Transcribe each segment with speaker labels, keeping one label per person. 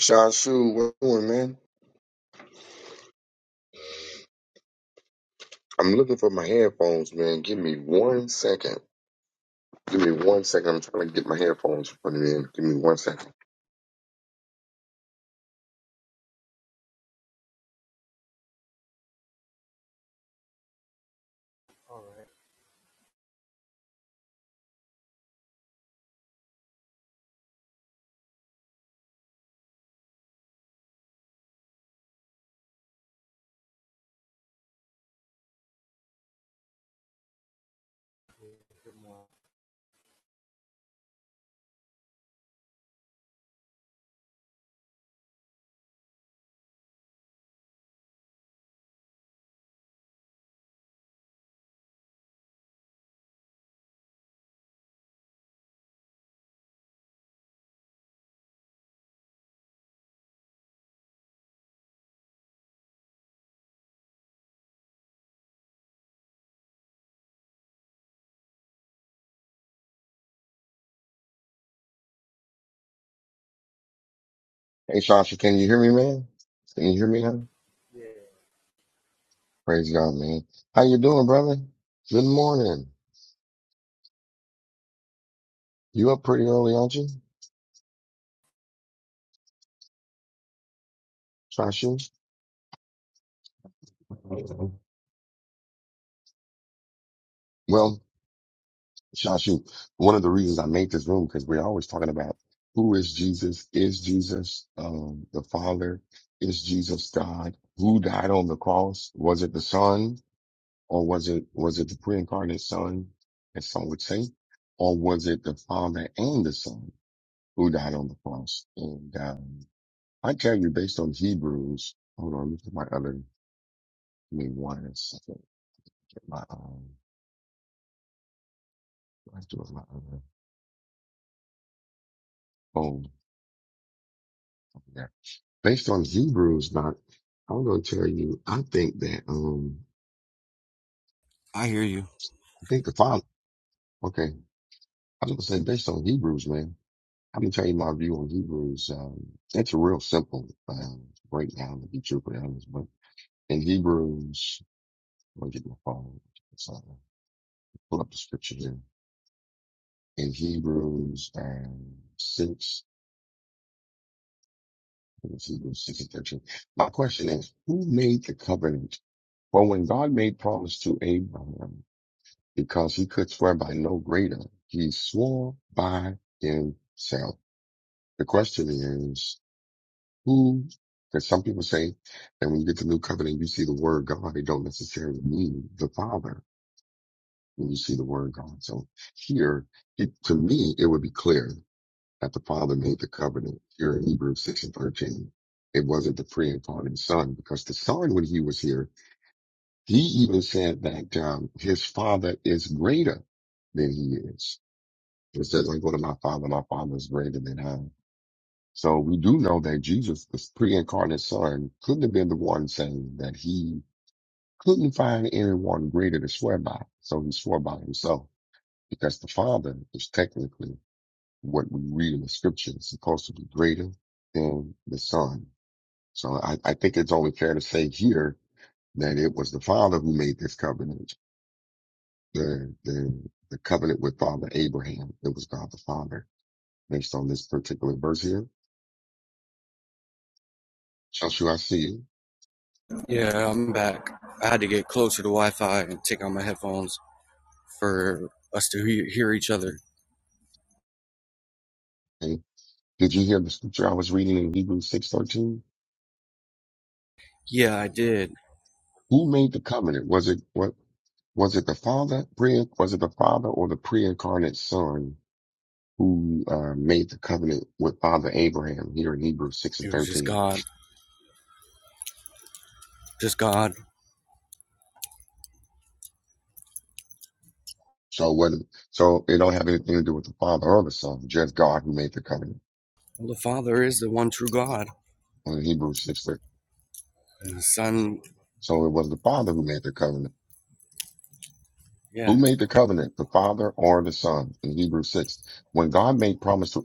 Speaker 1: Shashu, what you doing, man? I'm looking for my headphones, man. Give me one second. Give me one second. I'm trying to get my headphones put it in. front of me. Give me one second. Hey, Shashu, can you hear me, man? Can you hear me now? Praise God, man. How you doing, brother? Good morning. You up pretty early, aren't you, Shashu? Well, Shashu, one of the reasons I made this room, because we're always talking about who is Jesus? Is Jesus um, the Father? Is Jesus God? Who died on the cross? Was it the Son, or was it was it the pre-incarnate Son, as some would say, or was it the Father and the Son who died on the cross? And um, I tell you, based on Hebrews, hold on, look at my other. Give me one second. Get my um, I do have my other phone. Yeah. based on Hebrews, not I'm gonna tell you, I think that um
Speaker 2: I hear you.
Speaker 1: I think the father okay. I was gonna say based on Hebrews, man. I'm gonna tell you my view on Hebrews. Um it's a real simple um breakdown to be truthfully honest, but in Hebrews let me get my phone. So pull up the scripture here. In Hebrews um six I think it's Hebrews six and thirteen. My question is, who made the covenant? For when God made promise to Abraham, because he could swear by no greater. He swore by himself. The question is, who? Because some people say that when you get the new covenant, you see the word God. It don't necessarily mean the Father when you see the word God. So here, it, to me, it would be clear that the Father made the covenant here in Hebrews 6 and 13. It wasn't the pre and pardon son because the son, when he was here, he even said that um, his father is greater than he is. It says, I go to my father, my father is greater than I. So we do know that Jesus, the pre-incarnate son, couldn't have been the one saying that he couldn't find anyone greater to swear by. So he swore by himself because the father is technically what we read in the scripture is supposed to be greater than the son. So I, I think it's only fair to say here that it was the father who made this covenant, the, the, the covenant with father Abraham. It was God the father based on this particular verse here Joshua, I see you.
Speaker 2: Yeah, I'm back. I had to get closer to Wi Fi and take out my headphones for us to he- hear each other.
Speaker 1: Okay. Did you hear the scripture I was reading in Hebrews six thirteen?
Speaker 2: Yeah, I did.
Speaker 1: Who made the covenant? Was it what? Was it the Father? Pre? Was it the Father or the pre-incarnate Son who uh, made the covenant with Father Abraham here in Hebrews six and
Speaker 2: It was just
Speaker 1: thirteen?
Speaker 2: God. Just God.
Speaker 1: So what? So it don't have anything to do with the Father or the Son, just God who made the covenant
Speaker 2: Well, the Father is the one true God.
Speaker 1: in Hebrews six.
Speaker 2: And the Son,
Speaker 1: So it was the Father who made the covenant Who
Speaker 2: yeah.
Speaker 1: made the covenant, the Father or the Son? In Hebrews 6. When God made promise to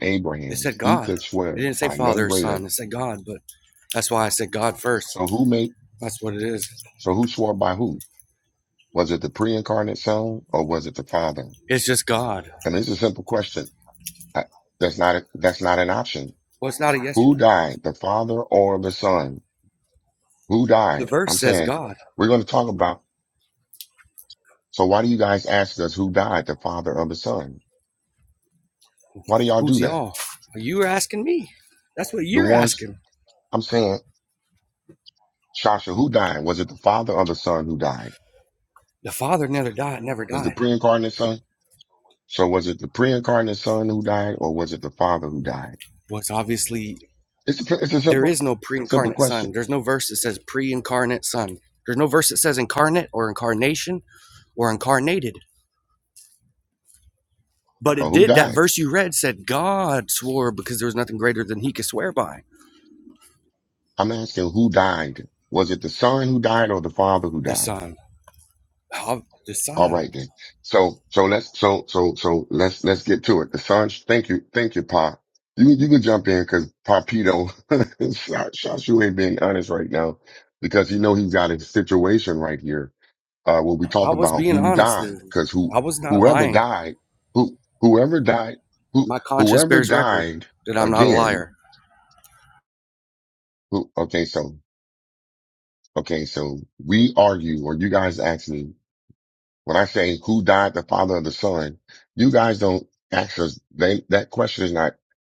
Speaker 2: they
Speaker 1: Abraham,
Speaker 2: said
Speaker 1: he
Speaker 2: God.
Speaker 1: could
Speaker 2: They
Speaker 1: swear
Speaker 2: didn't say
Speaker 1: by no
Speaker 2: Father or Son.
Speaker 1: greater.
Speaker 2: They said God, but that's why I said God
Speaker 1: So
Speaker 2: first.
Speaker 1: who made,
Speaker 2: That's what it is.
Speaker 1: so who swore by who? Was it the pre-incarnate Son or was it the Father?
Speaker 2: It's just God.
Speaker 1: And it's a simple question. I- That's not, a, that's not an option.
Speaker 2: Well, it's not a yes or
Speaker 1: Who
Speaker 2: no.
Speaker 1: died, the Father or the Son? Who
Speaker 2: The
Speaker 1: died?
Speaker 2: verse
Speaker 1: I'm
Speaker 2: says
Speaker 1: saying
Speaker 2: God.
Speaker 1: we're going to talk about, so why do you guys ask us who died, the Father or the Son? Why do y'all do
Speaker 2: Who's
Speaker 1: that?
Speaker 2: y'all? You are asking me. That's what
Speaker 1: The
Speaker 2: you're
Speaker 1: ones,
Speaker 2: asking.
Speaker 1: I'm saying Shasha, who died? Was it the father or the son who died?
Speaker 2: The Father never died. Never
Speaker 1: Was the
Speaker 2: died.
Speaker 1: pre-incarnate son? So was it the pre-incarnate son who died or was it the father who died?
Speaker 2: Well, it's obviously
Speaker 1: It's a, it's a
Speaker 2: There
Speaker 1: simple,
Speaker 2: is no
Speaker 1: simple
Speaker 2: pre-incarnate son.
Speaker 1: question.
Speaker 2: There's no verse that says pre-incarnate son. There's no verse that says incarnate or incarnation or incarnated. But
Speaker 1: So
Speaker 2: it
Speaker 1: who
Speaker 2: did. That
Speaker 1: died?
Speaker 2: verse you read said God swore because there was nothing greater than he could swear by.
Speaker 1: I'm asking who died? Was it the son who died or the father who
Speaker 2: The
Speaker 1: died?
Speaker 2: son. How- the
Speaker 1: All
Speaker 2: son.
Speaker 1: right then. So, so let's, so, so, so let's, let's get to it. The son, thank you, thank you, Pa. You, you can jump in because Papito, Shashu ain't being honest right now because you know he's got a situation right here uh, when we
Speaker 2: I
Speaker 1: talk
Speaker 2: was
Speaker 1: about
Speaker 2: being
Speaker 1: who
Speaker 2: honest.
Speaker 1: died, because who
Speaker 2: I was not
Speaker 1: whoever
Speaker 2: lying.
Speaker 1: died, who whoever died, who
Speaker 2: My conscience
Speaker 1: whoever
Speaker 2: bears record
Speaker 1: died
Speaker 2: that I'm not a
Speaker 1: again.
Speaker 2: liar.
Speaker 1: Who, okay, so okay, so we argue, or you guys ask me when I say who died, the father of the son. You guys don't ask us. They, that question is not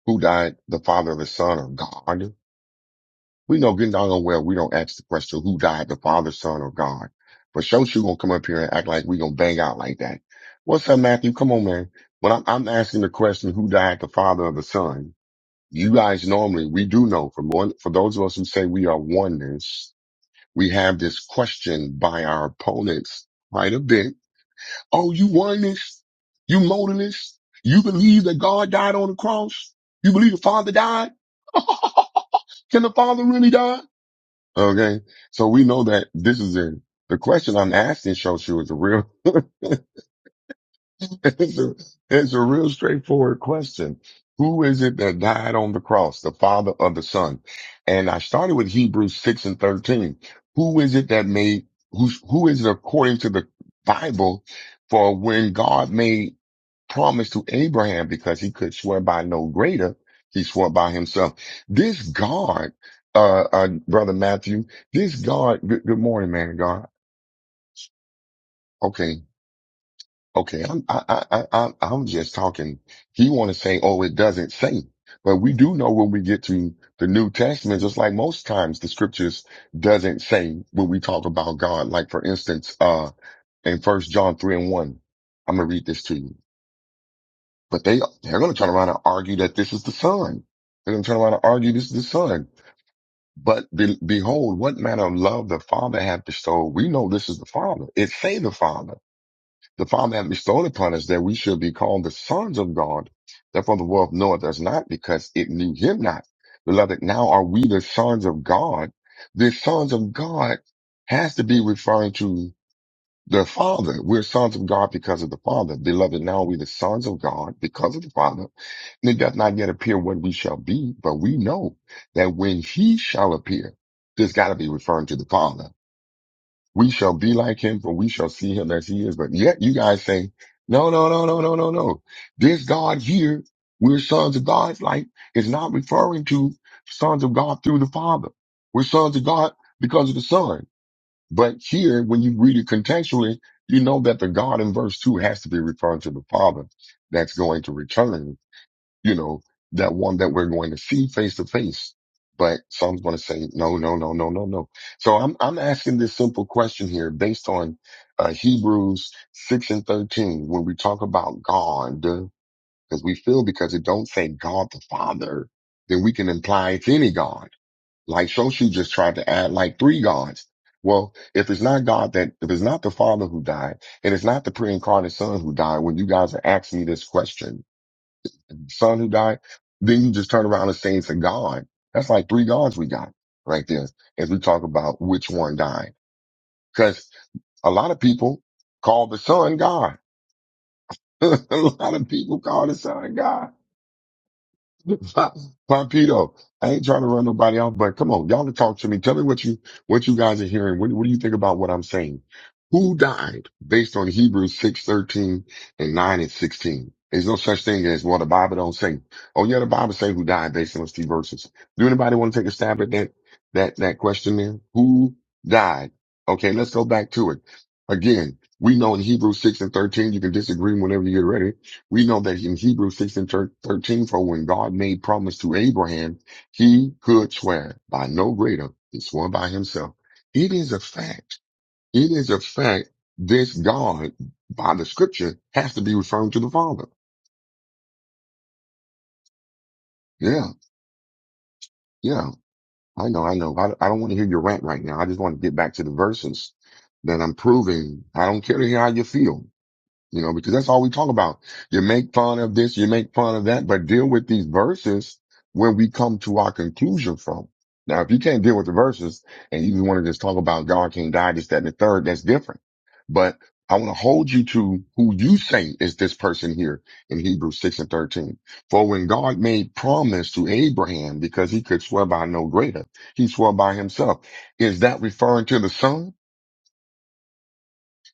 Speaker 1: who died, the father of the son or God. We know good down on well we don't ask the question who died, the Father, Son, or God. But show you gonna come up here and act like we gonna bang out like that. What's up, Matthew? Come on, man. When I'm, I'm asking the question who died, the Father or the Son, you guys normally we do know for one for those of us who say we are oneness, we have this question by our opponents quite a bit. Oh, you oneness? You modalist? You believe that God died on the cross? You believe the Father died? Can the Father really die? Okay. So we know that this is a, the question I'm asking Shoshu is a real, it's a, it's a real straightforward question. Who is it that died on the cross? The father of the son. And I started with Hebrews 6 and 13. Who is it that made, who's, who is it according to the Bible for when God made promise to Abraham because he could swear by no greater. He swore by himself. This God, uh, uh, brother Matthew, this God, good, good morning, man of God. Okay. Okay. I'm, I, I, I, I'm I'm just talking. He want to say, oh, it doesn't say, but we do know when we get to the New Testament, just like most times the scriptures doesn't say when we talk about God. Like for instance, uh, in first John three and one, I'm going to read this to you. But they they're going to turn around and argue that this is the Son. They're going to turn around and argue this is the Son. But be, behold, what manner of love the Father hath bestowed. We know this is the Father. It say the Father. The Father hath bestowed upon us that we should be called the sons of God. Therefore the world knoweth us not because it knew him not. Beloved, now are we the sons of God. The sons of God has to be referring to the Father. We're sons of God because of the Father. Beloved, now are we the sons of God because of the Father it does not yet appear what we shall be, but we know that when he shall appear, this got to be referring to the Father. We shall be like him, for we shall see him as he is. But yet you guys say, no, no, no, no, no, no, no. This God here, we're sons of God, like, is not referring to sons of God through the Father. We're sons of God because of the Son. But here, when you read it contextually, you know that the God in verse two has to be referring to the Father that's going to return you know, that one that we're going to see face to face. But some's going to say, no, no, no, no, no, no. So I'm, I'm asking this simple question here based on uh, Hebrews 6 and 13. When we talk about God, because we feel because it don't say God the Father, then we can imply it's any God. Like Shoshi just tried to add like three gods. Well, if it's not God that, if it's not the Father who died, and it's not the pre-incarnate Son who died, when you guys are asking me this question, son who died. Then you just turn around and say it's a God. That's like three gods we got right there as we talk about which one died. Cause a lot of people call the son God. a lot of people call the son God. Pompito, I ain't trying to run nobody off, but come on, y'all to talk to me. Tell me what you what you guys are hearing. What, what do you think about what I'm saying? Who died based on Hebrews six thirteen and nine and sixteen? There's no such thing as well the Bible don't say. Oh yeah, the Bible say who died based on those three verses. Do anybody want to take a stab at that that that question there? Who died? Okay, let's go back to it. Again, we know in Hebrews six and thirteen you can disagree whenever you get ready. We know that in Hebrews 6 and thir- 13, for when God made promise to Abraham, he could swear by no greater, he swore by himself. It is a fact. It is a fact. This God, by the scripture, has to be referring to the Father. Yeah, yeah. I know, I know. I, I don't want to hear your rant right now. I just want to get back to the verses that I'm proving. I don't care to hear how you feel. You know, because that's all we talk about. You make fun of this, you make fun of that, but deal with these verses where we come to our conclusion from. Now, if you can't deal with the verses and you just want to just talk about God can't die, this, that, and the third, that's different. But I want to hold you to who you say is this person here in Hebrews 6 and 13. For when God made promise to Abraham, because he could swear by no greater, he swore by himself. Is that referring to the son?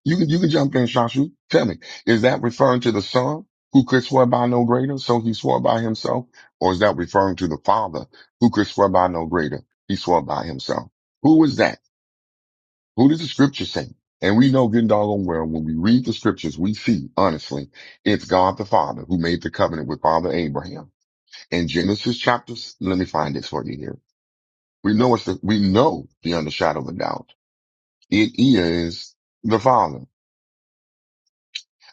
Speaker 1: You can you can jump in, Shashu. Tell me, is that referring to the son who could swear by no greater, so he swore by himself, or is that referring to the father who could swear by no greater, he swore by himself? Who is that? Who does the scripture say? And we know good and doggone well when we read the scriptures, we see honestly it's God the Father who made the covenant with Father Abraham in Genesis chapters. Let me find this for you here. We know it's the, we know beyond the shadow of a doubt it is the Father.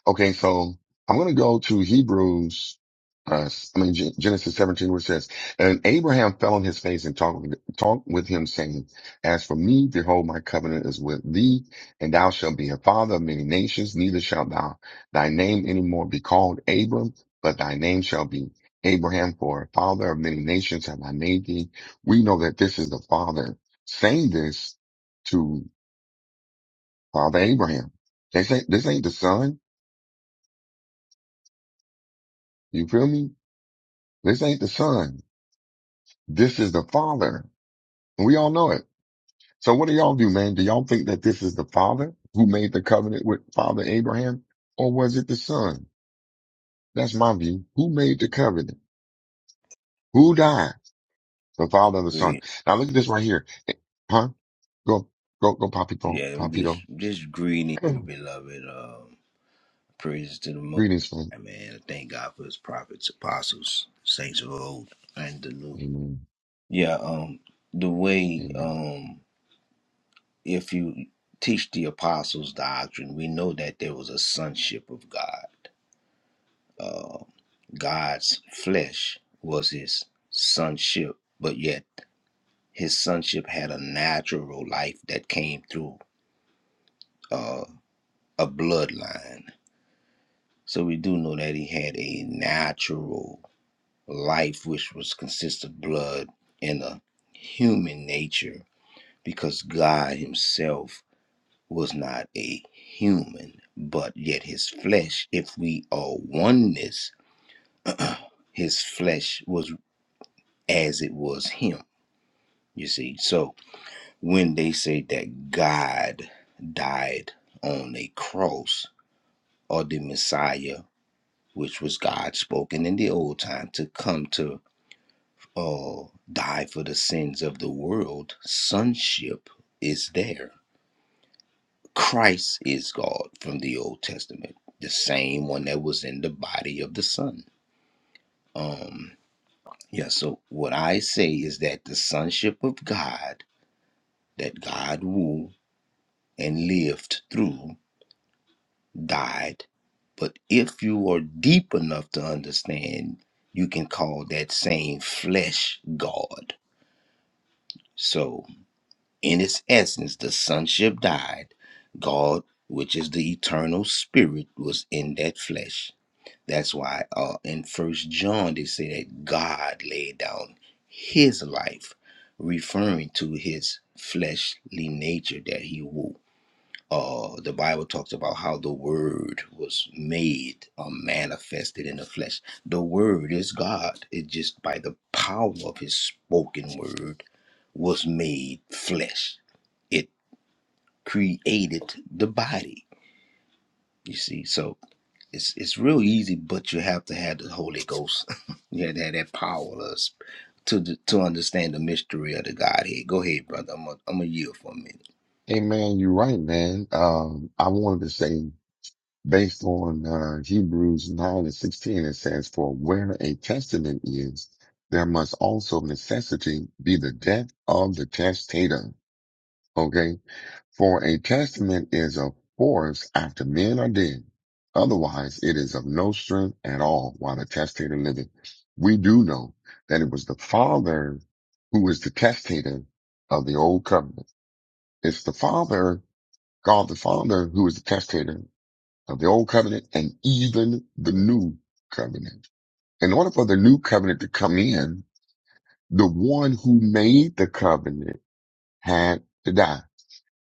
Speaker 1: Okay, so I'm going to go to Hebrews, uh, I mean, Gen- Genesis 17, where it says, And Abraham fell on his face and talked with, talked with him, saying, As for me, behold, my covenant is with thee, and thou shalt be a father of many nations, neither shalt thou thy name any more be called Abram, but thy name shall be Abraham, for a father of many nations have I made thee. We know that this is the father saying this to Father Abraham. They say, this ain't the son. You feel me? This ain't the son. This is the father. And we all know it. So what do y'all do, man? Do y'all think that this is the father who made the covenant with father Abraham? Or was it the son? That's my view. Who made the covenant? Who died? The father and the son.
Speaker 3: Greet.
Speaker 1: Now look at this right here. Huh? Go, go, go, Papito,
Speaker 3: Yeah, I'm just
Speaker 1: Papito.
Speaker 3: just greeting you, beloved. Um, praise to the Most.
Speaker 1: Greetings, son.
Speaker 3: High, man. thank God for His prophets, apostles, saints of old and the new.
Speaker 1: Amen.
Speaker 3: Yeah. Um, the way
Speaker 1: Amen.
Speaker 3: um, if you teach the apostles' doctrine, we know that there was a sonship of God. Uh, God's flesh was His sonship, but yet His sonship had a natural life that came through uh, a bloodline So we do know that he had a natural life, which was consist of blood and a human nature, because God Himself was not a human, but yet His flesh, if we are oneness, His flesh was as it was Him. You see, so when they say that God died on a cross, or the Messiah, which was God spoken in the old time to come to uh, die for the sins of the world, sonship is there. Christ is God from the Old Testament, the same one that was in the body of the Son. Um, yeah, so what I say is that the sonship of God, that God ruled and lived through, died. But if you are deep enough to understand, you can call that same flesh God. So. In its essence, the sonship died. God, which is the eternal spirit, was in that flesh. That's why uh, in First John they say that God laid down his life, referring to his fleshly nature that he wore. Uh, the Bible talks about how the word was made or manifested in the flesh. The word is God. It just by the power of his spoken word was made flesh it created the body. You see, so it's it's real easy, but you have to have the Holy Ghost. you have to have that power to us to d- to understand the mystery of the Godhead. Go ahead, brother. I'm a, I'm a yield for a minute.
Speaker 1: Amen. You're right, man. Um, I wanted to say based on uh, Hebrews 9 and 16, it says, For where a testament is, there must also of necessity be the death of the testator. Okay? For a testament is of force after men are dead. Otherwise, it is of no strength at all while the testator liveth. We do know that it was the father who is the testator of the old covenant. It's the father, God the Father, who is the testator of the old covenant and even the new covenant. In order for the new covenant to come in, the one who made the covenant had to die.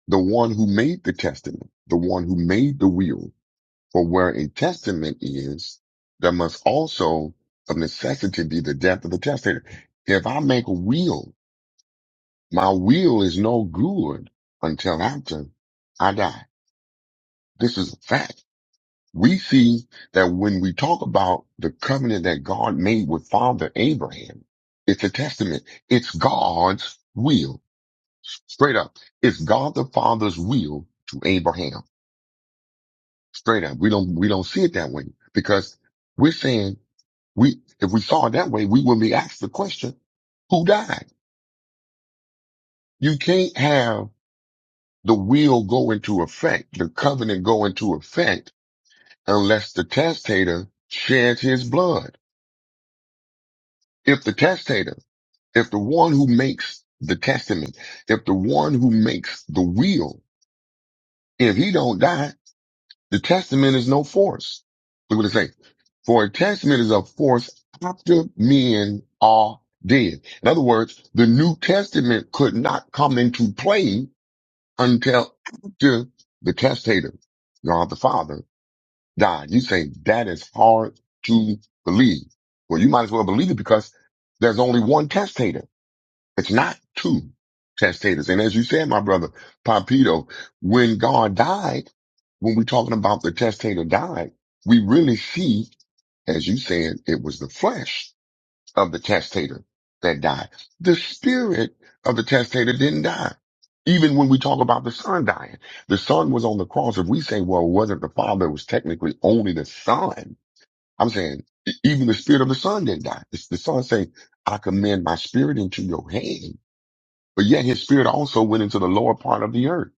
Speaker 1: The one who made the testament, the one who made the will. For where a testament is, there must also of necessity be the death of the testator. If I make a will, my will is no good until after I die. This is a fact. we see that when we talk about the covenant that God made with Father Abraham, it's a testament. It's God's will. Straight up. It's God the Father's will to Abraham. Straight up. We don't, we don't see it that way because we're saying we, if we saw it that way, we wouldn't be asked the question, who died? You can't have the will go into effect, the covenant go into effect unless the testator sheds his blood. If the testator if the one who makes the testament, if the one who makes the will, if he don't die, the testament is no force. Look what it say. For a testament is of force after men are dead. In other words, the New Testament could not come into play until after the testator, God the Father, died. You say that is hard to believe. Well, you might as well believe it because there's only one testator. It's not two testators. And as you said, my brother Pompito, when God died, when we're talking about the testator died, we really see, as you said, it was the flesh of the testator that died. The spirit of the testator didn't die. Even when we talk about the son dying, the son was on the cross. If we say, well, it wasn't the father, it was technically only the son. I'm saying e- even the spirit of the son didn't die. It's the son saying, I commend my spirit into your hand but yet his spirit also went into the lower part of the earth.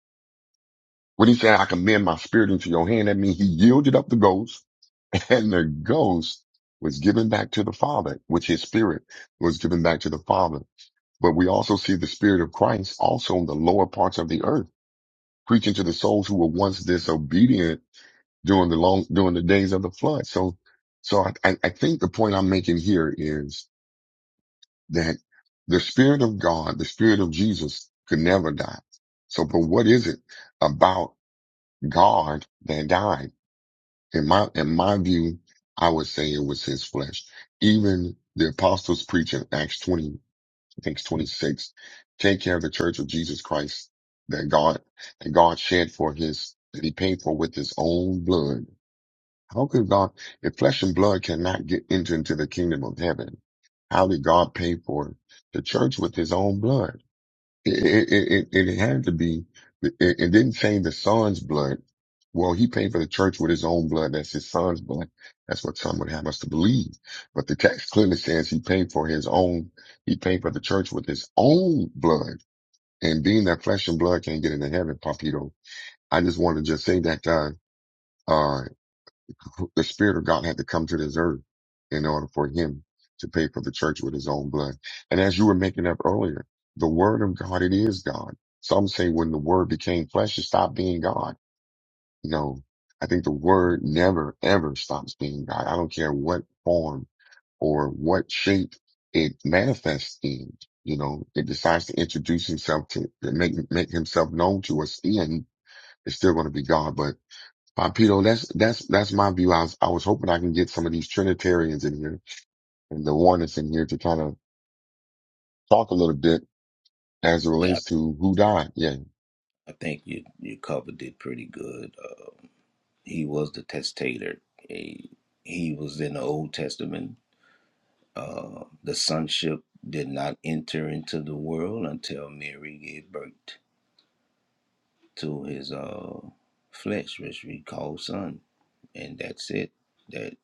Speaker 1: When he said, I commend my spirit into your hand, that means he yielded up the ghost and the ghost was given back to the father, which his spirit was given back to the father. But we also see the spirit of Christ also in the lower parts of the earth, preaching to the souls who were once disobedient during the long, during the days of the flood. So, so I, I I think the point I'm making here is that the Spirit of God, the Spirit of Jesus could never die. So, but what is it about God that died? In my, in my view, I would say it was his flesh. Even the apostles preach in Acts 20, I think it's 26, take care of the church of Jesus Christ that God, that God shed for his, that he paid for with his own blood how could God, if flesh and blood cannot get into, into the kingdom of heaven, how did God pay for the church with his own blood? It, it, it, it had to be, it, it didn't say the son's blood. Well, he paid for the church with his own blood. That's his son's blood. That's what some would have us to believe. But the text clearly says he paid for his own, he paid for the church with his own blood. And being that flesh and blood can't get into heaven, Papito, I just want to just say that, uh, uh, the Spirit of God had to come to this earth in order for him to pay for the church with his own blood. And as you were making up earlier, the word of God, it is God. Some say when the word became flesh, it stopped being God. No, I think the word never, ever stops being God. I don't care what form or what shape it manifests in. You know, it decides to introduce himself to, to make, make himself known to us in. It's still going to be God, but Pompito, that's that's that's my view. I was I was hoping I can get some of these Trinitarians in here and the oneness in here to kind of talk a little bit as it
Speaker 3: Yeah,
Speaker 1: relates to who died. Yeah.
Speaker 3: I think you you covered it pretty good. Uh, he was the testator. He, he was in the Old Testament. Uh, the sonship did not enter into the world until Mary gave birth. to his uh flesh, which we call son, and that's it. That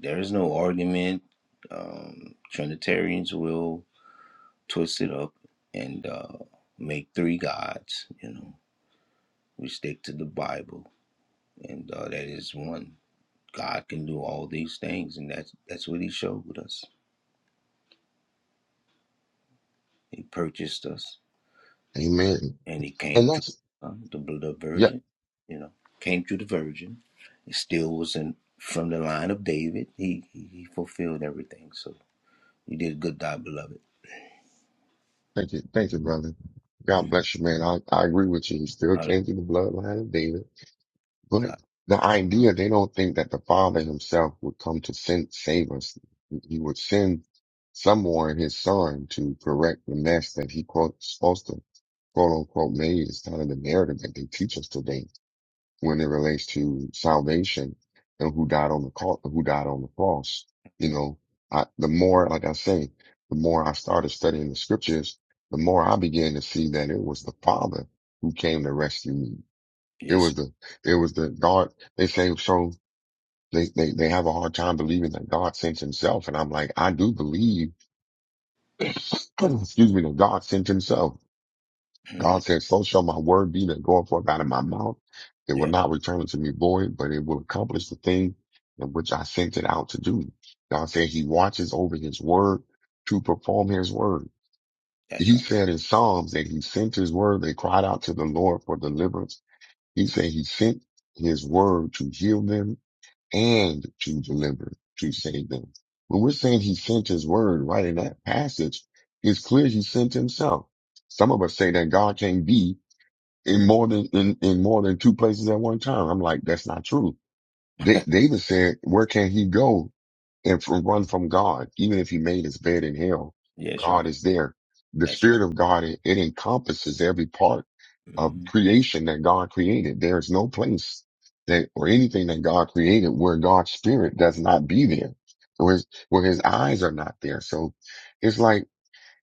Speaker 3: there is no argument. Um, Trinitarians will twist it up and uh, make three gods. You know, we stick to the Bible, and uh, that is one. God can do all these things, and that's that's what He showed us. He purchased us.
Speaker 1: Amen.
Speaker 3: and he came
Speaker 1: And
Speaker 3: through
Speaker 1: that's
Speaker 3: uh, the, the
Speaker 1: yeah,
Speaker 3: virgin, you know, came through the virgin. He still was in from the line of David. He he, he fulfilled everything. So you did a good job, beloved.
Speaker 1: thank you. Thank you, brother. God bless you, man. I, I agree with you. You still
Speaker 3: I,
Speaker 1: came through the bloodline of David. But
Speaker 3: I,
Speaker 1: the idea they don't think that the Father himself would come to send, save us. He would send someone, his son, to correct the mess that he quote supposed to quote unquote made is kind of the narrative that they teach us today when it relates to salvation and who died on the cross, who died on the cross. You
Speaker 3: mm,
Speaker 1: know, I, the more, like I say, the more I started studying the scriptures, the more I began to see that it was the Father who came to rescue me. It
Speaker 3: yes,
Speaker 1: was
Speaker 3: sir.
Speaker 1: the, it was the God. They say, so they, they, they have a hard time believing that God sent himself. And I'm like, I do believe, excuse me, that God sent himself
Speaker 3: Mhm.
Speaker 1: God said, So shall my word be that goeth forth out of my mouth. It will
Speaker 3: yeah,
Speaker 1: not return unto me void, but it will accomplish the thing in which I sent it out to do. God said he watches over his word to perform his word.
Speaker 3: that's
Speaker 1: He
Speaker 3: right.
Speaker 1: said in Psalms that he sent his word. They cried out to the Lord for deliverance. He said he sent his word to heal them and to deliver, to save them. When we're saying he sent his word right in that passage, it's clear he sent himself. Some of us say that God can't be in more than in, in more than two places at one time. I'm like, that's not true. Da- David said, where can he go and from, run from God? Even if he made his bed in hell,
Speaker 3: Yes,
Speaker 1: God
Speaker 3: right.
Speaker 1: is there. The
Speaker 3: That's right.
Speaker 1: spirit of God, it, it encompasses every part of
Speaker 3: mm
Speaker 1: creation that God created. There is no place that or anything that God created where God's spirit does not be there, where his, where his eyes are not there. So it's like,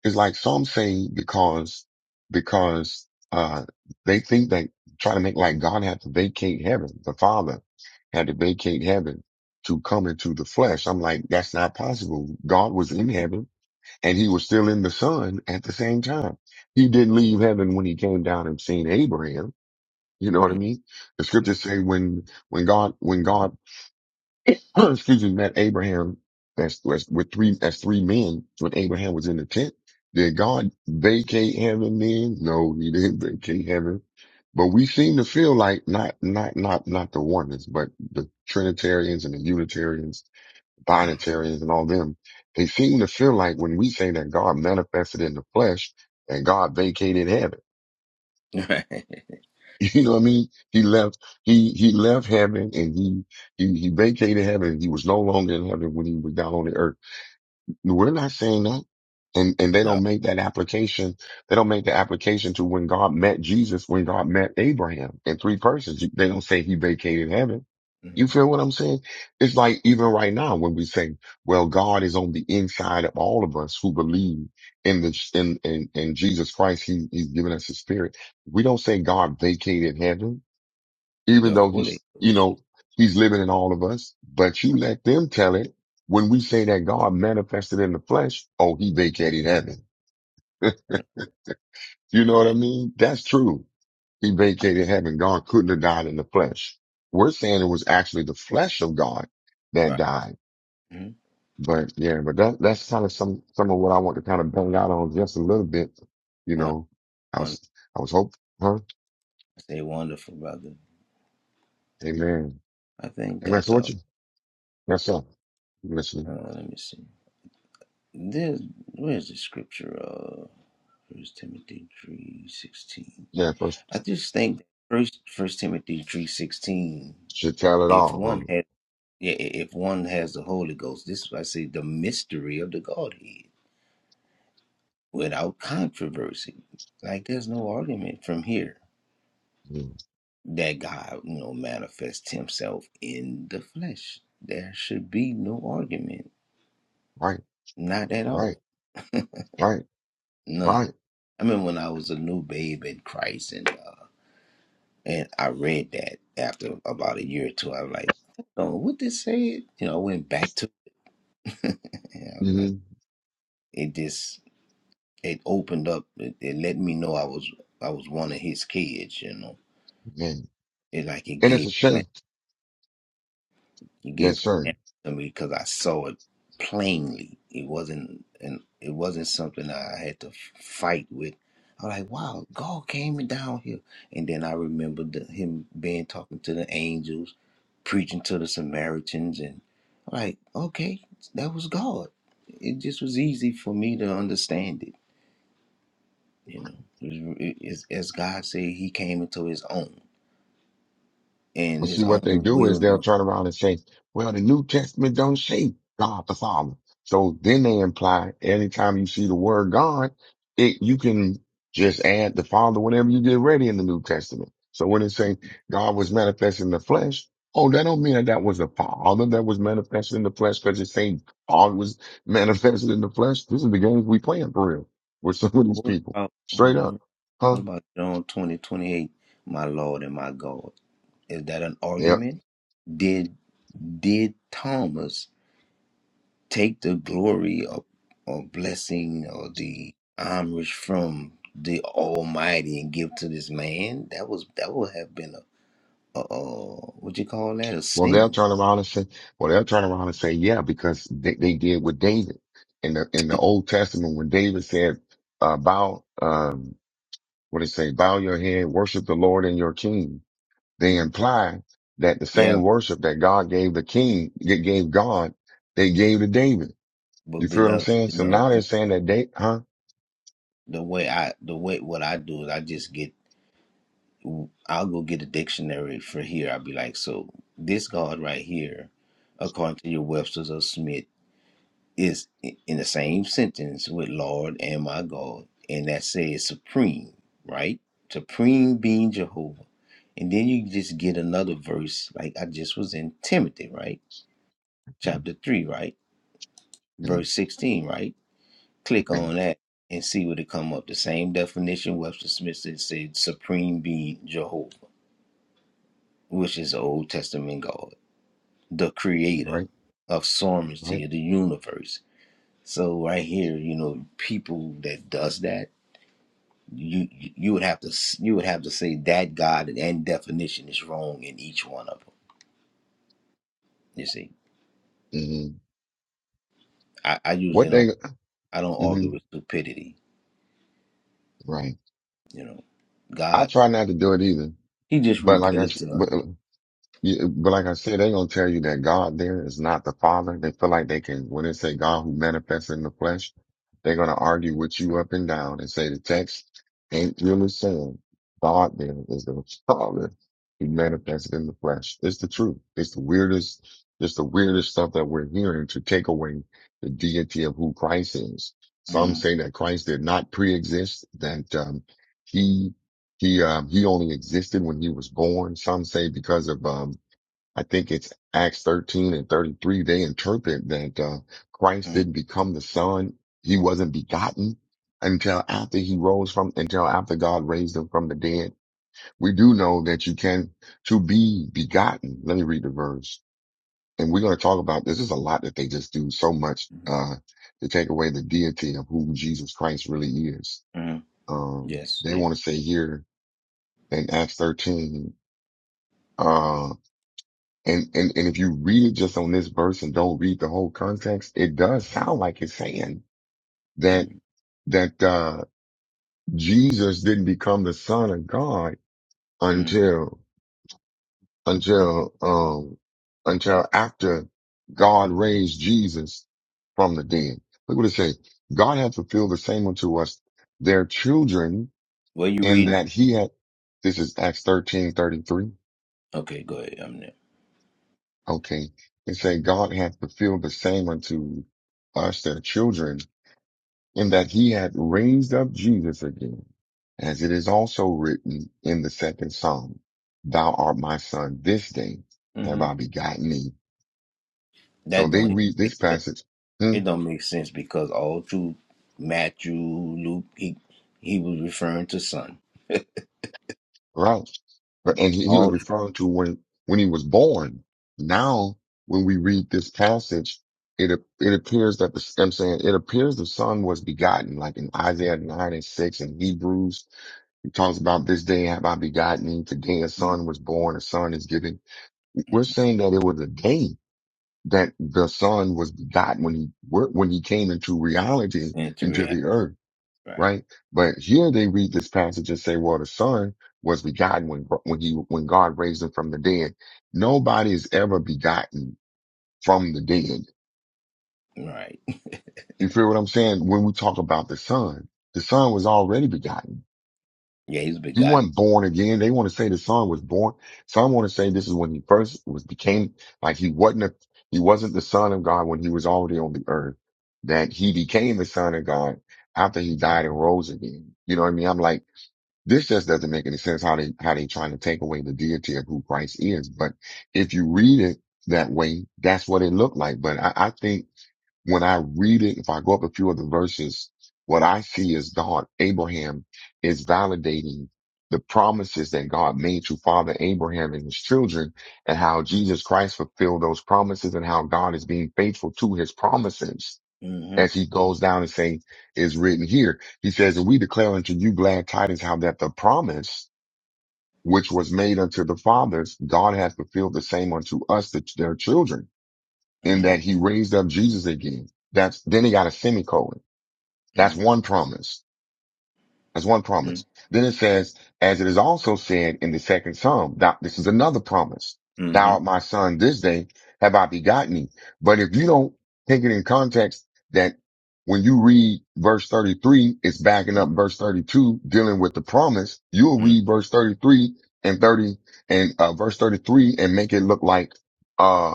Speaker 1: it's like some say because, because, uh, they think they try to make like God had to vacate heaven. The Father had to vacate heaven to come into the flesh. I'm like, that's not possible. God was in heaven and he was still in the son at the same time. He didn't leave heaven when he came down and seen Abraham. You know what I
Speaker 3: mm
Speaker 1: mean? The
Speaker 3: mm,
Speaker 1: scriptures say when, when God, when God excuse me, met Abraham. That's, that's with three. That's three men. When Abraham was in the tent, did God vacate heaven? Then no, He didn't vacate heaven. But we seem to feel like not, not, not, not the oneness, but the Trinitarians and the Unitarians, Binitarians, and all them. They seem to feel like when we say that God manifested in the flesh and God vacated heaven.
Speaker 3: Right.
Speaker 1: You know what I mean? He left. He he left heaven and he he he vacated heaven. He was no longer in heaven when he was down on the earth We're not saying that. And, and they
Speaker 3: No,
Speaker 1: don't make that application. They don't make the application to when God met Jesus, when God met Abraham in three persons. They don't say he vacated heaven. You
Speaker 3: Mhm.
Speaker 1: feel what I'm saying? It's like even right now when we say, well, God is on the inside of all of us who believe in the, in, in, in Jesus Christ. He, he's given us his spirit. We don't say God vacated heaven even
Speaker 3: the
Speaker 1: though
Speaker 3: Holy
Speaker 1: he's, you
Speaker 3: Ghost.
Speaker 1: know, he's living in all of us, but you let them tell it. When we say that God manifested in the flesh, oh, he vacated heaven. You know what I
Speaker 3: Right.
Speaker 1: mean? That's true. He vacated heaven. God couldn't have died in the flesh. We're saying it was actually the flesh of God that
Speaker 3: Right.
Speaker 1: died.
Speaker 3: mm
Speaker 1: But yeah, but that, that's kind of some, some of what I want to kind of bang out on just a little bit. You
Speaker 3: On
Speaker 1: know, I
Speaker 3: on.
Speaker 1: was, I was hoping, huh?
Speaker 3: I Say wonderful, brother.
Speaker 1: Amen.
Speaker 3: I think
Speaker 1: Amen.
Speaker 3: that.
Speaker 1: So
Speaker 3: Uh,
Speaker 1: what you, yes, sir. Listen.
Speaker 3: uh, let me see. This where's the scripture? Uh, First Timothy three sixteen.
Speaker 1: Yeah, first.
Speaker 3: I just think first First Timothy three sixteen.
Speaker 1: Should tell it
Speaker 3: If one
Speaker 1: all,
Speaker 3: had, yeah, i- if one has the Holy Ghost, this is why I say the mystery of the Godhead without controversy. Like there's no argument from here
Speaker 1: huh? Mm.
Speaker 3: that God, you know, manifests Himself in the flesh. There should be no argument,
Speaker 1: Right,
Speaker 3: not at
Speaker 1: right,
Speaker 3: all,
Speaker 1: right,
Speaker 3: none.
Speaker 1: right.
Speaker 3: I mean, when I was a new babe in Christ, and uh, And I read that after about a year or two. I was like, oh, what this say?" You know, I went back to it and I was like,
Speaker 1: Mm-hmm.
Speaker 3: it just it opened up. It, it let me know I was I was one of his kids. You know,
Speaker 1: And,
Speaker 3: it like it
Speaker 1: and it's
Speaker 3: gave
Speaker 1: a
Speaker 3: clan-
Speaker 1: shame.
Speaker 3: it
Speaker 1: Yes,
Speaker 3: gave
Speaker 1: sir.
Speaker 3: clan to me because I saw it plainly. It wasn't and it wasn't something I had to fight with. I was like, wow, God came down here. And then I remembered the, him being talking to the angels preaching to the Samaritans and I'm like, okay, that was God. It just was easy for me to understand it, you know. It- it- as God said, He came into His own,
Speaker 1: But
Speaker 3: and His
Speaker 1: see, what they
Speaker 3: own
Speaker 1: do is
Speaker 3: will
Speaker 1: they'll
Speaker 3: know.
Speaker 1: turn around and say, well, the New Testament don't say God the Father. So then they imply anytime you see the word God, it, you can just add the Father whenever you get ready in the New Testament. So when it say God was manifest in the flesh, oh, that don't mean that that was the Father that was manifest in the flesh because it's saying God was manifested in the flesh. This is the games we playing for real with some of these
Speaker 3: What
Speaker 1: people.
Speaker 3: about
Speaker 1: Straight up.
Speaker 3: um,
Speaker 1: Huh?
Speaker 3: what about John twenty twenty eight? My Lord and my God. Is that an
Speaker 1: Yeah.
Speaker 3: argument? Did did Thomas take the glory or, or blessing or the homage from the Almighty and give to this man, that was that would have been a, a, a what you call that a
Speaker 1: Well, they'll
Speaker 3: sin.
Speaker 1: turn around and say, well, they'll turn around and say, yeah, because they, they did with David in the, in the Old Testament when David said, uh, bow, um, what did he say? Bow your head, worship the Lord and your king. They
Speaker 3: hmm
Speaker 1: imply that the
Speaker 3: Yeah,
Speaker 1: same worship that God gave the king, that gave God, they gave to David.
Speaker 3: but
Speaker 1: You feel what I'm
Speaker 3: beloved,
Speaker 1: saying?
Speaker 3: you
Speaker 1: So
Speaker 3: know
Speaker 1: now they're saying that they, huh?
Speaker 3: the way I the way what I do is I just get I'll go get a dictionary for here. I'll be like, so this God right here, according to your Webster's or Smith. is in the same sentence with Lord and my God, and that says supreme, right? Supreme being Jehovah. And then you just get another verse, like I just was in Timothy, right? Chapter 3, right?
Speaker 1: Mhm.
Speaker 3: Verse 16, right? Click
Speaker 1: Okay.
Speaker 3: on that and see what it come up. The same definition Webster Smith said, said supreme being Jehovah, which is the Old Testament God, the creator
Speaker 1: Right.
Speaker 3: of
Speaker 1: Right.
Speaker 3: sovereignty of the universe. So right here, you know, people that does that you you would have to you would have to say that God and definition is wrong in each one of them. You see,
Speaker 1: hmm
Speaker 3: I, I
Speaker 1: What
Speaker 3: usually don't
Speaker 1: they,
Speaker 3: I don't
Speaker 1: hmm
Speaker 3: argue with stupidity.
Speaker 1: right.
Speaker 3: You know,
Speaker 1: I
Speaker 3: God
Speaker 1: try not to do it either,
Speaker 3: He just
Speaker 1: but like
Speaker 3: revealed
Speaker 1: I,
Speaker 3: it
Speaker 1: s-
Speaker 3: to us.
Speaker 1: but Yeah, but like I said, they're gonna tell you that God there is not the Father. They feel like they can, when they say God who manifests in the flesh, they're gonna argue with you up and down and say the text ain't really saying God there is the Father who manifested in the flesh. It's the truth. It's the weirdest, it's the weirdest stuff that we're hearing to take away the deity of who Christ is. Some
Speaker 3: Man.
Speaker 1: say that Christ did not pre-exist, that, um, he, he, um, he only existed when he was born. Some say because of, um, I think it's Acts 13 and 33. They interpret that uh, Christ
Speaker 3: Mm-hmm.
Speaker 1: didn't become the son. He wasn't begotten until after he rose from, until after God raised him from the dead. We do know that you can to be begotten. Let me read the verse. And we're going to talk about this. There's a lot that they just do so much,
Speaker 3: Mm-hmm.
Speaker 1: uh, to take away the deity of who Jesus Christ really is.
Speaker 3: hmm
Speaker 1: Um,
Speaker 3: Yes,
Speaker 1: they
Speaker 3: they.
Speaker 1: want to say here in Acts 13, uh, And, and, and if you read it just on this verse and don't read the whole context, it does sound like it's saying that, that, uh, Jesus didn't become the son of God
Speaker 3: Mm-hmm.
Speaker 1: until, until, um, until after God raised Jesus from the dead. Look what it says. God hath fulfilled the same unto us, their children,
Speaker 3: What you
Speaker 1: in
Speaker 3: reading?
Speaker 1: that he had, this is Acts thirteen thirty three.
Speaker 3: Okay, go ahead. I'm there.
Speaker 1: Okay. It say God hath fulfilled the same unto us, their children, in that he had raised up Jesus again, as it is also written in the second psalm, thou art my son, this day have
Speaker 3: hmm
Speaker 1: I begotten thee. So
Speaker 3: That don't
Speaker 1: they
Speaker 3: even
Speaker 1: read this
Speaker 3: make sense.
Speaker 1: passage, hmm,
Speaker 3: It don't make sense because all through Matthew, Luke, he he was referring to Son.
Speaker 1: right? But- And he, he was
Speaker 3: All
Speaker 1: referring to when, when he was born. Now, when we read this passage, it, ap- it appears that the, I'm saying it appears the son was begotten, like in Isaiah 9 and 6 and Hebrews. It talks about this day have I begotten thee. Today a
Speaker 3: through, mm.
Speaker 1: son was born, a son is given We're saying that it was a day that the son was begotten when he, were- when he came into reality,
Speaker 3: and to
Speaker 1: into
Speaker 3: react
Speaker 1: the earth,
Speaker 3: right?
Speaker 1: right? But here they read this passage and say, well, the son was begotten when, when he, when God raised him from the dead. Nobody is ever begotten from the dead.
Speaker 3: Right.
Speaker 1: You feel what I'm saying? When we talk about the son, the son was already begotten.
Speaker 3: Yeah, he's
Speaker 1: He
Speaker 3: begotten.
Speaker 1: wasn't born again. They want to say the son was born. Some want to say this is when he first was became like he wasn't a, he wasn't the son of God when he was already on the earth. That he became the son of God after he died and rose again. You know what I mean? I'm like, this just doesn't make any sense how they how they trying to take away the deity of who Christ is. But if you read it that way, that's what it looked like. But I, I think when I read it, if I go up a few of the verses, what I see is God, Abraham is validating the promises that God made to Father Abraham and his children and how Jesus Christ fulfilled those promises and how God is being faithful to his promises.
Speaker 3: Mm-hmm.
Speaker 1: As he goes down and saying, is written here. He says, and we declare unto you glad tidings how that the promise which was made unto the fathers, God hath fulfilled the same unto us, the, their children in that
Speaker 3: Mm-hmm.
Speaker 1: he raised up Jesus again. That's, then he got a semicolon. That's one promise. That's one
Speaker 3: Mm-hmm.
Speaker 1: promise. Then it says, as it is also said in the second psalm, thou, this is another promise. Thou
Speaker 3: Mm-hmm.
Speaker 1: art my son this day have I begotten thee. But if you don't take it in context that when you read verse 33, it's backing up verse 32 dealing with the promise. You'll
Speaker 3: Mm-hmm.
Speaker 1: read verse 33 and 30 and uh, verse 33 and make it look like, uh,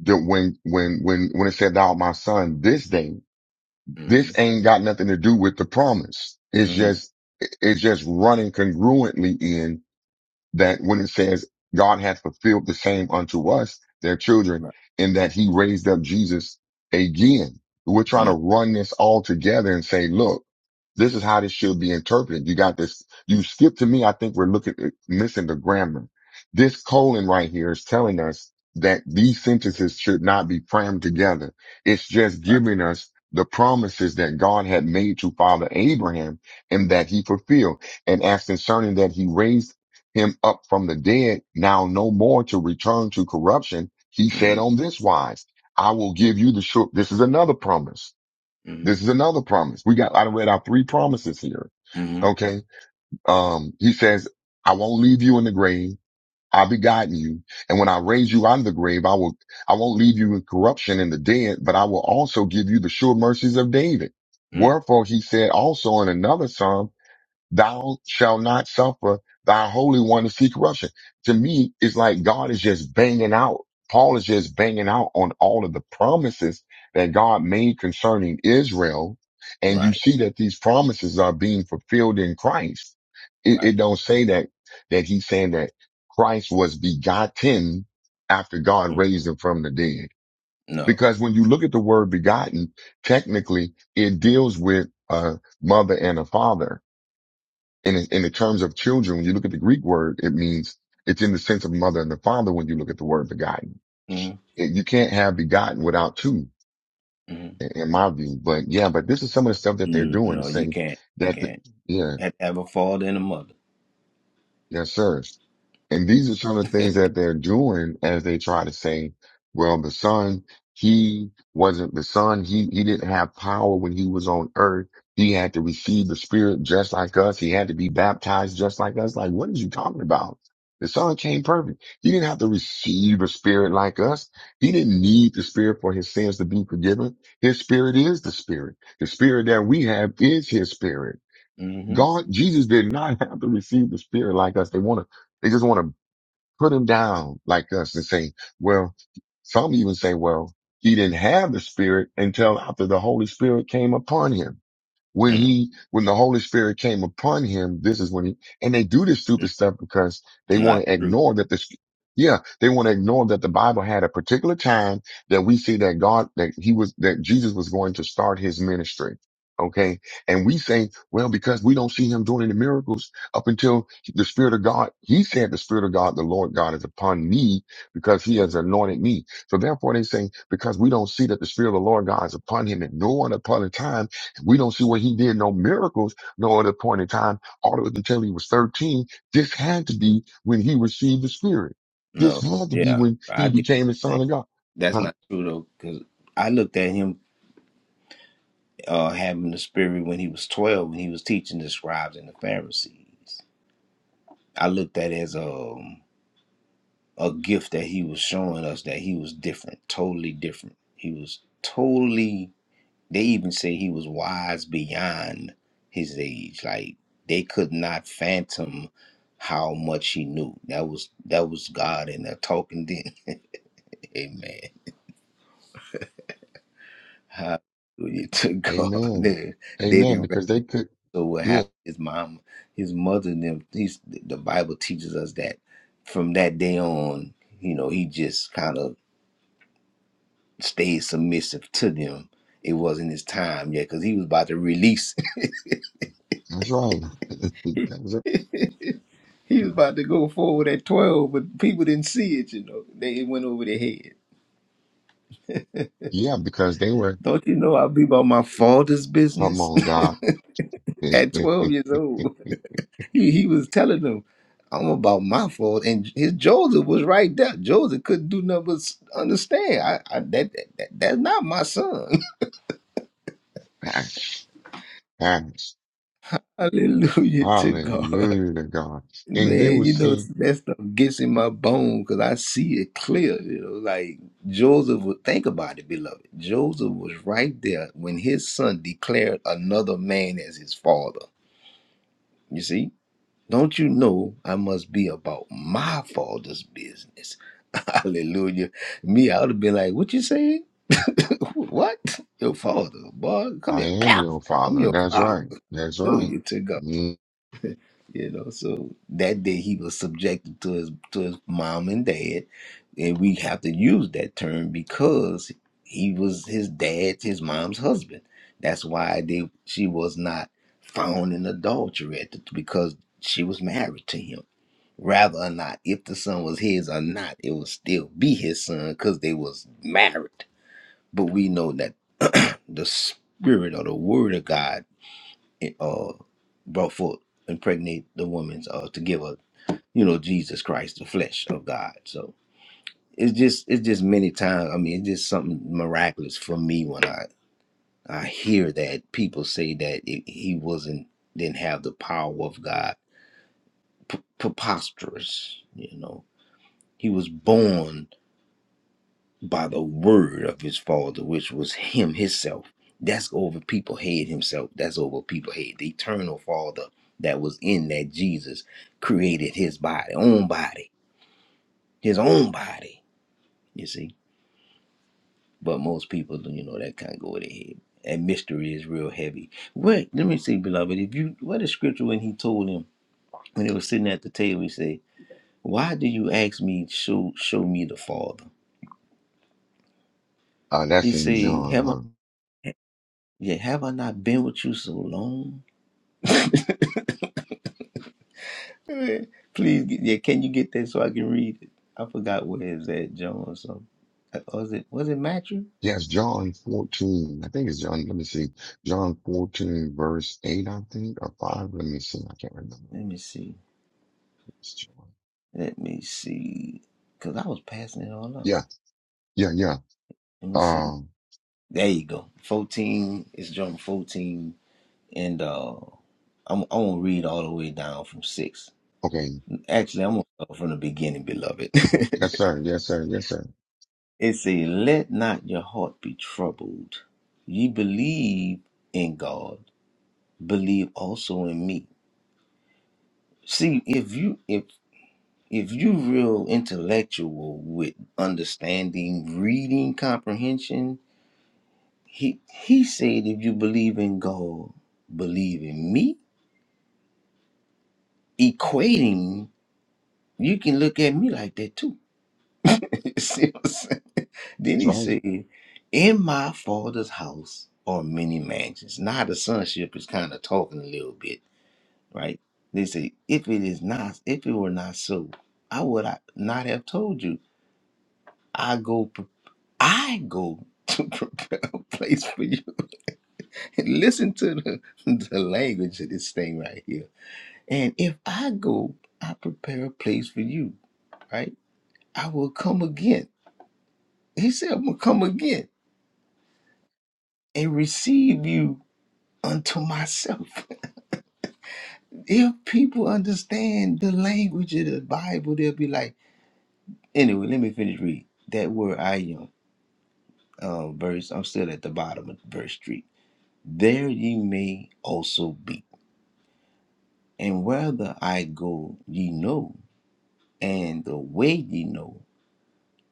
Speaker 1: that when when when when it said thou art my son this day this
Speaker 3: Mm-hmm.
Speaker 1: ain't got nothing to do with the promise it's
Speaker 3: Mm-hmm.
Speaker 1: just it's just running congruently in that when it says god hath fulfilled the same unto us their children
Speaker 3: Right.
Speaker 1: in that he raised up jesus again we're trying to
Speaker 3: Mm,
Speaker 1: run this all together and say look this is how this should be interpreted. You got this. You skip to me. I think we're looking, at missing the grammar. This colon right here is telling us that these sentences should not be crammed together. It's just
Speaker 3: right.
Speaker 1: giving us the promises that God had made to father Abraham and that he fulfilled. And as concerning that he raised him up from the dead, now no more to return to corruption. He said
Speaker 3: Mm-hmm.
Speaker 1: on this wise, I will give you the sure. This is another promise.
Speaker 3: Mm-hmm.
Speaker 1: This is another promise. We got, I read out three promises here.
Speaker 3: Mm-hmm.
Speaker 1: Okay. Um, he says, I won't leave you in the grave. I begotten you. And when I raise you out of the grave, I will, I won't leave you in corruption in the dead, but I will also give you the sure mercies of David.
Speaker 3: Mm.
Speaker 1: Wherefore he said also in another Psalm, thou shalt not suffer thy holy one to see corruption. To me, it's like God is just banging out. Paul is just banging out on all of the promises that God made concerning Israel. And you
Speaker 3: Right.
Speaker 1: see that these promises are being fulfilled in Christ. It, it
Speaker 3: Right.
Speaker 1: don't say that, that he's saying that Christ was begotten after God
Speaker 3: Mm.
Speaker 1: raised him from the dead.
Speaker 3: No.
Speaker 1: Because when you look at the word begotten, technically it deals with a mother and a father and in, in the terms of children, when you look at the Greek word, it means it's in the sense of mother and the father when you look at the word begotten.
Speaker 3: Mm-hmm.
Speaker 1: It- You can't have begotten without two,
Speaker 3: Mm-hmm.
Speaker 1: in in my view. But yeah, but this is some of the stuff that they're
Speaker 3: Mm,
Speaker 1: doing to
Speaker 3: no, you
Speaker 1: say
Speaker 3: can't. You
Speaker 1: that, the,
Speaker 3: can't.
Speaker 1: yeah,
Speaker 3: Had ever fall in a mother.
Speaker 1: yes, sir. And these are some of the things that they're doing as they try to say, well, the son, he wasn't the son. He, he didn't have power when he was on earth. He had to receive the spirit just like us. He had to be baptized just like us. Like, what is you talking about? The son came perfect. He didn't have to receive a spirit like us. He didn't need the spirit for his sins to be forgiven. His spirit is the spirit. The spirit that we have is his spirit.
Speaker 3: Mm-hmm.
Speaker 1: God, Jesus did not have to receive the spirit like us. They want to. They just want to put him down like us and say, well, some even say, well, he didn't have the spirit until after the Holy Spirit came upon him when
Speaker 3: Mm.
Speaker 1: he when the Holy Spirit came upon him, this is when he and they do this stupid
Speaker 3: mm,
Speaker 1: stuff because they want
Speaker 3: Not
Speaker 1: to
Speaker 3: true.
Speaker 1: ignore that this yeah, they want to ignore that the Bible had a particular time that we see that God that he was that Jesus was going to start his ministry. Okay. And we say, well, because we don't see him doing any miracles up until the Spirit of God, he said the Spirit of God, the Lord God is upon me because he has anointed me. So therefore they say, because we don't see that the Spirit of the Lord God is upon him at no one upon a time, we don't see where he did no miracles, no other point in time, all the way until he was 13. This had to be when he received the Spirit. This
Speaker 3: No.
Speaker 1: had to be
Speaker 3: Yeah.
Speaker 1: when
Speaker 3: I
Speaker 1: he
Speaker 3: get what
Speaker 1: became the
Speaker 3: you're saying.
Speaker 1: Son of God.
Speaker 3: That's
Speaker 1: Huh?
Speaker 3: not true though, because I looked at him uh, having the spirit when he was twelve, when he was teaching the scribes and the Pharisees. I looked at it as um. a gift that he was showing us that he was different, totally different. He was totally they even say he was wise beyond his age. Like they could not phantom how much he knew. That was that was God in there talking then. Amen. Hallelujah to God.
Speaker 1: Amen.
Speaker 3: They, they
Speaker 1: Amen.
Speaker 3: didn't
Speaker 1: Because they could,
Speaker 3: wrestle what
Speaker 1: yeah,
Speaker 3: happened. His mom, his mother and them he's the Bible teaches us that from that day on, you know, he just kind of stayed submissive to them. It wasn't his time yet because he was about to release.
Speaker 1: that's right. That was it.
Speaker 3: he was about to go forward at 12, but people didn't see it, you know. They, it went over their head.
Speaker 1: Yeah, because they were,
Speaker 3: Don't you know I'll be about my father's
Speaker 1: come
Speaker 3: business?
Speaker 1: on, God.
Speaker 3: at 12 years old, he, he was telling them, I'm about my fault. And his Joseph was right there. Joseph couldn't do nothing but s- understand. I, I, that, that, that- That's not my son.
Speaker 1: Facts, facts.
Speaker 3: Hallelujah to God.
Speaker 1: Hallelujah to God. And they
Speaker 3: Man,
Speaker 1: were
Speaker 3: you know
Speaker 1: saying,
Speaker 3: that stuff gets in my bone because I see it clear. You know, like Joseph would think about it, beloved. Joseph was right there when his son declared another man as his father. You see, don't you know I must be about my father's business? Hallelujah. Me, I would have been like, "What you saying? what? Your father, boy? Come
Speaker 1: I
Speaker 3: here.
Speaker 1: am your
Speaker 3: I'm
Speaker 1: father.
Speaker 3: your
Speaker 1: That's
Speaker 3: father.
Speaker 1: right. That's right.
Speaker 3: Hallelujah to God.
Speaker 1: Mm.
Speaker 3: You know, so that day he was subjected to his to his mom and dad, and we have to use that term because he was his dad, his mom's husband. That's why they she was not found in adultery at the, because she was married to him. Rather or not, if the son was his or not, it would still be his son because they was married. But we know that the spirit or the word of God uh, brought forth, impregnate the woman's uh, to give her, you know, Jesus Christ, the flesh of God. So it's just it's just many times. I mean, it's just something miraculous for me when I I hear that people say that it, he wasn't didn't have the power of God. P- preposterous, you know. He was born. by the word of his father, which was him himself. That's over people head. himself. That's over people head. the eternal father that was in that Jesus created his body, own body, his own body. You see, but most people, you know, that kind of go with their head. And mystery is real heavy. Wait, let me see, beloved. If you what is scripture when he told him when he was sitting at the table, he said, "Why do you ask me show show me the Father?"
Speaker 1: Uh, that's
Speaker 3: He
Speaker 1: in
Speaker 3: said,
Speaker 1: John,
Speaker 3: "Have
Speaker 1: huh?
Speaker 3: I, yeah, have I not been with you so long?" Please, get- yeah, can you get that so I can read it? I forgot where it's at, John or something. Uh, Was it was it Matthew?
Speaker 1: Yes, John 14. I think it's John. Let me see. John 14, verse 8, I think, or 5. Let me see. I can't remember.
Speaker 3: Let me see.
Speaker 1: It's John.
Speaker 3: Let me see. Cause I was passing it all up.
Speaker 1: Yeah, yeah, yeah.
Speaker 3: Let me see.
Speaker 1: Um,
Speaker 3: There you go. Fourteen. It's John fourteen, and uh, I'm I'm gonna read all the way down from six.
Speaker 1: okay.
Speaker 3: Actually, I'm gonna start from the beginning, beloved.
Speaker 1: Yes, sir.
Speaker 3: it
Speaker 1: Yes, sir. Yes, sir.
Speaker 3: says, "Let not your heart be troubled. Ye believe in God, believe also in me." See, if you if if you real intellectual with understanding, reading comprehension, he he said if you believe in God, believe in me. Equating, you can look at me like that too. See what I'm saying? Then
Speaker 1: That's
Speaker 3: he
Speaker 1: right.
Speaker 3: said, In my father's house are many mansions. Now the sonship is kind of talking a little bit, right? They say, if it is not, if it were not so, I would I not have told you. I go. I go to prepare a place for you. And listen to the, the language of this thing right here. And if I go, I prepare a place for you, right? I will come again. He said, I'm going to come again and receive you unto myself. If people understand the language of the Bible, they'll be like, anyway, let me finish reading. That word I am, uh, verse, I'm still at the bottom of verse 3. There ye may also be. And whether I go, ye know, and the way ye know.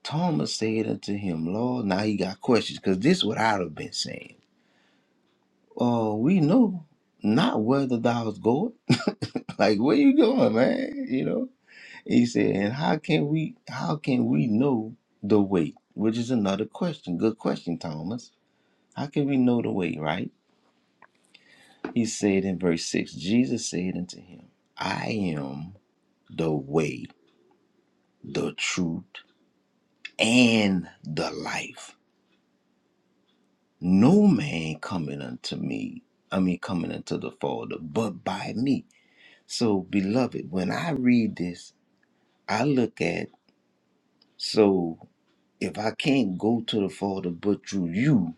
Speaker 3: Thomas said unto him, Lord, now he got questions, because this is what I'd have been saying. Oh, we know not whether thou's going. like, where you going, man? You know? He said, and how can we how can we know the way? Which is another question. Good question, Thomas. How can we know the way, right? He said in verse 6, Jesus said unto him, I am the way, the truth, and the life. No man coming unto me, I mean, coming unto the Father, but by me. So, beloved, when I read this, I look at, so if I can't go to the Father but through you,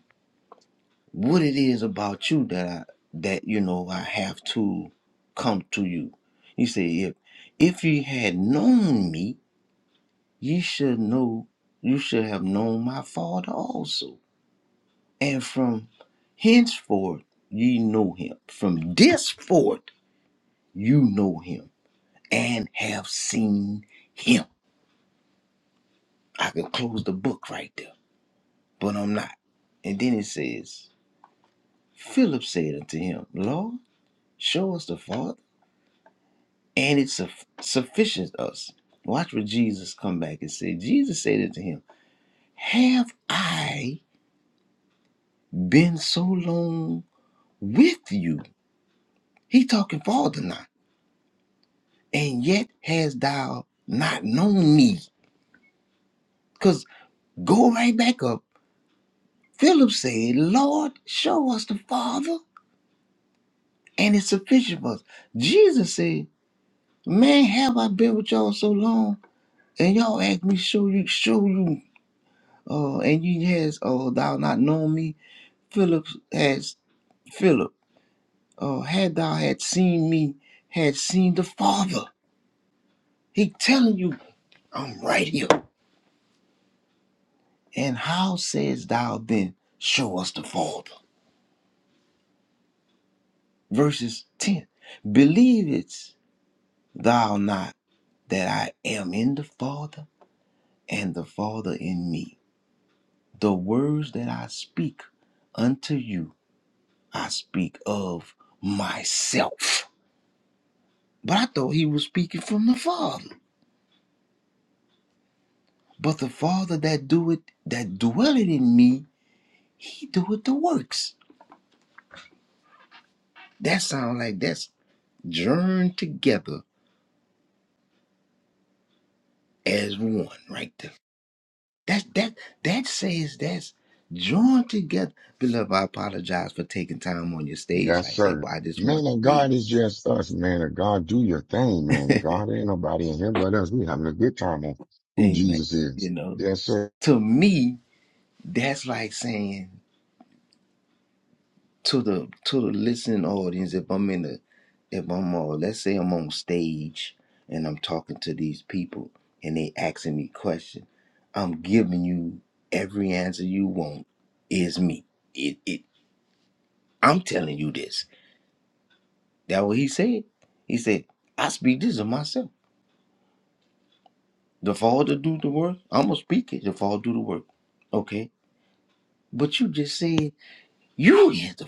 Speaker 3: what it is about you that I, that, you know, I have to come to you. He said, if, if ye had known me, ye should know, you should have known my Father also. and from henceforth ye know him. From this forth you know him and have seen him. I could close the book right there, but I'm not. And then it says, Philip said unto him, Lord, show us the Father, and it suff- sufficient us. Watch what Jesus come back and say. Jesus said unto him, Have I been so long with you? He talking Father now. and yet hast thou not known me. Because go right back up. Philip said, Lord, show us the Father, and it's sufficient for us. Jesus said, Man, have I been with y'all so long? And y'all ask me, show you, show you, uh, and you has oh thou not known me. Philip has Philip, uh, had thou had seen me, had seen the Father. He telling you, I'm right here. And how says thou then, show us the Father? verses 10 believe it, thou not that i am in the father and the father in me the words that i speak unto you i speak of myself but i thought he was speaking from the father but the father that doeth that dwelleth in me he doeth the works that sound like that's joined together as one right there That that that says that's joined together. Beloved, I apologize for taking time on your stage
Speaker 1: Yes,
Speaker 3: like that,
Speaker 1: sir.
Speaker 3: but I just want
Speaker 1: Man of
Speaker 3: to read.
Speaker 1: God is just us, man of God. Do your thing, man of God. Ain't nobody in here but us. We having a good time on who
Speaker 3: Amen.
Speaker 1: Jesus
Speaker 3: You
Speaker 1: is.
Speaker 3: know,
Speaker 1: Yes, sir.
Speaker 3: to me, that's like saying to the to the listening audience, if I'm in the, if I'm on let's say I'm on stage and I'm talking to these people and they asking me questions, I'm giving you every answer you want is me. It it I'm telling you this That what he said. He said, I speak this of myself. The Father do the work. I'ma speak it. The Father do the work. Okay. But you just said you is the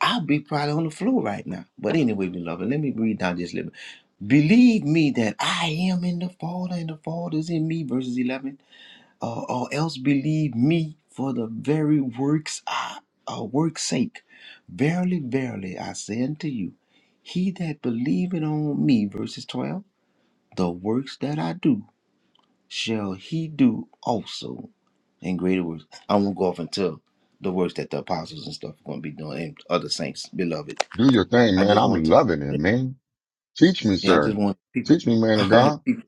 Speaker 3: I'll be probably on the floor right now. But anyway, beloved, let me read down just a little bit. Believe me that I am in the Father and the Father is in me, verses 11. Uh, or else believe me for the very works I, uh, work's sake. Verily, verily, I say unto you, he that believeth on me, verses 12 the works that I do shall he do also in greater works. I won't go off and tell the works that the apostles and stuff are going to be doing and other saints, beloved.
Speaker 1: Do your thing,
Speaker 3: I
Speaker 1: man.
Speaker 3: just want
Speaker 1: I'm
Speaker 3: to,
Speaker 1: loving it, man. Teach me,
Speaker 3: yeah, I just
Speaker 1: sir.
Speaker 3: want people,
Speaker 1: Teach me, man
Speaker 3: I
Speaker 1: of
Speaker 3: want
Speaker 1: God.
Speaker 3: people,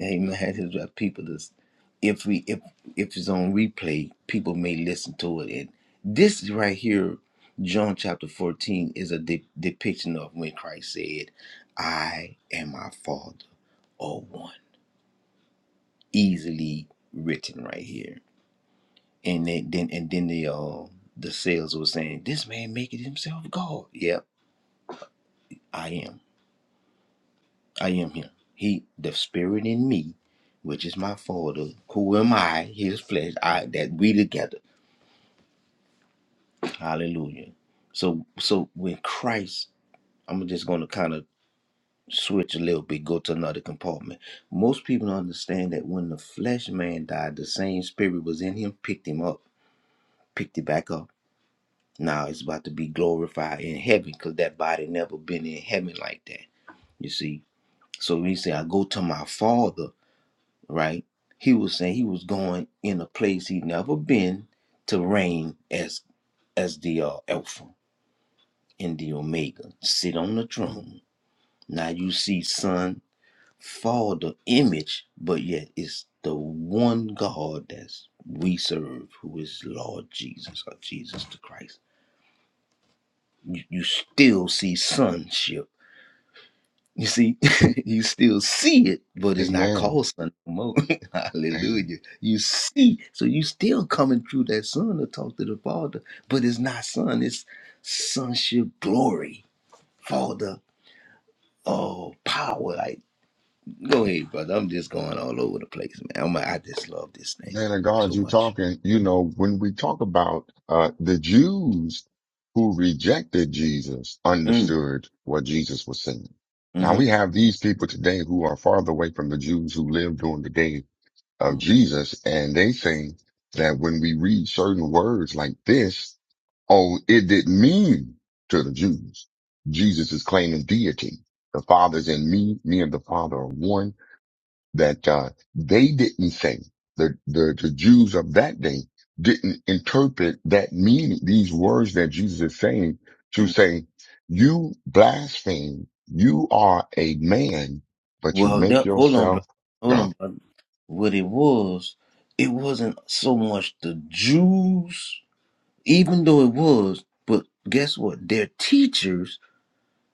Speaker 3: amen, I just want people to, if we, if, if it's on replay, people may listen to it. And this is right here, John chapter 14 is a de- depiction of when Christ said, I and my Father are one. Easily written right here and they, then and then the uh, the sales were saying, "This man making himself God." Yep, I am. I am him. He, the spirit in me, which is my father. Who am I? His flesh. I that we together. Hallelujah. So so when Christ, I'm just going to kind of switch a little bit, go to another compartment. Most people don't understand that when the flesh man died, the same spirit was in him, picked him up, picked it back up Now it's about to be glorified in heaven because that body never been in heaven like that. You see? So when he said, I go to my father, right? He was saying he was going in a place he never been to reign as as the uh, Alpha and the Omega. Sit on the throne. Now you see son, father image, but yet it's the one God that's we serve, who is Lord Jesus or Jesus the Christ. You, you still see sonship You see, you still see it, but it's not
Speaker 1: Amen.
Speaker 3: called sun no more. Hallelujah. You see, so you still coming through that sun to talk to the Father, but it's not sun, it's sonship glory, Father. Oh, power. Like, go ahead, brother. I'm just going all over the place, man. I'm, I just love this thing
Speaker 1: Man of God,
Speaker 3: so
Speaker 1: you
Speaker 3: much.
Speaker 1: talking, you know, when we talk about uh the Jews who rejected Jesus
Speaker 3: Mm,
Speaker 1: understood what Jesus was saying. Now
Speaker 3: hmm
Speaker 1: we have these people today who are farther away from the Jews who lived during the day of
Speaker 3: hmm
Speaker 1: Jesus, and they think that when we read certain words like this, oh, it didn't mean to the Jews. Jesus is claiming deity. The Father's in me, me and the Father are one that uh, they didn't think the, the the Jews of that day didn't interpret that meaning these words that Jesus is saying to say you blaspheme you are a man but you
Speaker 3: Well,
Speaker 1: make
Speaker 3: that, hold on,
Speaker 1: yourself
Speaker 3: brother. Hold
Speaker 1: God
Speaker 3: on, brother. What it was, it wasn't so much the Jews even though it was but guess what their teachers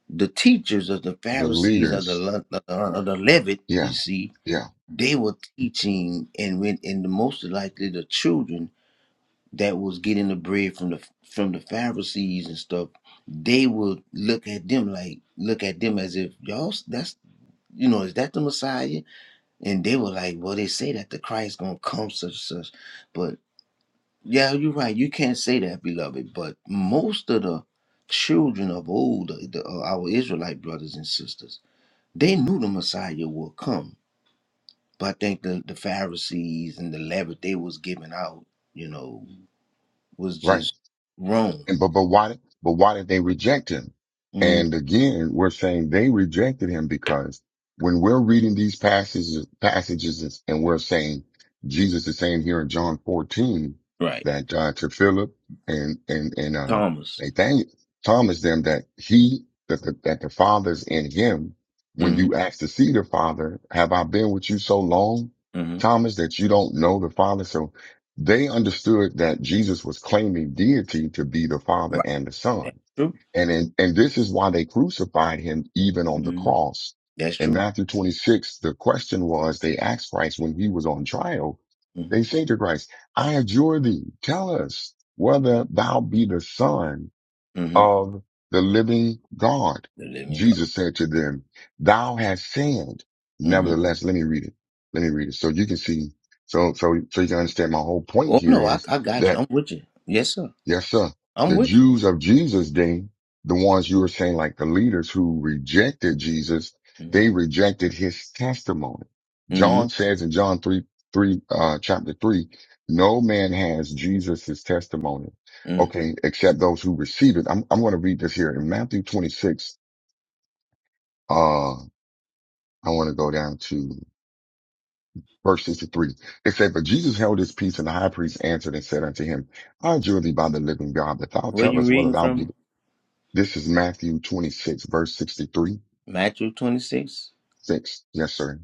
Speaker 3: the teachers of the
Speaker 1: the
Speaker 3: pharisees of the
Speaker 1: leaders
Speaker 3: Le- of the of the levit you
Speaker 1: yeah
Speaker 3: see
Speaker 1: yeah
Speaker 3: they were teaching and when and the most likely the children that was getting the bread from the from the pharisees and stuff they would look at them like look at them as if y'all that's you know is that the messiah and they were like well they say that the christ gonna come such and such but yeah, you're right. You can't say that, beloved. But most of the children of old, uh, the, uh, our Israelite brothers and sisters, they knew the Messiah would come. But I think the, the Pharisees and the leaven they was giving out, you know, was
Speaker 1: right
Speaker 3: just wrong.
Speaker 1: And but but why but why did they reject him?
Speaker 3: Mhm.
Speaker 1: And again, we're saying they rejected him because when we're reading these passages passages and we're saying Jesus is saying here in John 14
Speaker 3: Right.
Speaker 1: that uh, to Philip and and and uh,
Speaker 3: Thomas.
Speaker 1: Nathaniel Thomas them that he that the, that the Father's in him. When
Speaker 3: Mm-hmm.
Speaker 1: you ask to see the Father, have I been with you so long, Thomas, that you don't know the Father? So they understood that Jesus was claiming deity to be the Father
Speaker 3: Right.
Speaker 1: and the Son.
Speaker 3: That's true.
Speaker 1: And, in, and this is why they crucified him even on the
Speaker 3: hmm
Speaker 1: cross.
Speaker 3: That's
Speaker 1: In
Speaker 3: true.
Speaker 1: Matthew 26, the question was, they asked Christ when he was on trial,
Speaker 3: hmm
Speaker 1: they say to Christ, I adjure thee, tell us whether thou be the Son
Speaker 3: hmm
Speaker 1: of the living God.
Speaker 3: The living God.
Speaker 1: Jesus said to them, thou hast sinned.
Speaker 3: hmm
Speaker 1: Nevertheless, let me read it. Let me read it. So you can see, so, so, so you can understand my whole point
Speaker 3: Oh,
Speaker 1: here
Speaker 3: no, I,
Speaker 1: is
Speaker 3: I got you.
Speaker 1: that
Speaker 3: I'm with you. Yes, sir.
Speaker 1: Yes, sir.
Speaker 3: I'm
Speaker 1: The
Speaker 3: with
Speaker 1: Jews of Jesus' day, the ones you were saying, like the leaders who rejected Jesus, they
Speaker 3: you.
Speaker 1: rejected his testimony.
Speaker 3: hmm
Speaker 1: John says in John 3, 3, uh, chapter 3, no man has Jesus' testimony.
Speaker 3: hmm
Speaker 1: Okay. Except those who receive it. I'm, I'm going to read this here in Matthew 26. Uh, I want to go down to verse 63. It said, but Jesus held his peace and the high priest answered and said unto him, I adjure thee by the living God that thou
Speaker 3: Where
Speaker 1: tell
Speaker 3: you
Speaker 1: us whether
Speaker 3: reading
Speaker 1: thou be
Speaker 3: from?
Speaker 1: This is Matthew 26, verse 63.
Speaker 3: Matthew 26.
Speaker 1: Six. Yes, sir.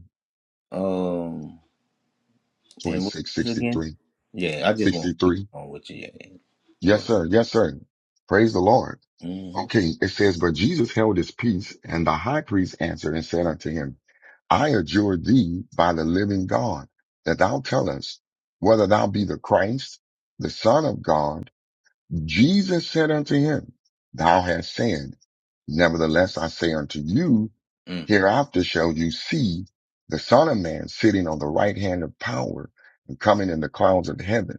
Speaker 3: Um, and what
Speaker 1: 26,
Speaker 3: is it again?
Speaker 1: 63.
Speaker 3: Yeah, I just want not keep
Speaker 1: 63.
Speaker 3: on with you. Yeah, yeah. Go
Speaker 1: Yes,
Speaker 3: ahead.
Speaker 1: sir. Yes, sir. Praise the Lord.
Speaker 3: Mm-hmm.
Speaker 1: Okay. It says, but Jesus held his peace and the high priest answered and said unto him, I adjure thee by the living God that thou tell us whether thou be the Christ, the son of God Jesus said unto him, Thou hast sinned. Nevertheless, I say unto you,
Speaker 3: Mm.
Speaker 1: hereafter shall you see the Son of Man sitting on the right hand of power and coming in the clouds of heaven.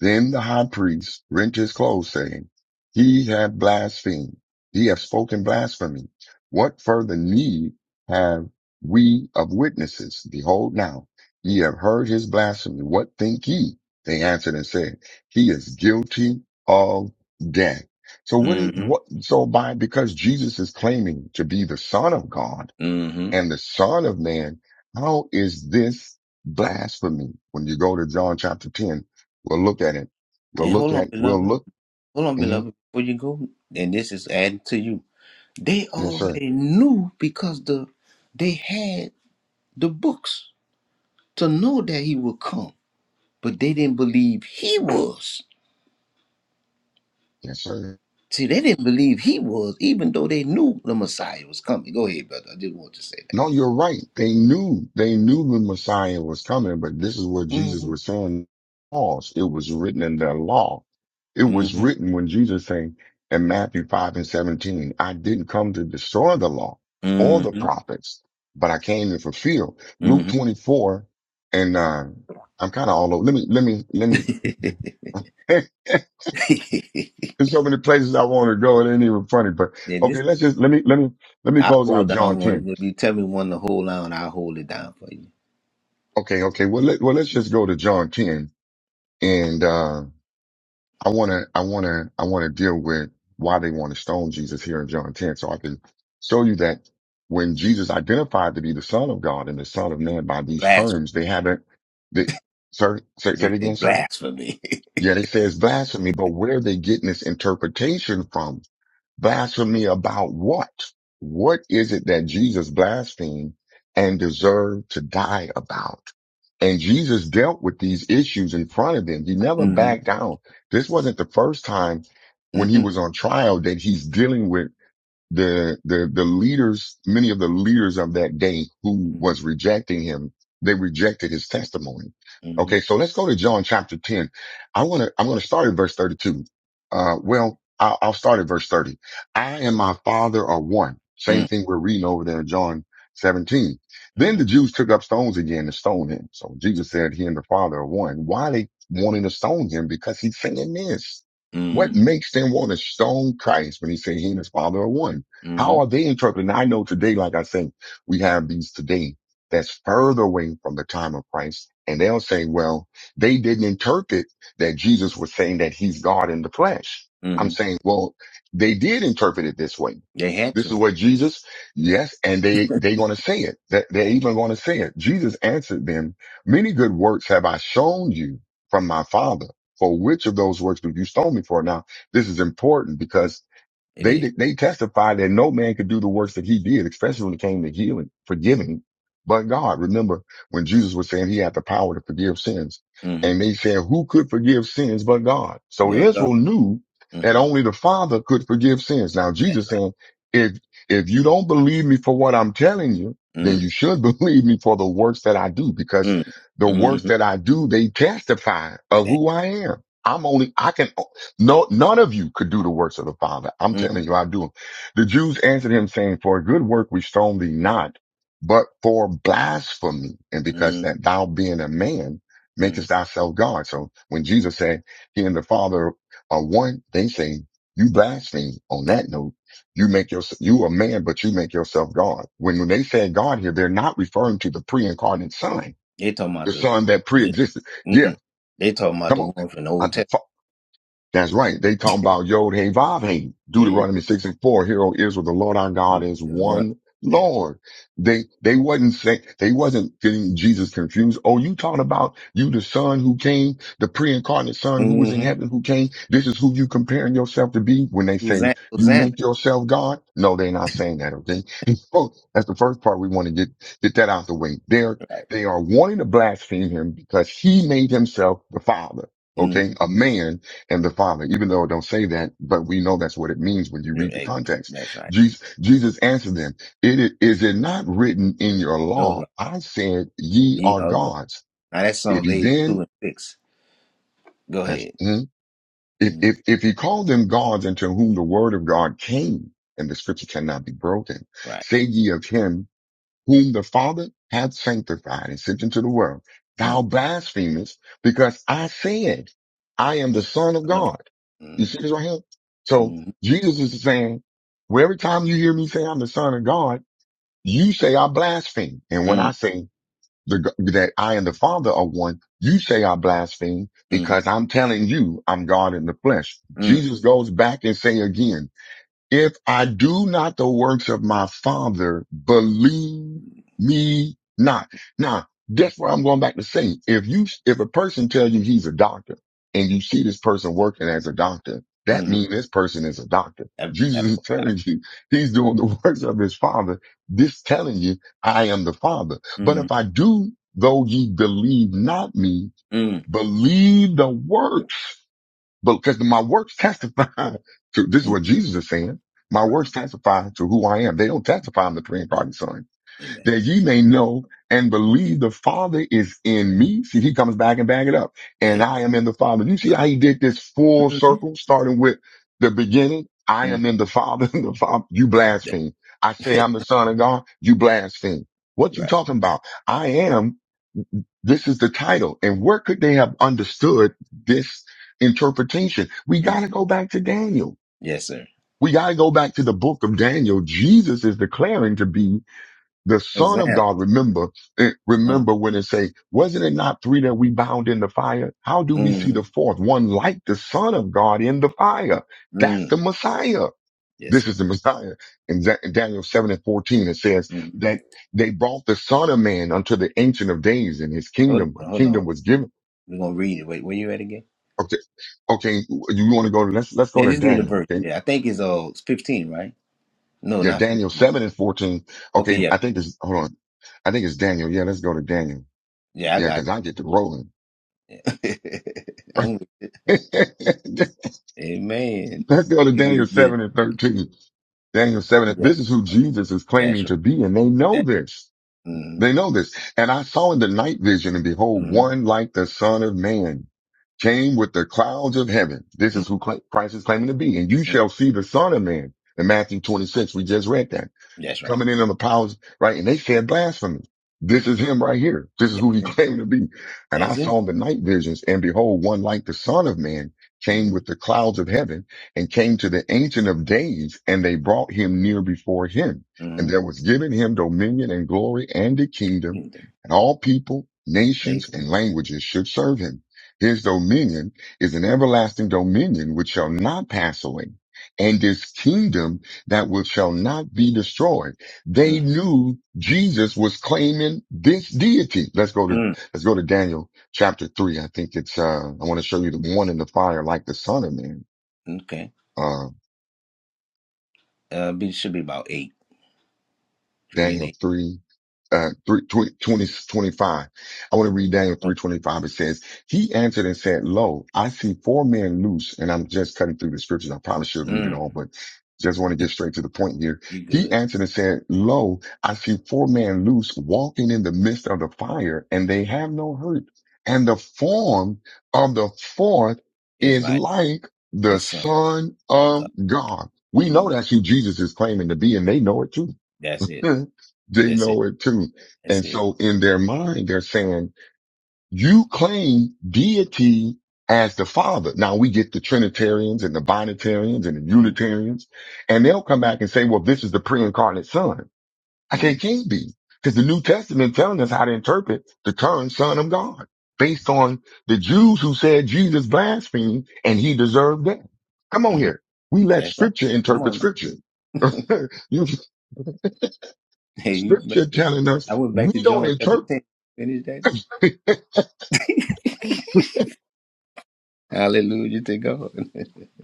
Speaker 1: Then the high priest rent his clothes, saying, He hath blasphemed. He hath spoken blasphemy. What further need have we of witnesses? Behold now, ye have heard his blasphemy. What think ye? They answered and said, He is guilty of death. So what is what
Speaker 3: Mm-hmm.
Speaker 1: so by because Jesus is claiming to be the Son of God
Speaker 3: Mm-hmm.
Speaker 1: and the Son of Man, how is this blasphemy? When you go to John chapter 10, we'll look at it. We'll
Speaker 3: And
Speaker 1: look
Speaker 3: hold on,
Speaker 1: at, we'll
Speaker 3: beloved.
Speaker 1: look.
Speaker 3: Hold on,
Speaker 1: mhm.
Speaker 3: beloved. Before you go, and this is added to you. They
Speaker 1: Yes, sir.
Speaker 3: already knew because the they had the books to know that he would come, but they didn't believe he was.
Speaker 1: Yes, sir.
Speaker 3: See, they didn't believe he was, even though they knew the Messiah was coming. Go ahead, brother. I just want to say
Speaker 1: No,
Speaker 3: that.
Speaker 1: you're right. They knew, they knew the Messiah was coming, but this is what Jesus
Speaker 3: Mm-hmm.
Speaker 1: was saying. laws. It was written in their law. It was
Speaker 3: Mm-hmm.
Speaker 1: written when Jesus saying in Matthew 5 and 17, I didn't come to destroy the law or the
Speaker 3: Mm-hmm.
Speaker 1: prophets, but I came to fulfill. Luke
Speaker 3: Mm-hmm.
Speaker 1: 24 and, uh, I'm kind of all over. Let me, let me, let me, there's so many places I want to go. It ain't even funny, but
Speaker 3: yeah,
Speaker 1: okay,
Speaker 3: this
Speaker 1: let's just, let me, let me, let me
Speaker 3: I
Speaker 1: close out
Speaker 3: hold
Speaker 1: John
Speaker 3: down
Speaker 1: 10.
Speaker 3: one. If you tell me one to hold down, I'll hold it down for you.
Speaker 1: Okay. Okay. Well, let, well, let's just go to John 10 And uh, I want to, I want to, I want to deal with why they want to stone Jesus here in John 10, so I can show you that when Jesus identified to be the Son of God and the Son of Man by these
Speaker 3: Blasphemy.
Speaker 1: terms, they haven't. They, sir, say, say it
Speaker 3: They say
Speaker 1: again, sir.
Speaker 3: blasphemy.
Speaker 1: Yeah, they say it's blasphemy, but where are they getting this interpretation from? Blasphemy about what? What is it that Jesus blasphemed and deserved to die about? And Jesus dealt with these issues in front of them. He never
Speaker 3: mm-hmm.
Speaker 1: backed down. This wasn't the first time when he
Speaker 3: Mm-mm.
Speaker 1: was on trial that he's dealing with the the the leaders, many of the leaders of that day who
Speaker 3: Mm-hmm.
Speaker 1: was rejecting him, they rejected his testimony.
Speaker 3: Mm-hmm.
Speaker 1: Okay, so let's go to John chapter 10. I want to I'm going to start at verse 32. Uh well, I'll, I'll start at verse 30. I and my father are one. Same thing we're reading over there in John 17. Then
Speaker 3: Mm-hmm.
Speaker 1: the Jews took up stones again to stone him. So Jesus said he and the father are one. Why they wanting to stone him? Because he's saying this. What
Speaker 3: Mm-hmm.
Speaker 1: makes them want to stone Christ when he said he and his father are one?
Speaker 3: Mm-hmm.
Speaker 1: How are they interpreting? I know today, like I said, we have these today that's further away from the time of Christ. And they'll say, well, they didn't interpret that Jesus was saying that he's God in the flesh. I'm
Speaker 3: Mm-hmm.
Speaker 1: saying, well, they did interpret it this way.
Speaker 3: They had
Speaker 1: This
Speaker 3: to.
Speaker 1: is what Jesus, yes, and they, they gonna say it. That they're even gonna say it. Jesus answered them, many good works have I shown you from my father. For which of those works do you stone me for? Now, this is important because
Speaker 3: It
Speaker 1: they
Speaker 3: is.
Speaker 1: they testified that no man could do the works that he did, especially when it came to healing, forgiving, but God. Remember when Jesus was saying he had the power to forgive sins,
Speaker 3: Mm-hmm.
Speaker 1: and they said, "Who could forgive sins but God?" So
Speaker 3: Well done.
Speaker 1: Israel knew that
Speaker 3: Mm-hmm.
Speaker 1: only the Father could forgive sins. Now
Speaker 3: That's
Speaker 1: Jesus
Speaker 3: right.
Speaker 1: saying, "If if you don't believe me for what I'm telling you, then
Speaker 3: Mm-hmm.
Speaker 1: you should believe me for the works that I do, because the works
Speaker 3: Mm-hmm.
Speaker 1: that I do, they testify of
Speaker 3: That.
Speaker 1: who I am. I'm only I can. No, none of you could do the works of the Father. I'm telling
Speaker 3: Mm-hmm.
Speaker 1: you, I do. 'em. The Jews answered him saying, for a good work we stone thee not, but for blasphemy. And because
Speaker 3: Mm-hmm.
Speaker 1: that thou being a man makest thyself God. So when Jesus said he and the Father are one, they say, you blaspheme on
Speaker 3: That.
Speaker 1: that note. You make your, you a man, but you make yourself God. When, when they say God here, they're not referring to the pre-incarnate son,
Speaker 3: They talking
Speaker 1: the
Speaker 3: about the
Speaker 1: son that
Speaker 3: yeah.
Speaker 1: pre-existed. Yeah.
Speaker 3: Mm-mm. They talking about
Speaker 1: Come
Speaker 3: the one from the old
Speaker 1: on.
Speaker 3: testament.
Speaker 1: That's right. They talking about Yod Hey Vav Hey.
Speaker 3: Yeah, yeah.
Speaker 1: Deuteronomy 6 and 4. Hear, O Israel, the Lord our God
Speaker 3: is
Speaker 1: is
Speaker 3: one.
Speaker 1: one
Speaker 3: That's,
Speaker 1: Lord. They, they wasn't saying, they wasn't getting Jesus confused. Oh, you talking about you, the son who came, the pre-incarnate son who was in
Speaker 3: mm-hmm.
Speaker 1: heaven who came. This is who you comparing yourself to be when they say
Speaker 3: Susanna,
Speaker 1: you
Speaker 3: Susanna,
Speaker 1: make yourself God. No, they're not saying that. Okay. So that's the first part we want to get, get that out the way. They're,
Speaker 3: right?
Speaker 1: they are wanting to blaspheme him because he made himself the father.
Speaker 3: Mm-hmm.
Speaker 1: Okay. A man and the Father, even though it don't say that, but we know that's what it means when you
Speaker 3: Your
Speaker 1: read the
Speaker 3: egg.
Speaker 1: context.
Speaker 3: That's right.
Speaker 1: Jesus, Jesus answered them, it is, is it not written in your law?
Speaker 3: Yola,
Speaker 1: I said, ye
Speaker 3: ye
Speaker 1: are
Speaker 3: are go.
Speaker 1: gods.
Speaker 3: Now that's
Speaker 1: If
Speaker 3: Psalm
Speaker 1: he
Speaker 3: 82
Speaker 1: then,
Speaker 3: and 6. Go
Speaker 1: that's,
Speaker 3: ahead.
Speaker 1: mm, if,
Speaker 3: Mm,
Speaker 1: if, if he called them gods unto whom the word of God came and the scripture cannot be broken,
Speaker 3: right.
Speaker 1: say ye of him whom the Father hath sanctified and sent into the world. Thou
Speaker 3: Mm,
Speaker 1: blasphemest because I said, I am the son of
Speaker 3: son of God.
Speaker 1: God. You
Speaker 3: Mm,
Speaker 1: see this right here? So
Speaker 3: mm,
Speaker 1: Jesus is saying, well, every time you hear me say I'm the son of God, you say I blaspheme. And when I
Speaker 3: mm,
Speaker 1: say the, g- that I and the Father are one, you say I blaspheme
Speaker 3: mm,
Speaker 1: because I'm telling you I'm God in the flesh.
Speaker 3: mm,
Speaker 1: Jesus goes back and say again, if I do not the works of my father, believe me not. Now, that's where I'm going back to saying, if you, if a person tells you he's a doctor and you see this person working as a doctor, that
Speaker 3: mm.
Speaker 1: means this person is a doctor.
Speaker 3: That,
Speaker 1: Jesus
Speaker 3: that
Speaker 1: is
Speaker 3: part out.
Speaker 1: telling you he's doing the works of his father. This telling you I am the father. But
Speaker 3: Mm,
Speaker 1: if I do, though ye believe not me,
Speaker 3: mm,
Speaker 1: believe the works but because my works testify to this is
Speaker 3: mm.
Speaker 1: what Jesus is saying. My
Speaker 3: Right.
Speaker 1: works testify to who I am. They don't testify I'm the three incarnate son.
Speaker 3: Amen.
Speaker 1: That ye may know and believe the Father is in me. See, he comes back and back it up.
Speaker 3: There
Speaker 1: And
Speaker 3: you
Speaker 1: I
Speaker 3: go.
Speaker 1: am in the Father. You see how he did this full
Speaker 3: Mm,
Speaker 1: circle, starting with the beginning. I
Speaker 3: mm,
Speaker 1: am in the Father. The Father, you
Speaker 3: that-
Speaker 1: blaspheme. I say I'm the Son of God. You blaspheme. What you
Speaker 3: right.
Speaker 1: talking about? I am. This is the title. And where could they have understood this interpretation? We
Speaker 3: Mm.
Speaker 1: got to go back to Daniel.
Speaker 3: Yes, sir.
Speaker 1: We got to go back to the book of Daniel. Jesus is declaring to be the son of
Speaker 3: Hosanna.
Speaker 1: God. Remember, eh,
Speaker 3: Uh,
Speaker 1: remember when it say, wasn't it not three that we bound in the fire? How do we see the
Speaker 3: mm,
Speaker 1: fourth one like the son of God in the fire? That's
Speaker 3: mm.
Speaker 1: the Messiah.
Speaker 3: Yes,
Speaker 1: This
Speaker 3: sir.
Speaker 1: is the Messiah. In Da- in Daniel 7 and 14, it says
Speaker 3: Mm.
Speaker 1: that they brought the son of man unto the ancient of days and his
Speaker 3: Hold
Speaker 1: kingdom. A
Speaker 3: on, hold on.
Speaker 1: kingdom was given
Speaker 3: We're going to read it. Wait, where you at again?
Speaker 1: Okay. Okay. You want to go to, let's, let's
Speaker 3: They
Speaker 1: go to
Speaker 3: just give me the
Speaker 1: Daniel.
Speaker 3: verse.
Speaker 1: Okay.
Speaker 3: Yeah, I think it's uh it's fifteen, right? No,
Speaker 1: Yeah.
Speaker 3: not
Speaker 1: Daniel
Speaker 3: fifteen.
Speaker 1: 7 and 14.
Speaker 3: Okay,
Speaker 1: Okay.
Speaker 3: yeah,
Speaker 1: I think it's, hold on. I think it's Daniel. Yeah. Let's go to Daniel.
Speaker 3: yeah, I
Speaker 1: Yeah.
Speaker 3: got.
Speaker 1: Cause I get to rolling.
Speaker 3: It. I'm with
Speaker 1: let's
Speaker 3: Amen.
Speaker 1: go to
Speaker 3: People
Speaker 1: Daniel
Speaker 3: can get it.
Speaker 1: 7 and 13. Daniel 7. and-
Speaker 3: Yeah,
Speaker 1: This is who Jesus is
Speaker 3: that's
Speaker 1: claiming
Speaker 3: right.
Speaker 1: to be. And they know
Speaker 3: That's right.
Speaker 1: this. They
Speaker 3: Mm-hmm.
Speaker 1: know this. And I saw in the night vision and behold,
Speaker 3: mm
Speaker 1: one like the son of man came with the clouds of heaven. This
Speaker 3: mm
Speaker 1: is who cla- Christ is claiming to be. And you
Speaker 3: mm.
Speaker 1: shall see the son of man in Matthew 26. We just read that.
Speaker 3: That's right.
Speaker 1: coming in on the powers, right? And they said blasphemy. This
Speaker 3: mm
Speaker 1: is him right here. This is who
Speaker 3: That's
Speaker 1: he
Speaker 3: it.
Speaker 1: claimed to be. And I
Speaker 3: That's it.
Speaker 1: saw the night visions and behold, one like the son of man came
Speaker 3: mm
Speaker 1: with the clouds of heaven and came to the ancient of days and they brought him near before him. And
Speaker 3: mm
Speaker 1: there was given him dominion and glory and a kingdom
Speaker 3: Kingdom.
Speaker 1: and all people, nations
Speaker 3: Nathan.
Speaker 1: and languages should serve him. His dominion is an everlasting dominion which shall not pass away and his kingdom that will shall not be destroyed they
Speaker 3: mm
Speaker 1: knew Jesus was claiming this deity. Let's go to,
Speaker 3: Mm.
Speaker 1: let's go to Daniel chapter three. I think it's, uh, I want to show you the one in the fire like the son of man.
Speaker 3: Okay.
Speaker 1: Uh,
Speaker 3: Uh, it should be about eight, three and
Speaker 1: Daniel
Speaker 3: eight.
Speaker 1: 3, uh, 3, twenty, twenty, twenty-five. I want to read Daniel
Speaker 3: Oh,
Speaker 1: 325. It says, he answered and said, lo, I see four men loose and I'm just cutting through the scriptures. I probably should read it
Speaker 3: Mm.
Speaker 1: all, but just want to get straight to the point here.
Speaker 3: You
Speaker 1: He
Speaker 3: good?
Speaker 1: answered and said, lo, I see four men loose walking in the midst of the fire and they have no hurt. And the form of the fourth
Speaker 3: It's
Speaker 1: is
Speaker 3: like
Speaker 1: like
Speaker 3: the
Speaker 1: the
Speaker 3: son
Speaker 1: son
Speaker 3: of God.
Speaker 1: of God. We know
Speaker 3: mm
Speaker 1: that's who Jesus is claiming to be and they know it too.
Speaker 3: That's it.
Speaker 1: they
Speaker 3: That's it.
Speaker 1: know it too.
Speaker 3: That's
Speaker 1: And
Speaker 3: it.
Speaker 1: so in their mind, they're saying, you claim deity as the father. Now we get the Trinitarians and the Binitarians and the
Speaker 3: mm
Speaker 1: Unitarians, and they'll come back and say, well, this is the pre-incarnate son. I say, it
Speaker 3: Mm.
Speaker 1: can't be because the New Testament telling us how to interpret the term son of God based on the Jews who said Jesus blasphemed and he deserved death. Come on
Speaker 3: mm
Speaker 1: here. We let
Speaker 3: That's right.
Speaker 1: scripture
Speaker 3: Come
Speaker 1: interpret
Speaker 3: on now.
Speaker 1: scripture. you
Speaker 3: Hey, you made
Speaker 1: Scripture
Speaker 3: it.
Speaker 1: telling
Speaker 3: I
Speaker 1: us
Speaker 3: went back
Speaker 1: we
Speaker 3: to
Speaker 1: don't
Speaker 3: John chapter
Speaker 1: interpret.
Speaker 3: 10. Finish that. Hallelujah to God.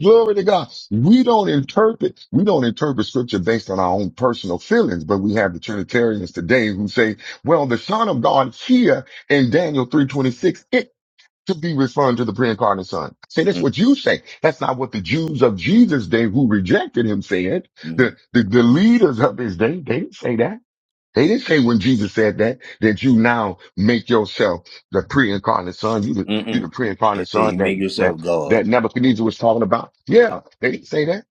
Speaker 1: Glory to God. We don't interpret. We don't interpret scripture based on our own personal feelings, but we have the Trinitarians today who say, well, the son of God here in Daniel 326, it to be referring to the pre-incarnate son. Say that's
Speaker 3: Mm-mm.
Speaker 1: what you say. That's not what the Jews of Jesus' day who rejected him said. The, the, the leaders of his day, they didn't say that. They didn't say when Jesus said that, that you now make yourself the pre-incarnate son. You the, you
Speaker 3: Mm-mm.
Speaker 1: the
Speaker 3: They
Speaker 1: pre-incarnate
Speaker 3: say
Speaker 1: son
Speaker 3: you make
Speaker 1: that, that,
Speaker 3: yourself
Speaker 1: that
Speaker 3: God.
Speaker 1: Nebuchadnezzar was talking about. Yeah, they didn't say that.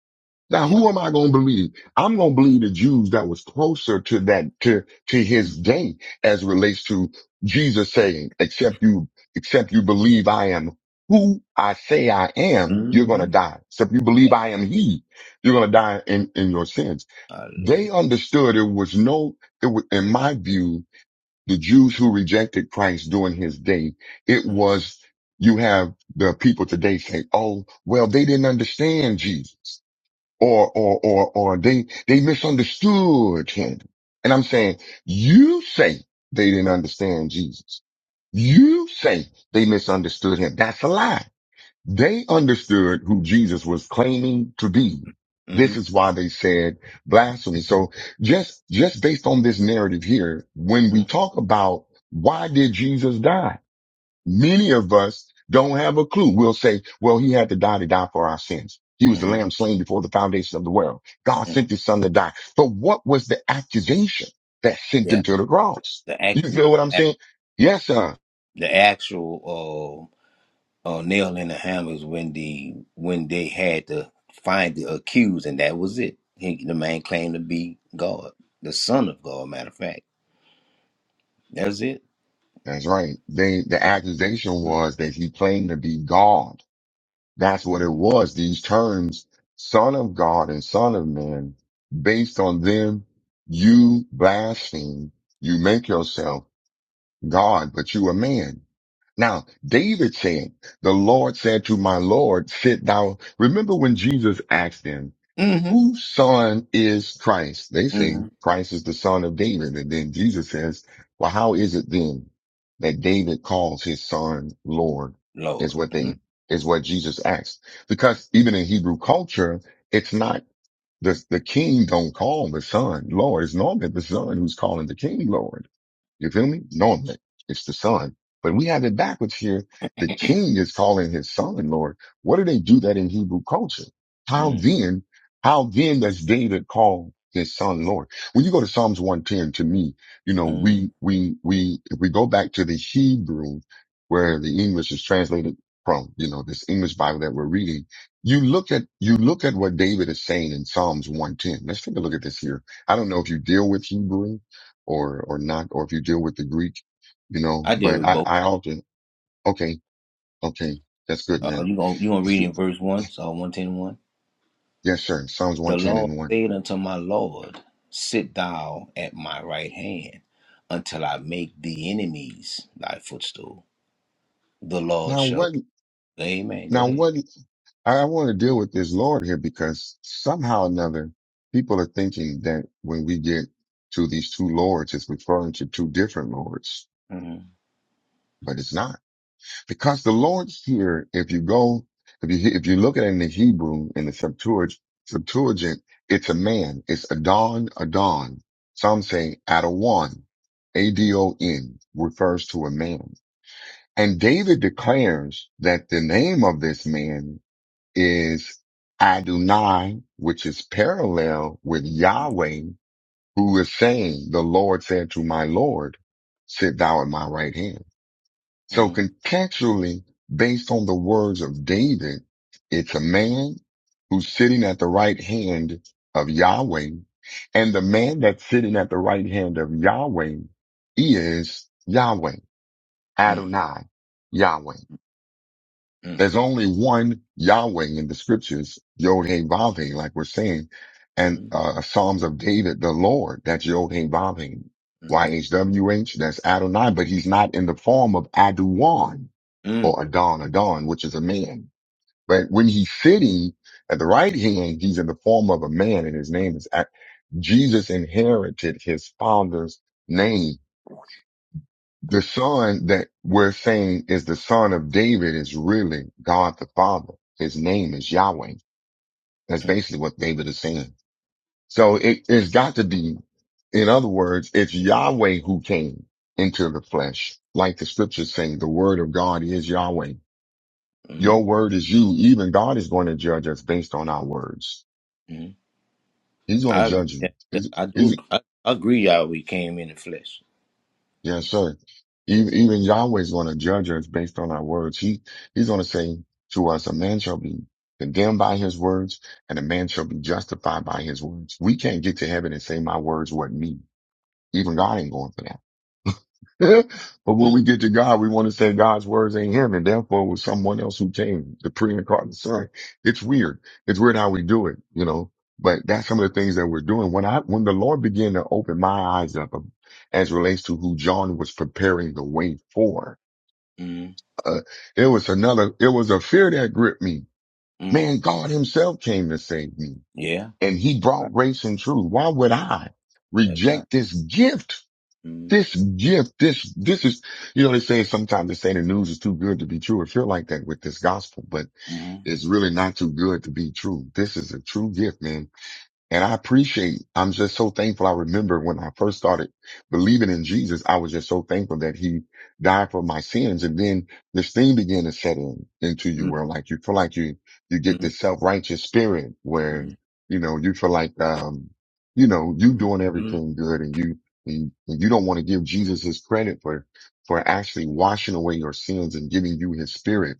Speaker 1: Now,
Speaker 3: Yeah.
Speaker 1: who am I going to believe? I'm going to believe the Jews that was closer to that, to, to his day as relates to Jesus saying, except you, except you believe I am who I say I am, you're going to
Speaker 3: Mm-hmm.
Speaker 1: die. Except you believe I am he, you're going to die in, in your sins. They
Speaker 3: Hallelujah.
Speaker 1: understood there was no, it was, in my view, the Jews who rejected Christ during his day, it was, you have the people today say, oh, well, they didn't understand Jesus or, or, or, or they, they misunderstood him. And I'm saying, you say they didn't understand Jesus. You say they misunderstood him. That's a lie. They understood who Jesus was claiming to be.
Speaker 3: Mm-hmm.
Speaker 1: This is why they said blasphemy. So just, just based on this narrative here, when we talk about why did Jesus die? Many of us don't have a clue. We'll say, well, he had to die to die for our sins. He was the
Speaker 3: Mm-hmm.
Speaker 1: lamb slain before the foundation of the world. God
Speaker 3: hmm
Speaker 1: sent his son to die. But what was the accusation that sent
Speaker 3: Yeah.
Speaker 1: him to the cross?
Speaker 3: The act,
Speaker 1: You
Speaker 3: yeah,
Speaker 1: feel what I'm
Speaker 3: act
Speaker 1: saying?
Speaker 3: yeah.
Speaker 1: Yes, sir.
Speaker 3: The actual uh, uh nail in the hammer is when the when they had to find the accused and that was it. He, the man claimed to be God, the son of God, matter of fact. That's it.
Speaker 1: That's right. They, the accusation
Speaker 3: Yeah.
Speaker 1: was that he claimed to be God. That's what it was. These terms, son of God and son of man, based on them, you blaspheme. You make yourself God, but you a man. Now, David said, the Lord said to my Lord, sit thou. Remember when Jesus asked him,
Speaker 3: Mm-hmm.
Speaker 1: whose son is Christ? They say
Speaker 3: Mm-hmm.
Speaker 1: Christ is the son of David. And then Jesus says, well, how is it then that David calls his son Lord is
Speaker 3: Lord.
Speaker 1: what they, is what Jesus asked. Because even in Hebrew culture, it's not the, the king don't call the son Lord. It's normally the son who's calling the king Lord. You feel me? Knowing that it's the son. But we have it backwards here. The king is calling his son Lord. What do they do that in Hebrew culture? How
Speaker 3: Mm-hmm.
Speaker 1: then, how then does David call his son Lord? When you go to Psalms 110, to me, you know, we, we, we, if we go back to the Hebrew where the English is translated from, you know, this English Bible that we're reading, you look at, you look at what David is saying in Psalms 110. Let's take a look at this here. I don't know if you deal with Hebrew or or not, or if you deal with the Greek, you know.
Speaker 3: I deal
Speaker 1: But
Speaker 3: with
Speaker 1: I
Speaker 3: both.
Speaker 1: I often okay okay that's good
Speaker 3: Uh,
Speaker 1: man.
Speaker 3: you gonna you gonna
Speaker 1: It's
Speaker 3: read
Speaker 1: good.
Speaker 3: in verse one, Psalm one ten one.
Speaker 1: Yes sir. Psalms
Speaker 3: The
Speaker 1: one ten
Speaker 3: Lord
Speaker 1: and one.
Speaker 3: said unto my Lord, Sit thou at my right hand, until I make the enemies thy footstool. The Lord
Speaker 1: Now
Speaker 3: shall.
Speaker 1: what
Speaker 3: Amen. Go
Speaker 1: now
Speaker 3: ahead.
Speaker 1: what I want to deal with this Lord here because somehow or another people are thinking that when we get to these two lords, it's referring to two different lords,
Speaker 3: Mm-hmm.
Speaker 1: but it's not Because the Lord's here, if you go, if you, if you look at it in the Hebrew, in the Septuagint, Septuagint, it's a man. It's Adon, Adon. Some say Adon, A-D-O-N, refers to a man. And David declares that the name of this man is Adonai, which is parallel with Yahweh, who is saying, the Lord said to my Lord, sit thou at my right hand. So
Speaker 3: Mm-hmm.
Speaker 1: contextually, based on the words of David, it's a man who's sitting at the right hand of Yahweh. And the man that's sitting at the right hand of Yahweh is Yahweh, Adonai, Yahweh.
Speaker 3: Mm-hmm.
Speaker 1: There's only one Yahweh in the scriptures, Yod Hey Vav Hey, like we're saying, and
Speaker 3: Mm-hmm.
Speaker 1: uh, Psalms of David, the Lord, that's Yod Hey Vav Hey. YHWH, that's Adonai, but he's not in the form of Aduan
Speaker 3: Mm-hmm.
Speaker 1: or Adon Adon, which is a man. But when he's sitting at the right hand, he's in the form of a man and his name is Ac- Jesus inherited his father's name. The son that we're saying is the son of David is really God the Father. His name is Yahweh. That's basically what David is saying. So it, it's got to be, in other words, it's Yahweh who came into the flesh. Like the scriptures say, the word of God is Yahweh.
Speaker 3: Mm-hmm.
Speaker 1: Your word is you. Even God is going to judge us based on our words.
Speaker 3: Mm-hmm.
Speaker 1: He's going to
Speaker 3: I agree.
Speaker 1: judge you.
Speaker 3: That, yes,
Speaker 1: He's,
Speaker 3: I do.
Speaker 1: he's,
Speaker 3: ag- I, I agree. Yahweh came in the flesh.
Speaker 1: yes, sir. Even, even Yahweh is going to judge us based on our words. He, he's going to say to us, a man shall be condemned by his words and a man shall be justified by his words. We can't get to heaven and say my words weren't me. Even God ain't going for that. but when
Speaker 3: Mm-hmm.
Speaker 1: we get to God, we want to say God's words ain't him, and therefore it was someone else who came, the pre-incarnate Son. It's weird. It's weird how we do it, you know. But that's some of the things that we're doing. When I, when the Lord began to open my eyes up um, as relates to who John was preparing the way for,
Speaker 3: Mm-hmm.
Speaker 1: uh, it was another. It was a fear that gripped me. Man, God Himself came to save me,
Speaker 3: Yeah.
Speaker 1: and He
Speaker 3: That's right.
Speaker 1: brought grace and truth. Why would I
Speaker 3: That's right.
Speaker 1: reject this gift?
Speaker 3: Mm-hmm.
Speaker 1: This gift, this, this is, you know, they say sometimes they say the news is too good to be true. It feel like that with this gospel, but
Speaker 3: Mm-hmm.
Speaker 1: it's really not too good to be true. This is a true gift, man. And I appreciate, I'm just so thankful. I remember when I first started believing in Jesus, I was just so thankful that he died for my sins. And then this thing began to set in into you where like you feel like you, you get
Speaker 3: Mm-hmm.
Speaker 1: this self-righteous spirit where,
Speaker 3: Mm-hmm.
Speaker 1: you know, you feel like, um, you know, you
Speaker 3: Mm-hmm.
Speaker 1: doing
Speaker 3: Mm-hmm.
Speaker 1: everything good and you, and, and you don't want to give Jesus his credit for, for actually washing away your sins and giving you his spirit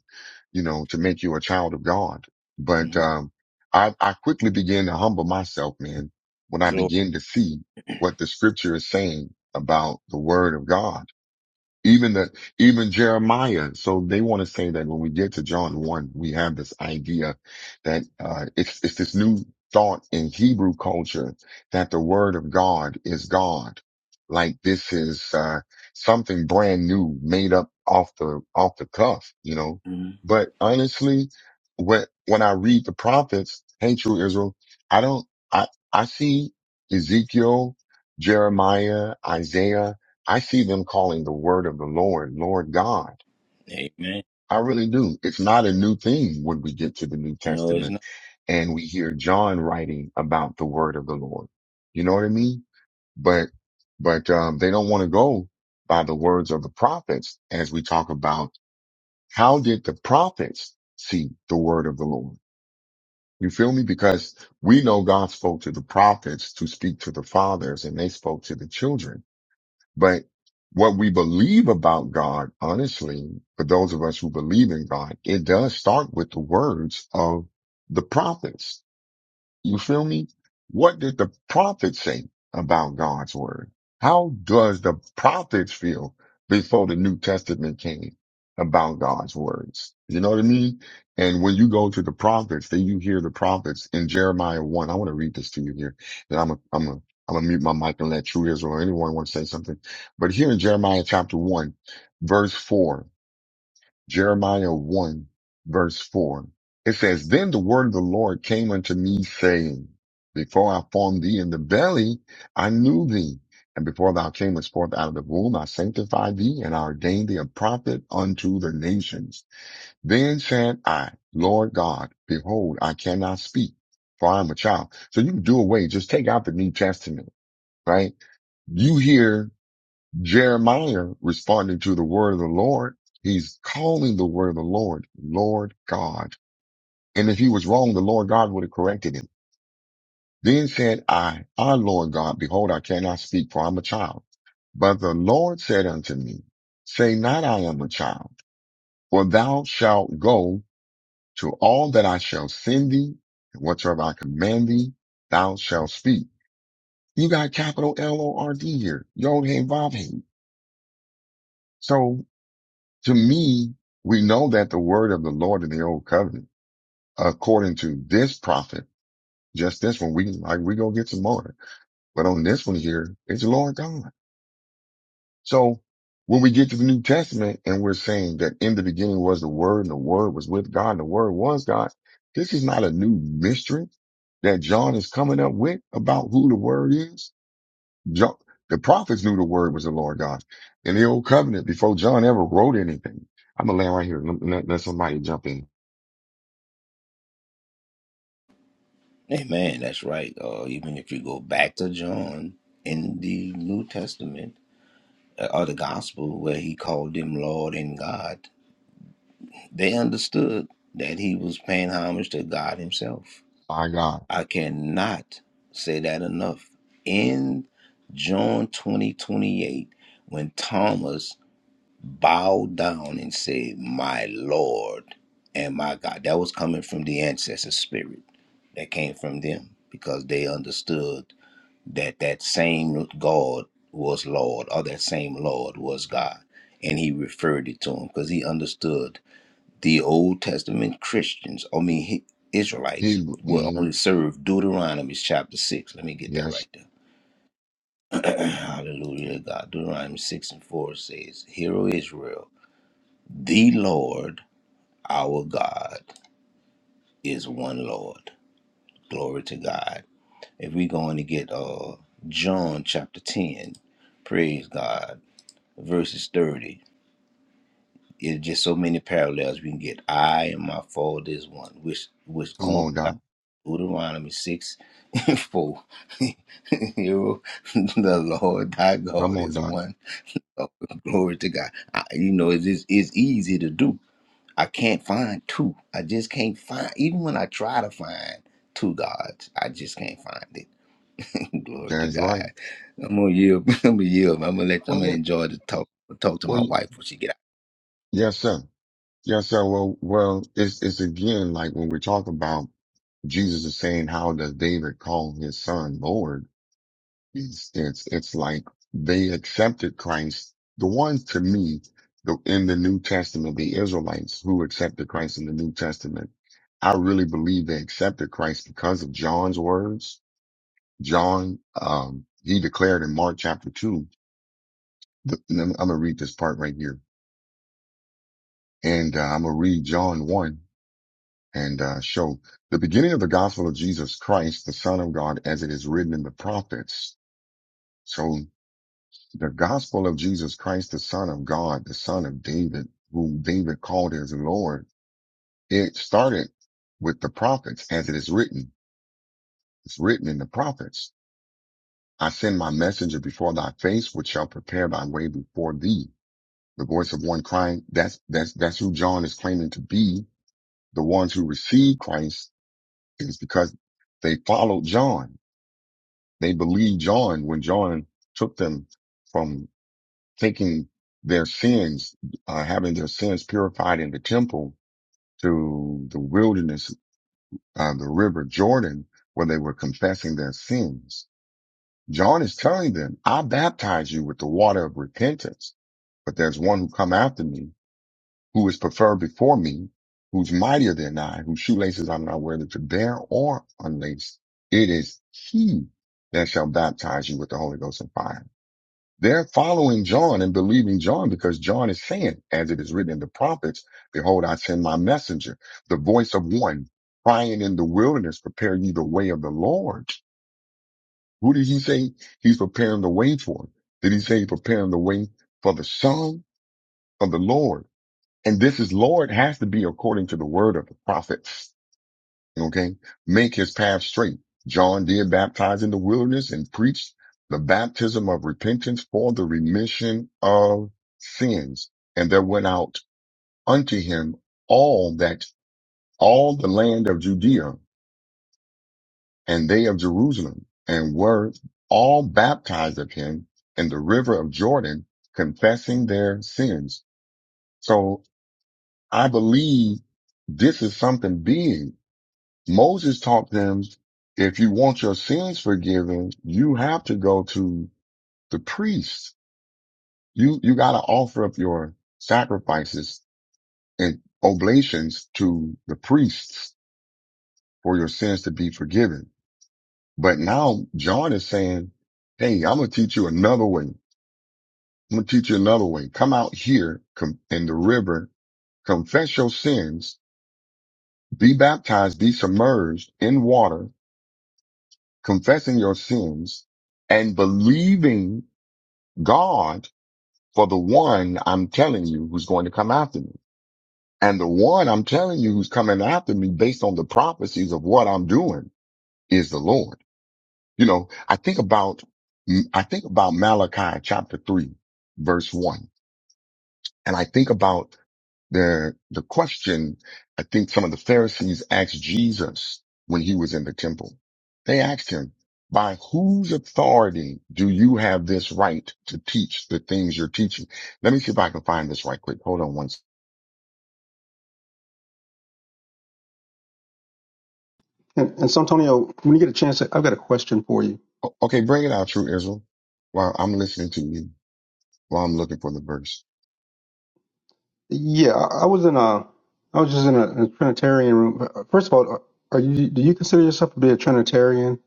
Speaker 1: you know, to make you a child of God. But,
Speaker 3: Mm-hmm.
Speaker 1: um, I, I quickly began to humble myself, man, when I
Speaker 3: Glory.
Speaker 1: began to see what the scripture is saying about the word of God even the, even Jeremiah. So they want to say that when we get to John 1, we have this idea that, uh, it's, it's this new thought in Hebrew culture that the word of God is God. Like this is, uh, something brand new made up off the, off the cuff, you know,
Speaker 3: hmm
Speaker 1: but honestly, when, when I read the prophets, hey, true Israel, I don't, I, I see Ezekiel, Jeremiah, Isaiah, I see them calling the word of the Lord, Lord God.
Speaker 3: Amen.
Speaker 1: I really do. It's not a new thing when we get to the New
Speaker 3: No, it's
Speaker 1: Testament
Speaker 3: not.
Speaker 1: and we hear John writing about the word of the Lord. You know what I mean? But, but, um, they don't want to go by the words of the prophets as we talk about how did the prophets see the word of the Lord? You feel me? Because we know God spoke to the prophets to speak to the fathers and they spoke to the children But what we believe about God, honestly, for those of us who believe in God, it does start with the words of the prophets. You feel me? What did the prophets say about God's word? How does the prophets feel before the New Testament came about God's words? You know what I mean? And when you go to the prophets, then you hear the prophets in Jeremiah 1. I want to read this to you here. Then I'm a, I'm a, I'm gonna mute my mic and let true Israel or anyone want to say something. But here in Jeremiah chapter 1, verse 4, Jeremiah 1 verse 4. It says, Then the word of the Lord came unto me saying, Before I formed thee in the belly, I knew thee. And before thou camest forth out of the womb, I sanctified thee and I ordained thee a prophet unto the nations. Then said I, Lord God, behold, I cannot speak, for I am a child. So you can do away, just take out the New Testament, right? You hear Jeremiah responding to the word of the Lord, he's calling the word of the Lord, Lord God. And if he was wrong, the Lord God would have corrected him. Then said I, Our Lord God, behold, I cannot speak for I'm a child. But the Lord said unto me, say not I am a child, for thou shalt go to all that I shall send thee, and whatsoever I command thee, thou shalt speak. You got capital L O R D here. Yod Hey Vav Hey. So To me, we know that the word of the Lord in the old covenant, according to this prophet, just this one, we like, we go get some more. But on this one here, it's the Lord God. So when we get to the New Testament and we're saying that in the beginning was the word and the word was with God and the word was God, this is not a new mystery that John is coming up with about who the word is. John, the prophets knew the word was the Lord God in the old covenant before John ever wrote anything. I'm gonna land right here. Let, let, let somebody jump in.
Speaker 3: Amen. That's right. Uh, even if you go back to John in the New Testament uh, or the Gospel, where he called him Lord and God, they understood that he was paying homage to God Himself.
Speaker 1: My God.
Speaker 3: I cannot say that enough. In John twenty twenty eight, when Thomas bowed down and said, My Lord and my God. That was coming from the ancestor spirit that came from them because they understood that that same God was Lord or that same Lord was God. And he referred it to him because he understood the Old Testament Christians, I mean, he, Israelites,
Speaker 1: He,
Speaker 3: will only
Speaker 1: mm,
Speaker 3: serve Deuteronomy chapter 6. Let me get that
Speaker 1: yes.
Speaker 3: right there. Hallelujah, God. Deuteronomy 6 and 4 says, Hear, O Israel, the Lord Our God is one Lord. Glory to God. If we going to get uh John chapter 10, praise God, verses 30. It's just so many parallels we can get. I and my Father is one, which which
Speaker 1: Come
Speaker 3: coincides
Speaker 1: on, Doc.
Speaker 3: with Deuteronomy 6 and 4. Hero, the Lord thy
Speaker 1: Come
Speaker 3: God
Speaker 1: on,
Speaker 3: is
Speaker 1: Doc.
Speaker 3: one. Oh, glory to God. I, you know, it's, it's easy to do. I can't find two. I just can't find, even when I try to find two gods, I just can't find it. Glory to
Speaker 1: That's right.
Speaker 3: God. I'm gonna yield. I'm gonna yield. I'm gonna let. I'm
Speaker 1: Well,
Speaker 3: gonna
Speaker 1: that,
Speaker 3: enjoy the talk. Talk to my
Speaker 1: well,
Speaker 3: wife when she get out.
Speaker 1: yes, sir. Yes, sir. Well, well, it's, it's again, like when we talk about Jesus is saying, how does David call his son Lord? It's, it's, it's like they accepted Christ. The ones to me, the, in the New Testament, the Israelites who accepted Christ in the New Testament, I really believe they accepted Christ because of John's words John, um, he declared in Mark chapter two, the, I'm going to read this part right here and uh, I'm going to read John one and uh, show the beginning of the gospel of Jesus Christ, the son of God, as it is written in the prophets. So the gospel of Jesus Christ, the son of God, the son of David, whom David called his Lord. It started with the prophets as it is written. It's written in the prophets. I send my messenger before thy face, which shall prepare thy way before thee. the voice of one crying. That's, that's, that's who John is claiming to be. The ones who received Christ is because they followed John. They believed John when John took them from taking their sins, uh, having their sins purified in the temple to the wilderness, uh, the river Jordan, where they were confessing their sins. John is telling them, I baptize you with the water of repentance, but there's one who come after me who is preferred before me, who's mightier than I, whose shoelaces I'm not worthy to bear or unlace. It is he that shall baptize you with the Holy Ghost and fire. They're following John and believing John because John is saying, as it is written in the prophets, behold, I send my messenger, the voice of one crying in the wilderness, prepare ye the way of the Lord. Who did he say he's preparing the way for? Did he say he's preparing the way for the son of the Lord? And this is Lord has to be according to the word of the prophets. Okay. Make his path straight. John did baptize in the wilderness and preached the baptism of repentance for the remission of sins. And there went out unto him all that all the land of Judea and they of Jerusalem and were all baptized of him in the river of Jordan, confessing their sins. So I believe this is something big Moses taught them if you want your sins forgiven, you have to go to the priest. You, you gotta offer up your sacrifices and oblations to the priests for your sins to be forgiven. But now John is saying, Hey, I'm going to teach you another way. I'm going to teach you another way. Come out here com- in the river, confess your sins, be baptized, be submerged in water, confessing your sins and believing God for the one I'm telling you who's going to come after me. And the one I'm telling you who's coming after me based on the prophecies of what I'm doing is the Lord. You know, I think about, I think about Malachi chapter three, verse one, and I think about The, the question I think some of the Pharisees asked Jesus when he was in the temple. They asked him, by whose authority do you have this right to teach the things you're teaching? Let me see if I can find this right quick. Hold on one second.
Speaker 4: And, and Santonio, when you get a chance, I've got a question for you.
Speaker 1: Okay, bring it out, true Israel. While I'm listening to you, while I'm looking for the verse.
Speaker 4: Yeah, I, I was in a, I was just in a, a Trinitarian room. Uh, First of all, are are you? Do you consider yourself to be a Trinitarian?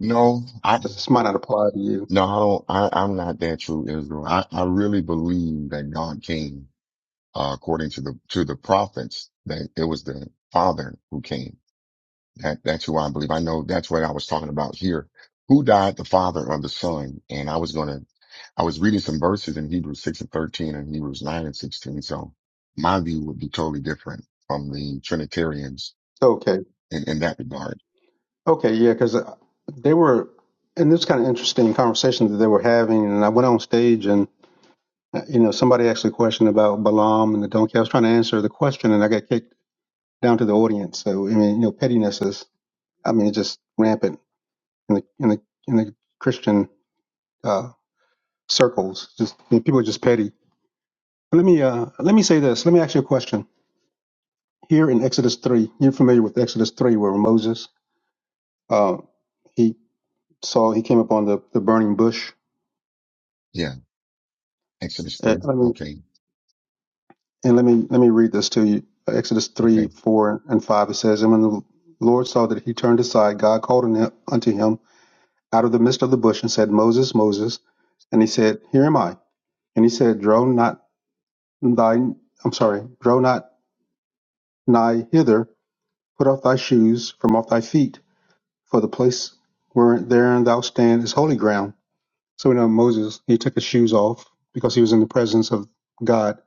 Speaker 1: No, I,
Speaker 4: Because this might not apply to you.
Speaker 1: no, I don't, I, I'm not that true Israel. I, I really believe that God came, uh, according to the, to the prophets, that it was the Father who came That, that's who I believe. I know that's what I was talking about here. Who died the father of the son? And I was going to, I was reading some verses in Hebrews 6 and 13 and Hebrews 9 and 16. So my view would be totally different from the Trinitarians
Speaker 4: Okay,
Speaker 1: in, in that regard.
Speaker 4: okay, yeah, because they were, and this kind of interesting conversation that they were having, and I went on stage and. uh, You know, somebody asked a question about Balaam and the donkey. I was trying to answer the question, and I got kicked down to the audience. So, I mean, you know, pettiness is, I mean, it's just rampant in the in the in the Christian uh, circles. Just people are just petty. But let me uh, let me say this. Let me ask you a question. Here in Exodus three, you're familiar with Exodus three, where Moses uh, he saw he came upon the, the burning bush.
Speaker 1: Yeah. Exodus
Speaker 4: Uh,
Speaker 1: 3.
Speaker 4: let me
Speaker 1: Okay.
Speaker 4: and let me let me read this to you. Exodus three,
Speaker 1: Okay.
Speaker 4: four, and five. It says, and when the Lord saw that he turned aside, God called on him- unto him out of the midst of the bush and said, Moses, Moses. And he said, Here am I. And he said, Draw not thine. I'm sorry. Draw not nigh hither Put off thy shoes from off thy feet, for the place wherein thou stand is holy ground. So we know Moses, he took his shoes off because he was in the presence of God.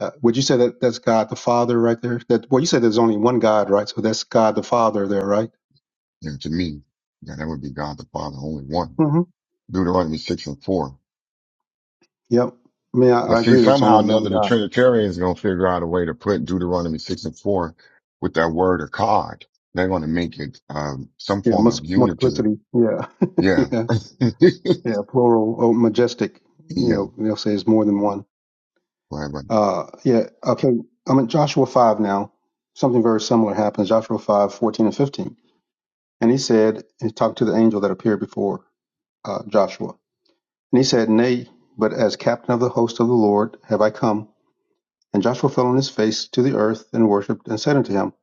Speaker 4: Uh, would you say that that's God the Father right there? That well, you said there's only one God, right? So that's God the Father there, right?
Speaker 1: And to me, yeah, that would be God the Father, only one.
Speaker 4: hmm
Speaker 1: Deuteronomy 6 and 4.
Speaker 4: Yep. I mean, I,
Speaker 1: But
Speaker 4: I
Speaker 1: see,
Speaker 4: agree. There's
Speaker 1: somehow
Speaker 4: only
Speaker 1: or
Speaker 4: one
Speaker 1: another, the
Speaker 4: God.
Speaker 1: Trinitarians are going to figure out a way to put Deuteronomy 6 and 4 with that word of God. They're going to make it, um, some
Speaker 4: Yeah,
Speaker 1: form of
Speaker 4: mus-
Speaker 1: unity.
Speaker 4: multiplicity. Yeah,
Speaker 1: Yeah.
Speaker 4: yeah, yeah. Plural or majestic. You
Speaker 1: yeah.
Speaker 4: know, they'll say it's more than one.
Speaker 1: Right, right.
Speaker 4: Uh, yeah. Okay. I'm in Joshua 5 now. Something very similar happens. Joshua 5:14 and 15. And he said, he talked to the angel that appeared before uh, Joshua. And he said, Nay, but as captain of the host of the Lord have I come. And Joshua fell on his face to the earth and worshipped and said unto him,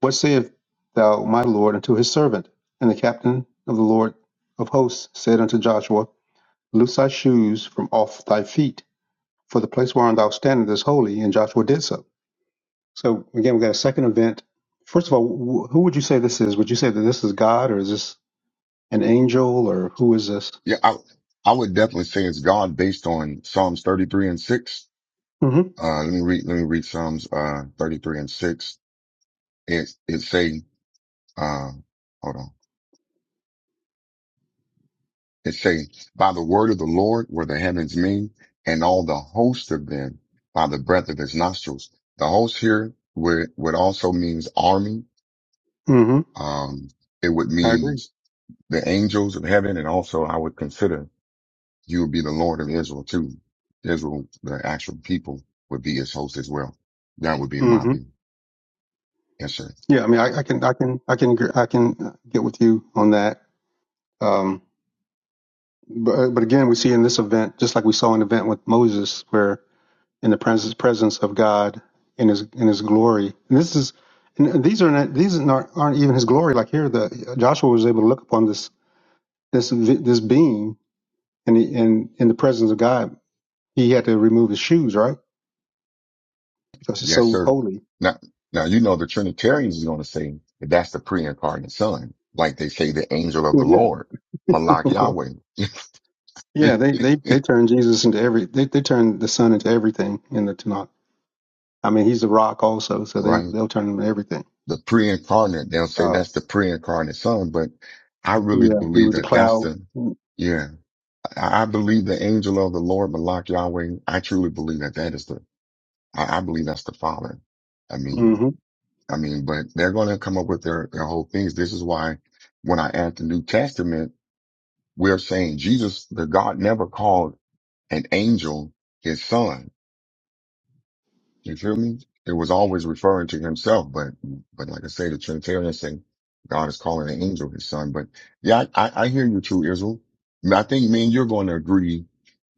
Speaker 4: What sayest thou, my Lord, unto his servant? And the captain of the Lord of hosts said unto Joshua, Loose thy shoes from off thy feet, for the place whereon thou standest is holy. And Joshua did so. So again, we got a second event. First of all, wh- who would you say this is? Would you say that this is God, or is this an angel, or who is this?
Speaker 1: Yeah. I, I would definitely say it's God based on Psalms 33 and 6.
Speaker 4: hmm
Speaker 1: Uh, let me read, let me read Psalms, uh, 33 and 6. It, it say, uh, hold on. It says, by the word of the Lord were the heavens made, and all the host of them by the breath of his nostrils. The host here would, would also means army.
Speaker 4: hmm
Speaker 1: Um, it would
Speaker 4: I agree.
Speaker 1: mean the angels of heaven. And also I would consider you would be the Lord of Israel too. Israel, the actual people would be his host as well. That would be my
Speaker 4: hmm
Speaker 1: view. Yes, sir.
Speaker 4: Yeah, I mean, I, I can, I can, I can, gr- I can uh, get with you on that. Um, but uh, but again, we see in this event, just like we saw an event with Moses, where in the presence presence of God in his in his glory. And this is, and these are not these aren't, aren't even his glory. Like here, the Joshua was able to look upon this this vi- this being and he, and in the presence of God, he had to remove his shoes, right? Because it's
Speaker 1: Yes,
Speaker 4: so
Speaker 1: sir.
Speaker 4: holy.
Speaker 1: Now, now you know the Trinitarians is going to say that that's the pre-incarnate Son, like they say the angel of the
Speaker 4: Well,
Speaker 1: Lord,
Speaker 4: yeah,
Speaker 1: Malak
Speaker 4: of course.
Speaker 1: Yahweh, right?
Speaker 4: Yeah, they they they turned Jesus into every they they turned the Son into everything in the Tanakh. I mean, he's the rock also, so they they'll turn him into everything.
Speaker 1: The pre-incarnate, they'll say
Speaker 4: Uh,
Speaker 1: that's the pre-incarnate Son, but I really
Speaker 4: yeah, he
Speaker 1: believe
Speaker 4: was a
Speaker 1: that that's
Speaker 4: cloud.
Speaker 1: the, yeah, I I believe the angel of the Lord, Malak Yahweh. I truly believe that that is the, I, I believe that's the Father. I mean,
Speaker 4: Mm-hmm.
Speaker 1: I mean, but they're going to come up with their, their whole things. This is why when I add the New Testament. We're saying Jesus, the God never called an angel his son. You feel me? It was always referring to himself, but but like I say, the Trinitarians say God is calling an angel his son. But yeah, I, I, I hear you too, Israel. And I think me and you're going to agree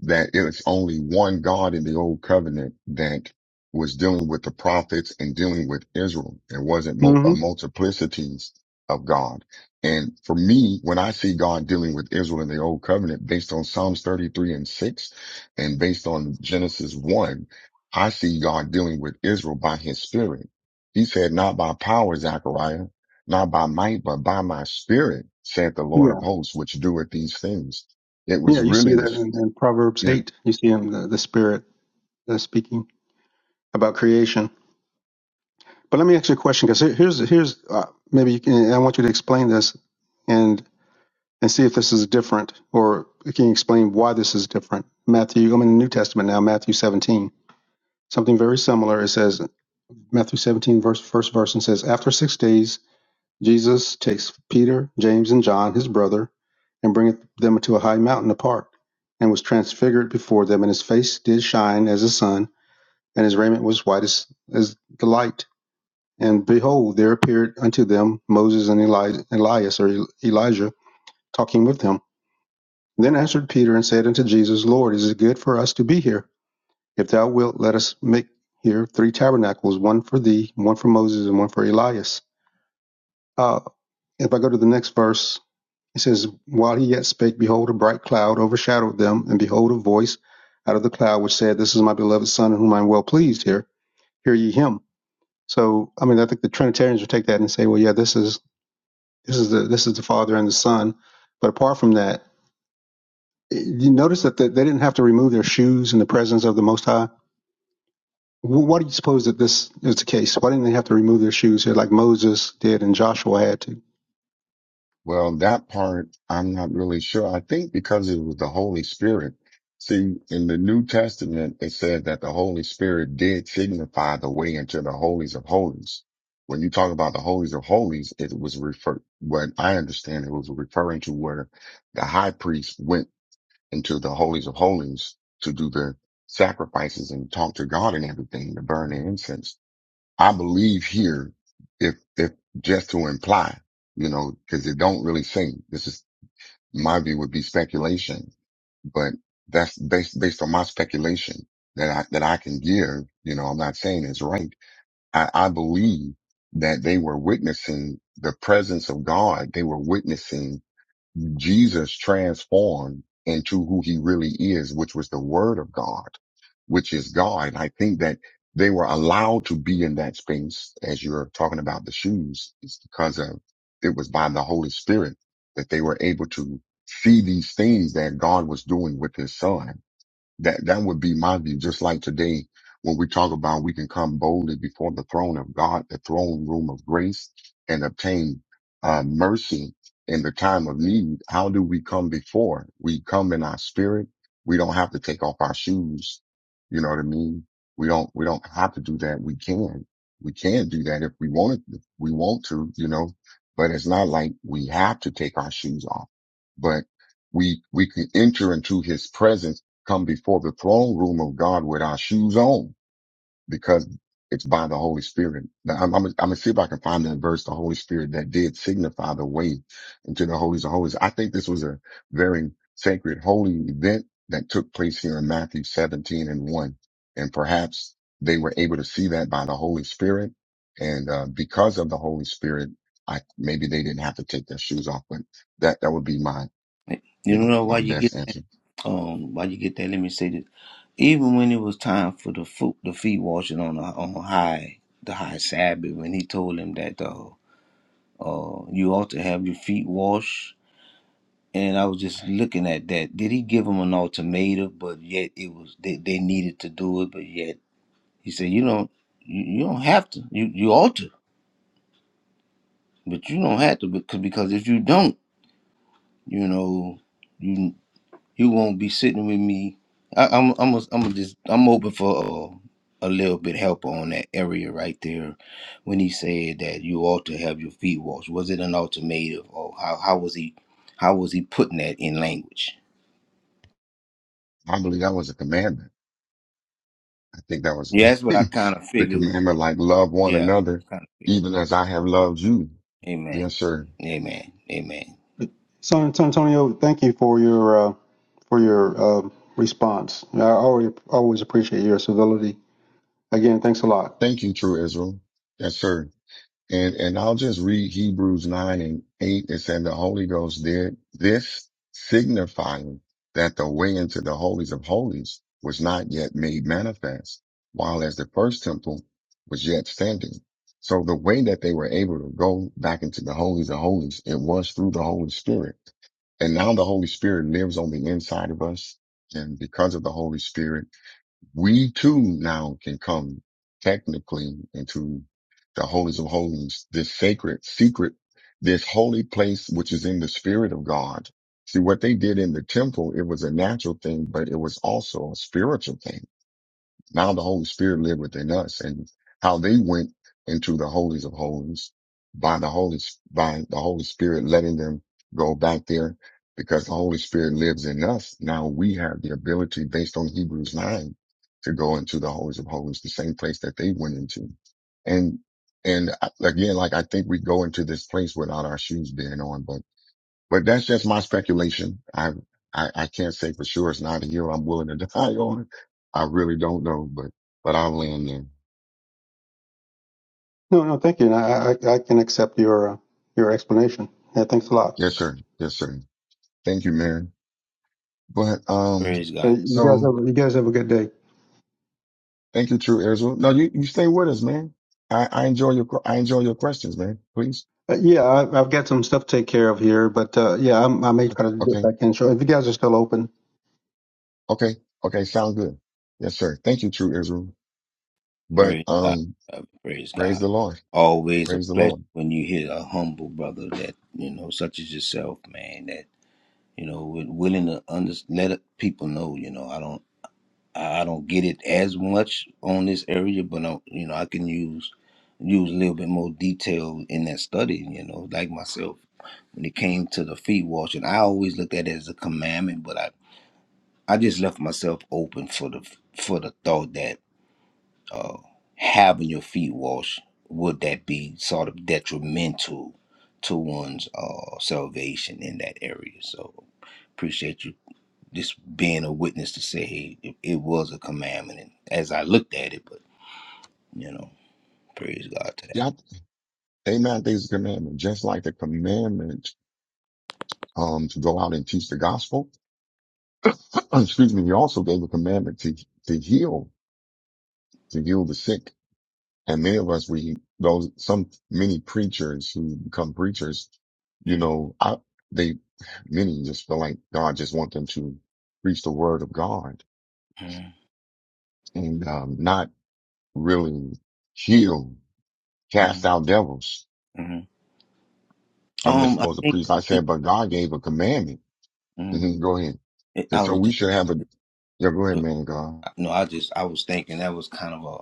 Speaker 1: that it's only one God in the old covenant that was dealing with the prophets and dealing with Israel. It wasn't mul- a
Speaker 4: Mm-hmm.
Speaker 1: multiplicities of God. And for me, when I see God dealing with Israel in the old covenant, based on Psalms 33 and 6 and based on Genesis 1, I see God dealing with Israel by his spirit. He said, not by power, Zechariah, not by might, but by my spirit, said the Lord
Speaker 4: Yeah,
Speaker 1: of hosts, which doeth these things. It
Speaker 4: yeah.
Speaker 1: was
Speaker 4: You see
Speaker 1: really
Speaker 4: that
Speaker 1: the.
Speaker 4: in, in Proverbs eight. You see him the, the Spirit that's speaking about creation. But let me ask you a question, because here's here's uh, maybe you can, I want you to explain this and. and see if this is different or can you explain why this is different? Matthew, I'm in the New Testament now, Matthew 17. Something very similar. It says, Matthew 17, verse, first verse, and says, After six days, Jesus takes Peter, James, and John, his brother, and bringeth them into a high mountain apart, and was transfigured before them, and his face did shine as the sun, and his raiment was white as, as the light. And behold, there appeared unto them Moses and Eli- Elias, or Elijah, talking with him. Then answered Peter and said unto Jesus, Lord, is it good for us to be here? If thou wilt, let us make here three tabernacles, one for thee, one for Moses, and one for Elias. Uh, if I go to the next verse, it says, While he yet spake, behold, a bright cloud overshadowed them, and behold, a voice out of the cloud which said, This is my beloved Son, in whom I am well pleased. Here, hear ye him. So, I mean, I think the Trinitarians would take that and say, Well, yeah, this is this is the this is the Father and the Son. But apart from that, You notice that they didn't have to remove their shoes in the presence of the Most High. Why do you suppose that this is the case? Why didn't they have to remove their shoes here, like Moses did and Joshua had to?
Speaker 1: Well, that part, I'm not really sure. I think because it was the Holy Spirit. See, in the New Testament, it said that the Holy Spirit did signify the way into the holies of holies. When you talk about the holies of holies, it was refer, what I understand it was referring to where the high priest went into the holies of holies to do the sacrifices and talk to God and everything to burn the incense. I believe here, if, if just to imply, you know, cause it don't really say, this is my view would be speculation, but that's based, based on my speculation that I, that I can give, you know, I'm not saying it's right. I, I believe that they were witnessing the presence of God. They were witnessing Jesus transformed into who he really is, which was the word of God, which is God. And I think that they were allowed to be in that space as you're talking about the shoes is because of it was by the Holy Spirit that they were able to see these things that God was doing with his son that that would be my view. Just like today, when we talk about we can come boldly before the throne of God, the throne room of grace, and obtain uh, mercy in the time of need. How do we come before? We come in our spirit. We don't have to take off our shoes. You know what I mean? We don't we don't have to do that. We can. We can do that if we want to. If we want to, you know. But it's not like we have to take our shoes off. But we we can enter into His presence come before the throne room of God with our shoes on because it's by the Holy Spirit. Now, I'm, I'm, I'm gonna see if I can find that verse, the Holy Spirit that did signify the way into the holies of holies. I think this was a very sacred holy event that took place here in Matthew 17 and 1. And perhaps they were able to see that by the Holy Spirit. And, uh, because of the Holy Spirit, I, maybe they didn't have to take their shoes off, but that, that would be my, you
Speaker 3: You
Speaker 1: know,
Speaker 3: know
Speaker 1: my
Speaker 3: why you get
Speaker 1: best
Speaker 3: that?
Speaker 1: answer.
Speaker 3: Um, why you get that? Let me say this. Even when it was time for the foot, the feet washing on the on high, the high Sabbath, when he told him that uh, uh, you ought to have your feet washed and I was just looking at that. Did he give them an ultimatum? But yet it was they, they needed to do it. But yet he said, you don't you, you don't have to. You you ought to, but you don't have to because because if you don't, you know, you you won't be sitting with me. I, I'm I'm a, I'm just I'm open for. Uh, a little bit help on that area right there when he said that you ought to have your feet washed was it an ultimatum or how, how was he how was he putting that in language
Speaker 1: I believe that was a commandment I think that was
Speaker 3: yeah that's what i kind of
Speaker 1: the
Speaker 3: figured
Speaker 1: commandment, like love one
Speaker 3: Yeah.
Speaker 1: another,
Speaker 3: Kind of thing.
Speaker 1: even as I have loved you.
Speaker 3: Amen.
Speaker 1: Yes, sir.
Speaker 3: Amen. Amen.
Speaker 4: So, Antonio, thank you for your uh, for your uh, response. I always always appreciate your civility. Again, thanks a lot.
Speaker 1: Thank you, true Israel. Yes, sir. And, and I'll just read Hebrews 9 and 8. It said the Holy Ghost did this signifying that the way into the holies of holies was not yet made manifest, while as the first temple was yet standing. So the way that they were able to go back into the holies of holies, it was through the Holy Spirit And now the Holy Spirit lives on the inside of us. And because of the Holy Spirit, we too now can come technically into the holies of holies, this sacred secret, this holy place, which is in the spirit of God. See what they did in the temple, it was a natural thing, but it was also a spiritual thing now the Holy Spirit live within us and how they went into the holies of holies by the Holy, by the Holy Spirit letting them go back there because the Holy Spirit lives in us. Now we have the ability based on Hebrews 9 to go into the holies of holies, the same place that they went into. And, and I- again, like I think we go into this place without our shoes being on, but but that's just my speculation. I, I, I can't say for sure. It's not a hill I'm willing to die on. I really don't know, but, but I'll land there.
Speaker 4: No, no, thank you. And I I, I can accept your uh, your explanation. Yeah, thanks a lot.
Speaker 1: Yes, sir. Yes, sir. Thank you, Mary. But, um,
Speaker 3: Praise
Speaker 4: Uh,
Speaker 3: God.
Speaker 4: You guys
Speaker 1: so
Speaker 4: have you guys have a good day.
Speaker 1: thank you, True Israel. No, you, you stay with us, man. I, I enjoy your, que- I enjoy your questions, man. Please.
Speaker 4: Uh, yeah, I, I've got some stuff to take care of here, but uh, yeah, I'm, I may try to dip
Speaker 1: Okay.
Speaker 4: back in. So, if you guys are still open.
Speaker 1: Okay. Okay. Sound good. Yes, sir. Thank you, True Israel. But,
Speaker 3: Praise God.
Speaker 1: um,
Speaker 3: Uh, Praise
Speaker 1: praise
Speaker 3: God.
Speaker 1: the Lord.
Speaker 3: Always a
Speaker 1: Praise the
Speaker 3: pleasure
Speaker 1: Lord.
Speaker 3: when you hear a humble brother that, you know, such as yourself, man, that, you know, wi- willing to under- let it- people know, you know, I don't, I I don't get it as much on this area, but I, you know, I can use, use a little bit more detail in that study, you know, like myself. When it came to the feet washing, I always looked at it as a commandment, but I I just left myself open for the for the thought that uh, having your feet washed would that be sort of detrimental to one's uh, salvation in that area. So appreciate you just being a witness to say hey, it, it was a commandment and as I looked at it, but you know, praise God to that.
Speaker 1: Yeah. They not these commandments, just like the commandment um, to go out and teach the gospel. Excuse me. He also gave a commandment to, to heal, to heal the sick. And many of us, we, those, some, many preachers who become preachers, you
Speaker 3: Mm-hmm,
Speaker 1: know, I, they, many just feel like God just want them to preach the word of God and, um, not really heal, cast
Speaker 3: mm-hmm,
Speaker 1: out devils.
Speaker 3: mm-hmm.
Speaker 1: I'm just
Speaker 3: Um, I
Speaker 1: supposed to
Speaker 3: think
Speaker 1: preach. I
Speaker 3: it,
Speaker 1: said, but God gave a commandment.
Speaker 3: mhm.
Speaker 1: Mhm, Go ahead.
Speaker 3: it,
Speaker 1: And
Speaker 3: I
Speaker 1: so
Speaker 3: was
Speaker 1: we
Speaker 3: just
Speaker 1: should have a, yeah, go ahead, man, God.
Speaker 3: no, I just I was thinking that was kind of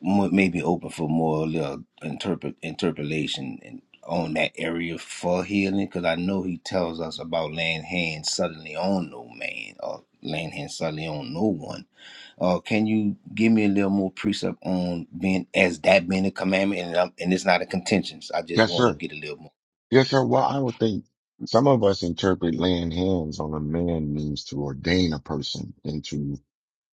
Speaker 3: mo- maybe open for more little interpret interpolation and on that area for healing because I know he tells us about laying hands suddenly on no man or laying hands suddenly on no one. Uh, can you give me a little more precept on being as that being a commandment and I'm, and it's not a contention. So I just
Speaker 1: Yes,
Speaker 3: want to
Speaker 1: sir.
Speaker 3: get a little more.
Speaker 1: Yes, sir. Well, I would think some of us interpret laying hands on a man means to ordain a person into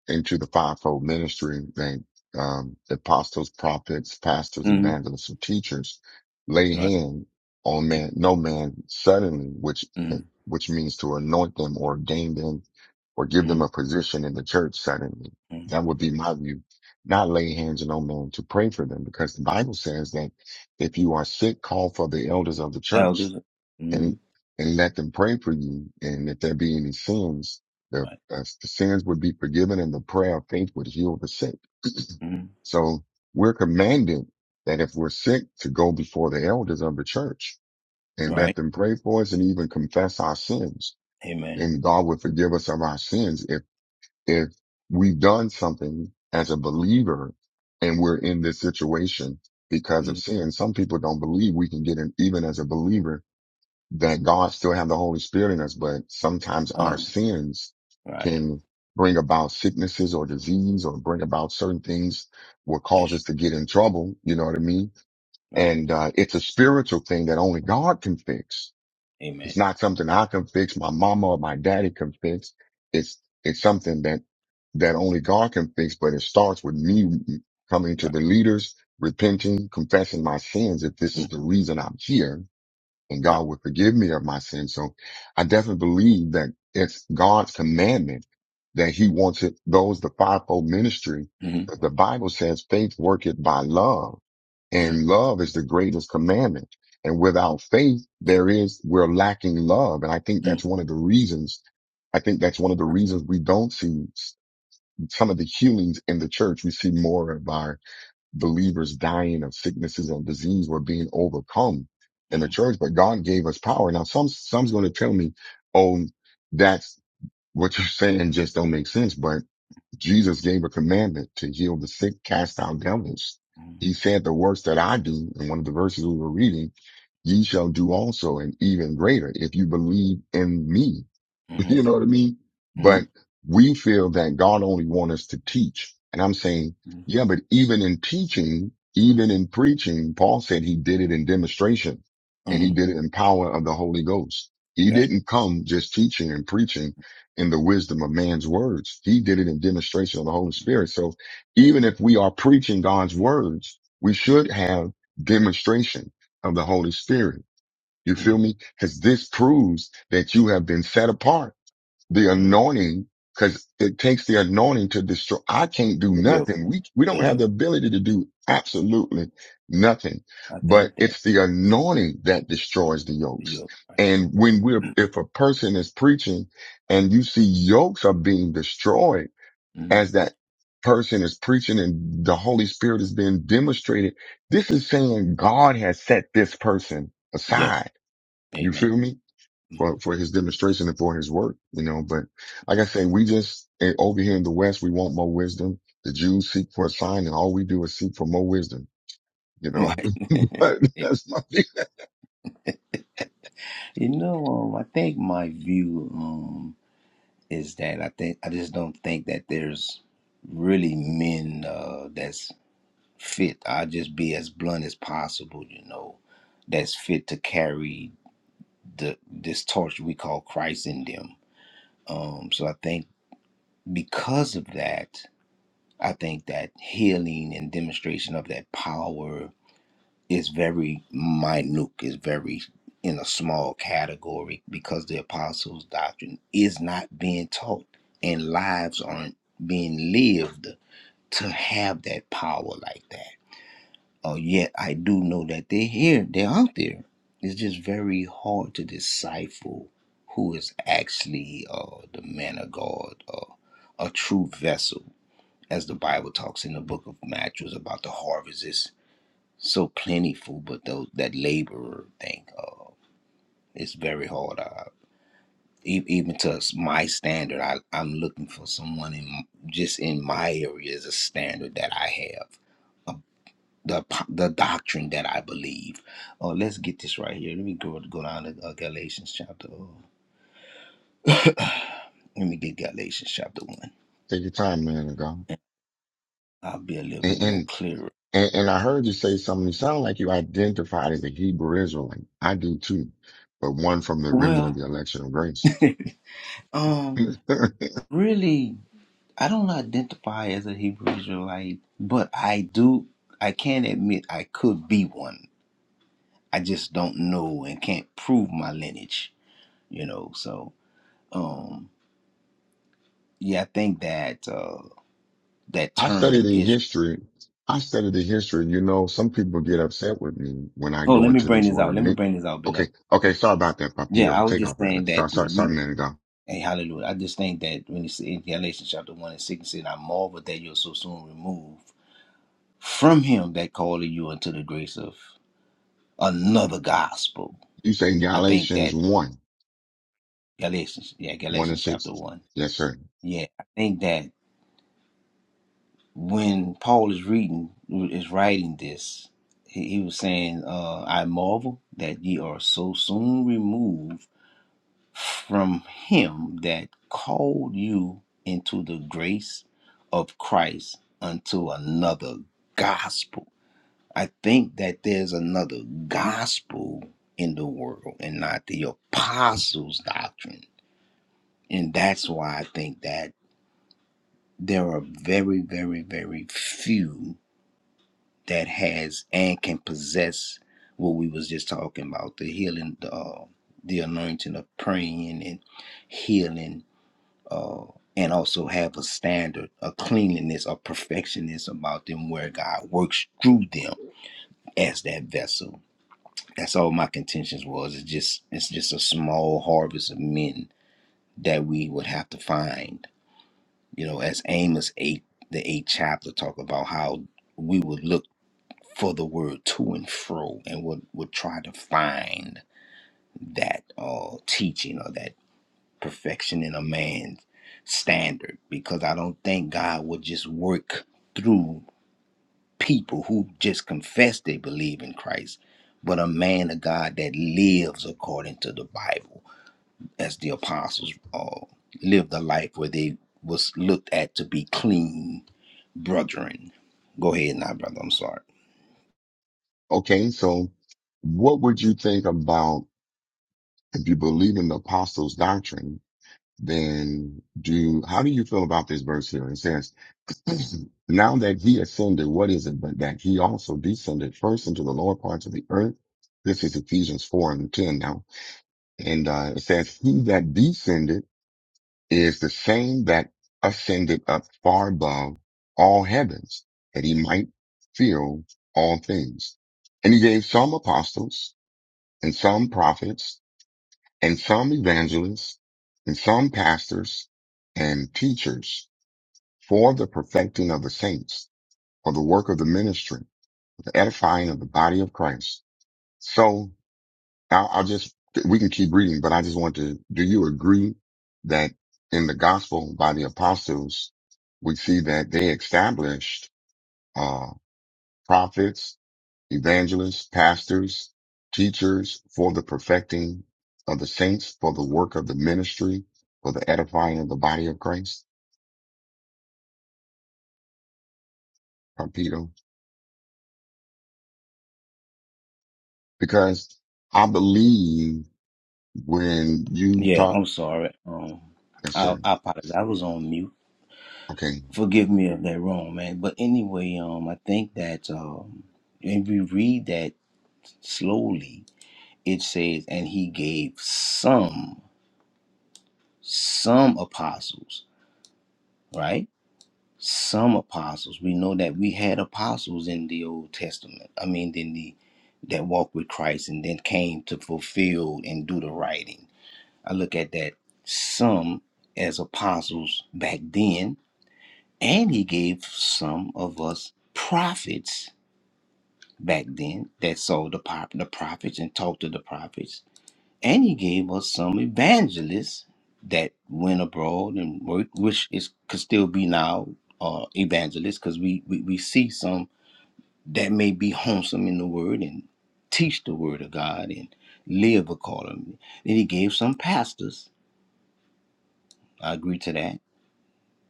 Speaker 1: into the fivefold ministry, they, um, apostles, prophets, pastors,
Speaker 3: mm
Speaker 1: evangelists, and teachers lay
Speaker 3: Right.
Speaker 1: hand on man, no man suddenly, which,
Speaker 3: mm
Speaker 1: which means to anoint them or ordain them or give them
Speaker 3: mm
Speaker 1: a position in the church suddenly.
Speaker 3: mm.
Speaker 1: That would be my view. Not lay hands on no man to pray for them because the Bible says that if you are sick, call for the elders of the church
Speaker 3: Elders.
Speaker 1: and
Speaker 3: mm
Speaker 1: and let them pray for you. And if there be any sins, the,
Speaker 3: Right.
Speaker 1: uh, the sins would be forgiven, and the prayer of faith would heal the sick.
Speaker 3: mm
Speaker 1: So we're commanded that if we're sick, to go before the elders of the church and let
Speaker 3: Right.
Speaker 1: them pray for us, and even confess our sins,
Speaker 3: Amen.
Speaker 1: and God would forgive us of our sins if if we've done something as a believer and we're in this situation because of
Speaker 3: mm
Speaker 1: sin. Some people don't believe we can get in, even as a believer that God still have the Holy Spirit in us, but sometimes our
Speaker 3: Um.
Speaker 1: sins
Speaker 3: Right.
Speaker 1: can bring about sicknesses or disease or bring about certain things will cause
Speaker 3: That's
Speaker 1: us to get in trouble. You know what I mean?
Speaker 3: right.
Speaker 1: And, uh, it's a spiritual thing that only God can fix. It's
Speaker 3: Amen.
Speaker 1: not something I can fix. My mama or my daddy can fix. It's, it's something that, that only God can fix, but it starts with me coming to
Speaker 3: Right.
Speaker 1: the leaders, repenting, confessing my sins. If
Speaker 3: Mm-hmm.
Speaker 1: this is the reason I'm here, and
Speaker 3: Right.
Speaker 1: God would forgive me of my sins. So I definitely believe that it's God's commandment that he wants it, those, the fivefold ministry,
Speaker 3: Mm-hmm.
Speaker 1: that the Bible says faith worketh by love
Speaker 3: Mm-hmm.
Speaker 1: and love is the greatest commandment. And without faith, there is, we're lacking love. And I think that's one of the reasons, I think that's one of the reasons we don't see s- some of the healings in the church. We see more of our believers dying of sicknesses and disease were being overcome in the
Speaker 3: Mm-hmm.
Speaker 1: church, but God gave us power. Now, some, some's going to tell me, oh, that's what you're saying just don't make sense. But Jesus gave a commandment to heal the sick, cast out devils.
Speaker 3: Mm-hmm.
Speaker 1: He said the works that I do in one of the verses we were reading, ye shall do also and even greater if you believe in me. You
Speaker 3: Mm-hmm.
Speaker 1: know what I mean? But we feel that God only wants us to teach. And I'm saying,
Speaker 3: Mm-hmm.
Speaker 1: yeah, but even in teaching, even in preaching, Paul said he did it in demonstration and he
Speaker 3: Mm-hmm.
Speaker 1: did it in power of the Holy Ghost. He
Speaker 3: Gotcha.
Speaker 1: didn't come just teaching and preaching in the wisdom of man's words. He did it in demonstration of the Holy Spirit. So even if we are preaching God's words, we
Speaker 3: Mm-hmm.
Speaker 1: should have demonstration of the Holy Spirit. You
Speaker 3: Mm-hmm.
Speaker 1: feel me? Cause this proves that you have been set apart the anointing because it takes the anointing to destroy. I can't do
Speaker 3: The yoke.
Speaker 1: nothing. We, we
Speaker 3: The
Speaker 1: don't have the
Speaker 3: yoke.
Speaker 1: ability to do absolutely nothing,
Speaker 3: I
Speaker 1: but
Speaker 3: think that
Speaker 1: it's the anointing that destroys the
Speaker 3: the
Speaker 1: yokes.
Speaker 3: yoke. Right.
Speaker 1: And when we're, if a person is preaching and you see yokes are being destroyed
Speaker 3: Mm-hmm.
Speaker 1: as that person is preaching and the Holy Spirit is being demonstrated, this is saying God has set this person
Speaker 3: Yes.
Speaker 1: aside. You
Speaker 3: Amen.
Speaker 1: feel me?
Speaker 3: Mm-hmm.
Speaker 1: for, for his demonstration and for his work, you know. But like I say, we just eh, over here in the West, we want more wisdom. The Jews seek for a sign, and all we do is seek for more wisdom, you know.
Speaker 3: Right.
Speaker 1: but that's my view.
Speaker 3: You know, um, I think my view um is that I think I just don't think that there's really men uh that's fit. I just be as blunt as possible, you know, that's fit to carry the this torch we call Christ in them Um, so I think because of that, I think that healing and demonstration of that power is very minute, is very in a small category because the apostles' doctrine is not being taught and lives aren't being lived to have that power like that. Uh, yet I do know that they're here, they're out there. It's just very hard to decipher who is actually uh, the man of God, uh, a true vessel, as the Bible talks in the book of Matthew about the harvest is so plentiful, but those that laborer thing, uh, it's very hard. I, e- even to s- my standard, I, I'm looking for someone in just in my area as a standard that I have the the doctrine that I believe. Oh, let's get this right here. Let me go go down to uh, Galatians chapter. oh, let me get Galatians chapter one.
Speaker 1: Take your time, man of God.
Speaker 3: I'll be a little bit
Speaker 1: And,
Speaker 3: more
Speaker 1: and
Speaker 3: clearer.
Speaker 1: and and I heard you say something. You sound like you identified as a Hebrew Israelite. I do too, but one from the remnant of
Speaker 3: Well,
Speaker 1: the election of grace.
Speaker 3: um, really, I don't identify as a Hebrew Israelite, but I do. I can admit I could be one. I just don't know and can't prove my lineage. You know, so um, yeah, I think that uh, that
Speaker 1: I studied
Speaker 3: term
Speaker 1: the
Speaker 3: is.
Speaker 1: history. I studied the history. You know, some people get upset with me when I
Speaker 3: Oh,
Speaker 1: go
Speaker 3: let me
Speaker 1: into
Speaker 3: bring
Speaker 1: this
Speaker 3: this out.
Speaker 1: word.
Speaker 3: Let me
Speaker 1: Nick.
Speaker 3: bring this out,
Speaker 1: Okay.
Speaker 3: beloved.
Speaker 1: Okay.
Speaker 3: But,
Speaker 1: Sorry about that,
Speaker 3: yeah, I
Speaker 1: Papito.
Speaker 3: was
Speaker 1: Take
Speaker 3: just
Speaker 1: off, brother.
Speaker 3: saying that
Speaker 1: Sorry,
Speaker 3: the
Speaker 1: sorry, sorry,
Speaker 3: root.
Speaker 1: man. Go.
Speaker 3: Hey, hallelujah. I just think that when it's in Galatians chapter 1 and 6, it said, I marvel that you're so soon removed from him that called you unto the grace of another gospel.
Speaker 1: You say
Speaker 3: I think
Speaker 1: Galatians
Speaker 3: that
Speaker 1: 1,
Speaker 3: Galatians, yeah,
Speaker 1: 1 and
Speaker 3: Galatians chapter
Speaker 1: 6.
Speaker 3: 1.
Speaker 1: Yes, sir.
Speaker 3: Yeah, I think that when Paul is reading, is writing this, he, he was saying, uh, I marvel that ye are so soon removed from him that called you into the grace of Christ unto another gospel. I think that there's another gospel in the world and not the apostles' doctrine. And that's why I think that there are very, very, very few that has and can possess what we was just talking about, the healing, the, uh, the anointing of praying and healing uh, and also have a standard, a cleanliness, a perfectionist about them, where God works through them as that vessel. That's all my contentions was. It's just it's just a small harvest of men that we would have to find. You know, as Amos eight, the eighth chapter, talk about how we would look for the word to and fro, and would would try to find that uh teaching or that perfection in a man's standard because I don't think God would just work through people who just confess they believe in Christ, but a man of God that lives according to the Bible, as the apostles uh, lived a life where they was looked at to be clean brethren. Go ahead now, brother. I'm sorry.
Speaker 1: Okay. So what would you think about if you believe in the apostles doctrine, then do, how do you feel about this verse here? It says, now that he ascended, what is it but that he also descended first into the lower parts of the earth? This is Ephesians 4 and 10 now. And uh, it says, He that descended is the same that ascended up far above all heavens, that he might fill all things. And he gave some apostles and some prophets and some evangelists and some pastors and teachers for the perfecting of the saints or the work of the ministry, the edifying of the body of Christ. So I'll, I'll just, we can keep reading, but I just want to, do you agree that in the gospel by the apostles, we see that they established, uh, prophets, evangelists, pastors, teachers for the perfecting of the saints, for the work of the ministry, for the edifying of the body of Christ, Papito? Because I believe when you
Speaker 3: Yeah,
Speaker 1: talk,
Speaker 3: I'm sorry. Um,
Speaker 1: yes,
Speaker 3: I,
Speaker 1: sir
Speaker 3: I apologize. I was on mute.
Speaker 1: Okay.
Speaker 3: forgive me if they're wrong, man. But anyway, um, I think that um, when we read that slowly, it says, and he gave some, some apostles, right? Some apostles. We know that we had apostles in the Old Testament. I mean, in the that walked with Christ and then came to fulfill and do the writing. I look at that some as apostles back then, and he gave some of us prophets back then that sold the, pop, the prophets and talked to the prophets. And he gave us some evangelists that went abroad and worked, which is could still be now uh, evangelists because we, we, we see some that may be wholesome in the word and teach the word of God and live accordingly. Then he gave some pastors, I agree to that,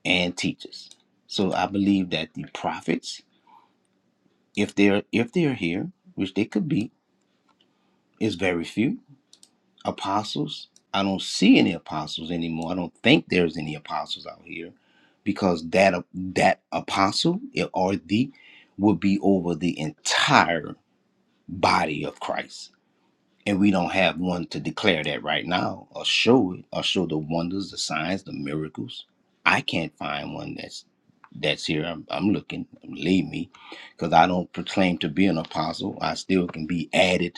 Speaker 3: and teachers. So I believe that the prophets, if they're if they're here, which they could be, is very few apostles. I don't see any apostles anymore. I don't think there's any apostles out here because that that apostle or the would be over the entire body of Christ. And we don't have one to declare that right now or show it or show the wonders, the signs, the miracles. I can't find one that's that's here. I'm, I'm looking, believe me, because I don't proclaim to be an apostle. I still can be added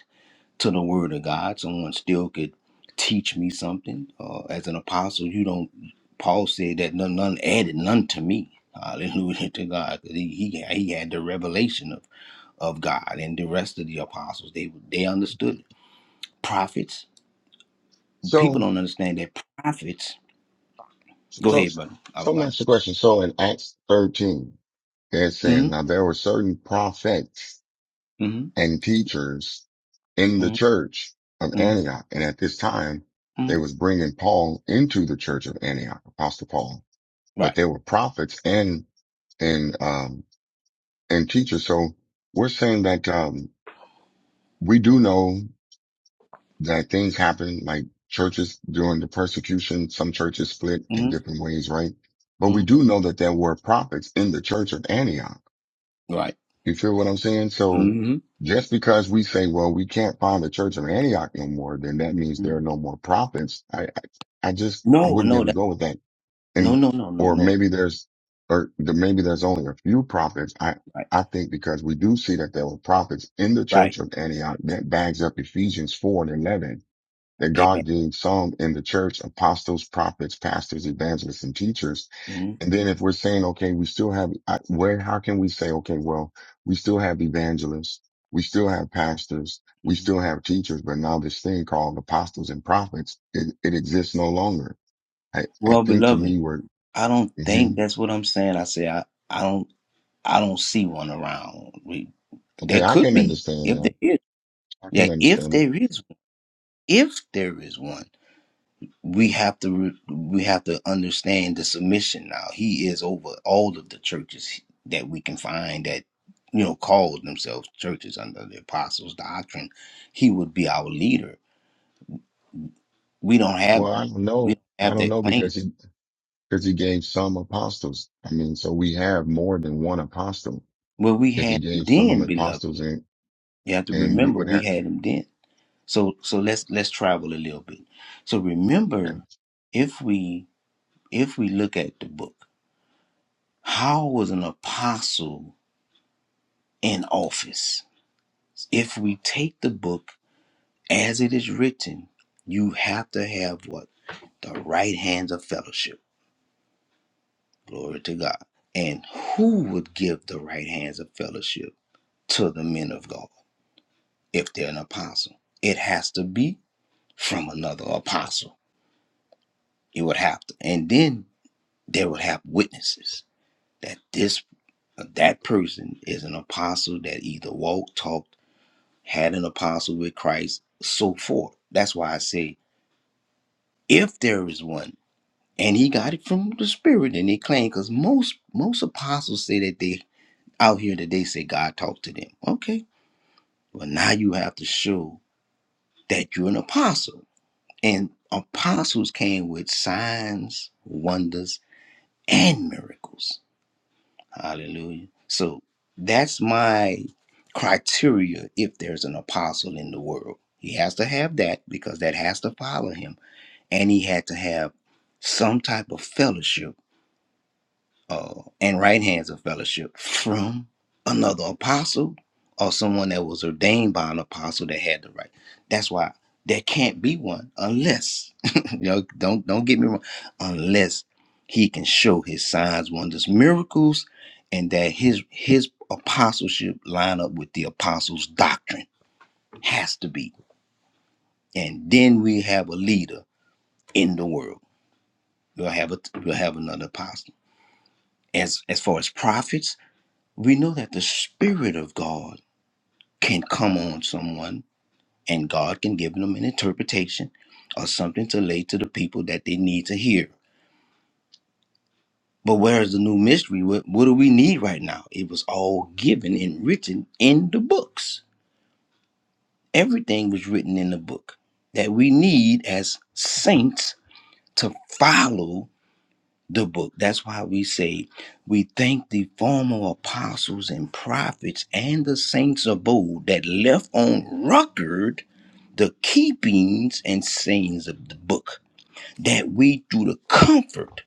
Speaker 3: to the word of God. Someone still could teach me something. Uh, as an apostle, you don't, Paul said that none, none added none to me. Hallelujah to God. He, he, he had the revelation of, of God and the rest of the apostles. They, they understood it. prophets. People
Speaker 1: So,
Speaker 3: don't understand that prophets. Go
Speaker 1: so,
Speaker 3: ahead, brother. I
Speaker 1: so
Speaker 3: was
Speaker 1: let me
Speaker 3: like,
Speaker 1: ask you question. So in Acts 13, it says,
Speaker 3: mm
Speaker 1: now there were certain prophets
Speaker 3: mm-hmm,
Speaker 1: and teachers in the church of
Speaker 3: mm-hmm,
Speaker 1: Antioch. And at this time, they
Speaker 3: mm-hmm.
Speaker 1: was bringing Paul into the church of Antioch, Apostle Paul, but
Speaker 3: right.
Speaker 1: they were prophets and, and, um, and teachers. So we're saying that, um, we do know that thing happened, like churches during the persecution, some churches split in
Speaker 3: Mm-hmm,
Speaker 1: different ways, right? But we
Speaker 3: mm-hmm,
Speaker 1: do know that there were prophets in the church of Antioch.
Speaker 3: right.
Speaker 1: You feel what I'm saying? So
Speaker 3: Mm-hmm,
Speaker 1: just because we say, well, we can't find the church of Antioch no more, then that means there
Speaker 3: mm-hmm.
Speaker 1: are no more prophets. I, I, I just, I
Speaker 3: No,
Speaker 1: wouldn't be
Speaker 3: no,
Speaker 1: able to
Speaker 3: that,
Speaker 1: go with that.
Speaker 3: no,
Speaker 1: And,
Speaker 3: no, no, no,
Speaker 1: or
Speaker 3: no.
Speaker 1: maybe there's, or the, maybe there's only a few prophets. I,
Speaker 3: Right,
Speaker 1: I think because we do see that there were prophets in the
Speaker 3: right.
Speaker 1: church of Antioch that bags up Ephesians 4 and 11 that God
Speaker 3: Amen.
Speaker 1: gave some in the church, apostles, prophets, pastors, evangelists, and teachers.
Speaker 3: Mm-hmm.
Speaker 1: And then if we're saying, okay, we still have, I- where, how can we say, okay, well, we still have evangelists, we still have pastors, we
Speaker 3: mm-hmm.
Speaker 1: still have teachers, but now this thing called apostles and prophets, it, it exists no longer. I, I
Speaker 3: Well,
Speaker 1: think to
Speaker 3: beloved,
Speaker 1: me, we're,
Speaker 3: I don't
Speaker 1: hmm
Speaker 3: think that's what I'm saying. I say I, I don't I don't see one around. We, there
Speaker 1: okay, I
Speaker 3: could
Speaker 1: can
Speaker 3: be
Speaker 1: understand
Speaker 3: if
Speaker 1: that.
Speaker 3: there is.
Speaker 1: I can
Speaker 3: Yeah, if
Speaker 1: understand that.
Speaker 3: there is if there is one, we have to re- we have to understand the submission now. He is over all of the churches that we can find that you know called themselves churches under the apostles' doctrine. He would be our leader. We don't have
Speaker 1: Well, I don't
Speaker 3: we
Speaker 1: know.
Speaker 3: don't
Speaker 1: I
Speaker 3: have
Speaker 1: don't
Speaker 3: that
Speaker 1: know because
Speaker 3: claim.
Speaker 1: he, because he gave some apostles. I mean, so we have more than one apostle
Speaker 3: Well, we
Speaker 1: if he
Speaker 3: had him
Speaker 1: gave some
Speaker 3: then, beloved.
Speaker 1: apostles and
Speaker 3: You have to
Speaker 1: and we
Speaker 3: remember
Speaker 1: would
Speaker 3: we
Speaker 1: have
Speaker 3: had him then. So so let's let's travel a little bit. So
Speaker 1: and
Speaker 3: remember, if we if we look at the book, how was an apostle in office? If we take the book as it is written, you have to have what? The right hands of fellowship. Glory to God. And who would give the right hands of fellowship to the men of God if they're an apostle? It has to be from another apostle. It would have to. And then they would have witnesses that this that person is an apostle that either walked, talked, had an apostle with Christ, so forth. That's why I say if there is one, and he got it from the Spirit, and they claim because most most apostles say that they out here that they say God talked to them. Okay, well now you have to show that you're an apostle, and apostles came with signs, wonders, and miracles. Hallelujah. So that's my criteria if there's an apostle in the world. He has to have that because that has to follow him. And he had to have some type of fellowship uh, and right hands of fellowship from another apostle or someone that was ordained by an apostle that had the right. That's why there can't be one unless you know, don't don't get me wrong, unless he can show his signs, wonders, miracles, and that his his apostleship line up with the apostles' doctrine has to be. And then we have a leader in the world. We'll have a we'll have another apostle. As as far as prophets, we know that the Spirit of God can come on someone and God can give them an interpretation or something to lay to the people that they need to hear. But where is the new mystery? What, what do we need right now? It was all given and written in the books. Everything was written in the book that we need as saints to follow the book. That's why we say we thank the former apostles and prophets and the saints of old that left on record the keepings and sayings of the book, that we through the comfort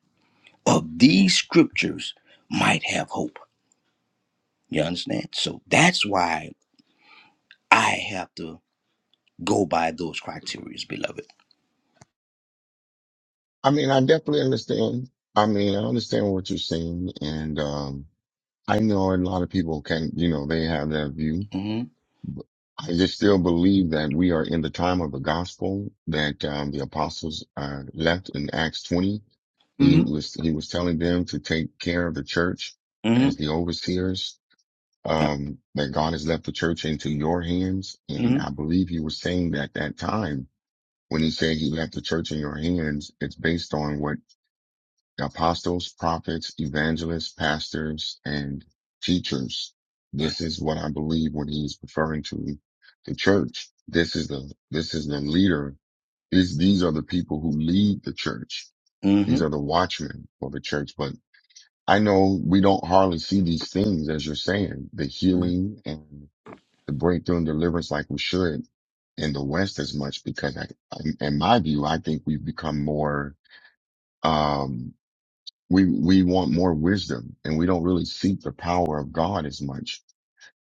Speaker 3: of these scriptures might have hope. You understand? So that's why I have to go by those criteria, beloved.
Speaker 1: I mean I definitely understand. I mean I understand what you're saying and um I know a lot of people can you know they have that view.
Speaker 3: hmm
Speaker 1: I just still believe that we are in the time of the gospel that um the apostles uh left in Acts twenty. He
Speaker 3: hmm
Speaker 1: was he was telling them to take care of the church
Speaker 3: Hmm.
Speaker 1: as the overseers. Um, that God has left the church into your hands. And
Speaker 3: hmm
Speaker 1: I believe he was saying that that time When he said he left the church in your hands, it's based on what the apostles, prophets, evangelists, pastors, and teachers. This is what I believe when he's referring to the church. This is the, this is the leader. These, these are the people who lead the church. These are
Speaker 3: Mm-hmm.
Speaker 1: the watchmen for the church. But I know we don't hardly see these things as you're saying, the healing and the breakthrough and deliverance like we should in the West as much because I, I- in my view, I think we've become more, um, we, we want more wisdom and we don't really seek the power of God as much.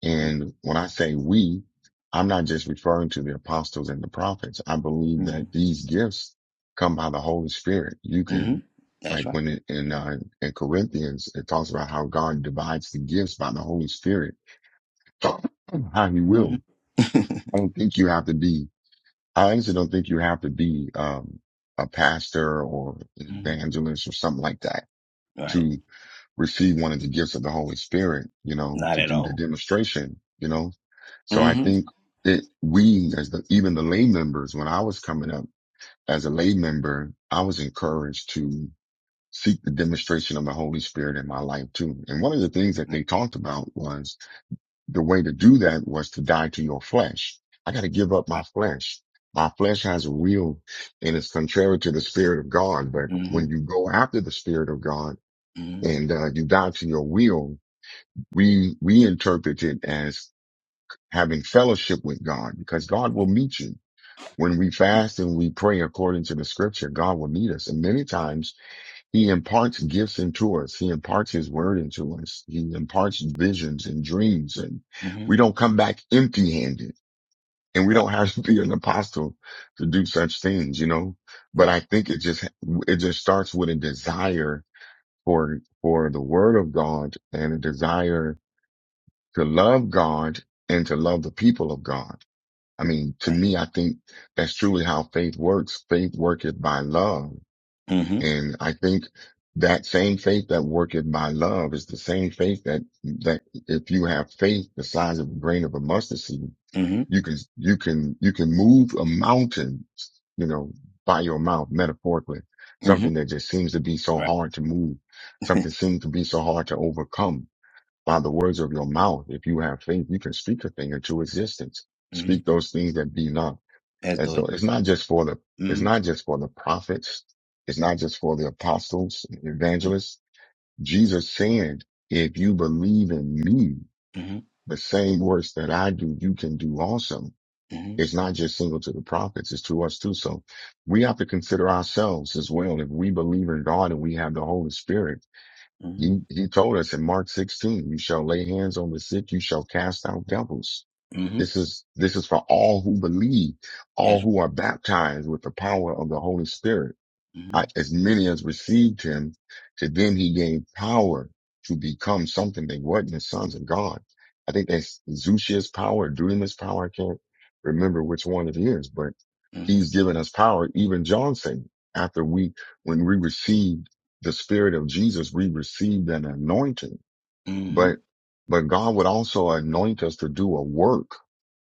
Speaker 1: And when I say we, I'm not just referring to the apostles and the prophets. I believe
Speaker 3: hmm
Speaker 1: that these gifts come by the Holy Spirit. You
Speaker 3: hmm
Speaker 1: can,
Speaker 3: That's
Speaker 1: like
Speaker 3: right.
Speaker 1: when it, in, uh, in Corinthians, it talks about how God divides the gifts by the Holy Spirit, how he
Speaker 3: hmm
Speaker 1: will. I don't think you have to be I honestly don't think you have to be um, a pastor or an
Speaker 3: hmm
Speaker 1: evangelist or something like that
Speaker 3: Right.
Speaker 1: to receive one of the gifts of the Holy Spirit, you know,
Speaker 3: Not
Speaker 1: to
Speaker 3: at
Speaker 1: do the
Speaker 3: all.
Speaker 1: demonstration, you know. So I
Speaker 3: hmm
Speaker 1: think that we, as the even the lay members, when I was coming up as a lay member, I was encouraged to seek the demonstration of the Holy Spirit in my life too. And one of the things that they talked about was the way to do that was to die to your flesh. I got to give up my
Speaker 3: Right.
Speaker 1: flesh. My flesh has a will and it's contrary to the spirit of God. But when
Speaker 3: hmm
Speaker 1: you go after the spirit of God
Speaker 3: hmm
Speaker 1: and uh, you die to your will, we, we interpret it as having fellowship with God because God will meet you. When we fast and we pray according to the scripture, God will meet us. And many times he imparts gifts into us. He imparts his word into us. He imparts visions and dreams. And
Speaker 3: hmm
Speaker 1: we don't come back empty handed and we
Speaker 3: Right.
Speaker 1: don't have to be an apostle to do such things, you know, but
Speaker 3: Right.
Speaker 1: I think it just, it just starts with a desire for, for the word of God and a
Speaker 3: Mhm.
Speaker 1: desire to love God and to love the people of God. I mean, to
Speaker 3: Right.
Speaker 1: me, I think that's truly how faith works. Faith worketh by love.
Speaker 3: hmm
Speaker 1: And I think that same faith that worketh by love is the same faith that, that if you have faith the size of a grain of a mustard seed,
Speaker 3: hmm
Speaker 1: you can, you can, you can move a mountain, you know, by your mouth, metaphorically.
Speaker 3: hmm
Speaker 1: Something that just seems to be so
Speaker 3: Right.
Speaker 1: hard to move. Something seems to be so hard to overcome by the words of your mouth. If you have faith, you can speak a thing into existence.
Speaker 3: hmm
Speaker 1: Speak those things that be not
Speaker 3: That's
Speaker 1: as though
Speaker 3: dirty.
Speaker 1: it's not just for the it's
Speaker 3: hmm
Speaker 1: not just for the prophets, it's not just for the apostles,
Speaker 3: hmm
Speaker 1: evangelists. Jesus said, if you believe in me,
Speaker 3: hmm
Speaker 1: the same works that I do, you can do also.
Speaker 3: hmm
Speaker 1: It's not just single to the prophets, it's to us too. So we have to consider ourselves as well. If we believe in God and we have the Holy Spirit, he, he told us in Mark 16, you shall lay hands on the sick, you shall cast out devils.
Speaker 3: hmm
Speaker 1: This is, this is for all who believe, all
Speaker 3: That's.
Speaker 1: who are baptized with the power of the Holy Spirit.
Speaker 3: hmm
Speaker 1: I, as many as received him, to them he gave power to become something they weren't the sons of God. I think that's Zushia's power, Dunamis power. I can't remember which one it is, but
Speaker 3: hmm
Speaker 1: he's given us power. Even John said, after we, when we received the spirit of Jesus, we received an anointing,
Speaker 3: hmm
Speaker 1: but, but God would also anoint us to do a work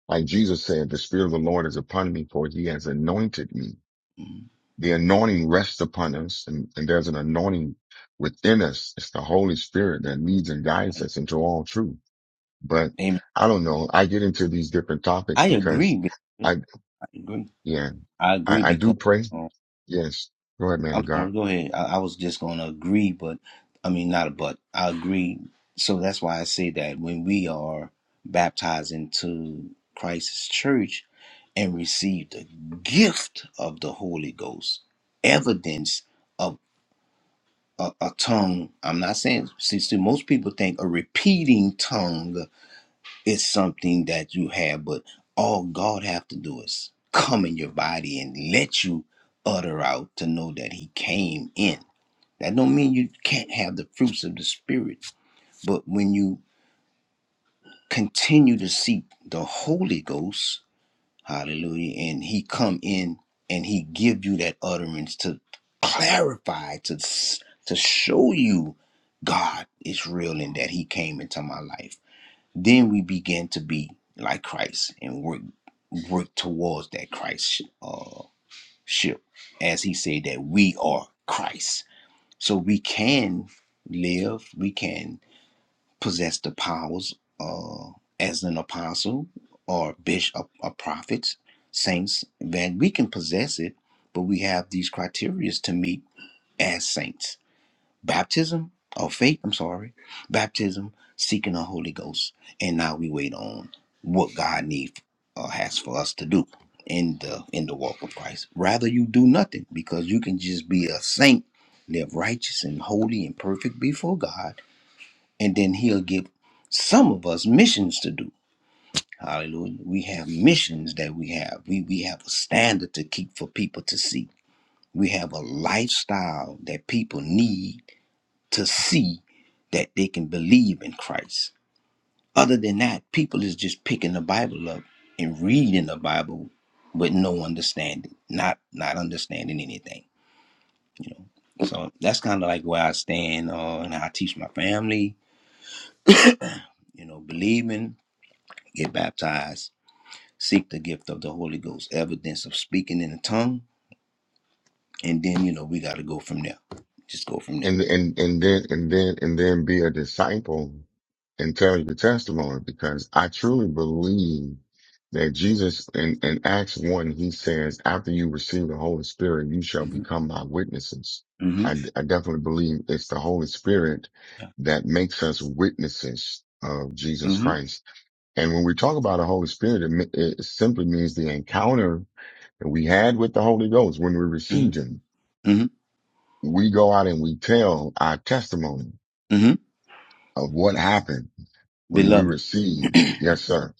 Speaker 1: like Jesus said, the Spirit of the Lord is upon me, for he has anointed me.
Speaker 3: hmm
Speaker 1: The anointing rests upon us, and, and there's an anointing within us. It's the Holy Spirit that leads and guides
Speaker 3: Right.
Speaker 1: us into all truth. But
Speaker 3: Amen.
Speaker 1: I don't know. I get into these different topics
Speaker 3: I
Speaker 1: because
Speaker 3: agree. with-
Speaker 1: I,
Speaker 3: I agree.
Speaker 1: yeah,
Speaker 3: I agree
Speaker 1: I, I do
Speaker 3: because.
Speaker 1: pray.
Speaker 3: um,
Speaker 1: Yes. Go ahead, man
Speaker 3: I'm
Speaker 1: of God.
Speaker 3: sorry, go ahead. I, I was just going to agree, but I mean, not a but. I agree. So that's why I say that when we are baptized into Christ's church and receive the gift of the Holy Ghost, evidence of a, a tongue, I'm not saying, see, see, most people think a repeating tongue is something that you have, but all God have to do is come in your body and let you utter out to know that he came in that don't mean you can't have the fruits of the spirit, but when you continue to seek the Holy Ghost, hallelujah, and he come in and he give you that utterance to clarify to to show you God is real and that he came into my life. Then we begin to be like Christ and work work towards that Christ uh ship as he said that we are Christ so we can live, we can possess the powers uh, as an apostle or bishop or prophets, saints, then we can possess it, but we have these criteria to meet as saints baptism or faith, I'm sorry, baptism, seeking the Holy Ghost, and now we wait on what God needs uh, has for us to do in the in the walk of Christ. Rather you do nothing because you can just be a saint, live righteous and holy and perfect before God, and then he'll give some of us missions to do. Hallelujah. We have missions that we have. We we have a standard to keep for people to see. We have a lifestyle that people need to see that they can believe in Christ. Other than that, people is just picking the Bible up and reading the Bible with no understanding, not not understanding anything, you know. So that's kind of like where I stand uh, and how I teach my family, you know, believing, get baptized, seek the gift of the Holy Ghost, evidence of speaking in the tongue, and then you know we got to go from there. Just go from there.
Speaker 1: and and and then and then and then be a disciple and tell your testimony because I truly believe that Jesus in, in Acts one he says after you receive the Holy Spirit you shall
Speaker 3: Mm-hmm.
Speaker 1: become my witnesses.
Speaker 3: Mm-hmm.
Speaker 1: I, I definitely believe it's the Holy Spirit that makes us witnesses of Jesus
Speaker 3: Mm-hmm.
Speaker 1: Christ. And when we talk about the Holy Spirit, it, me- it simply means the encounter that we had with the Holy Ghost when we received Him.
Speaker 3: Mm-hmm.
Speaker 1: We go out and we tell our testimony
Speaker 3: Mm-hmm.
Speaker 1: of what happened when we
Speaker 3: Beloved.
Speaker 1: received. Yes, sir.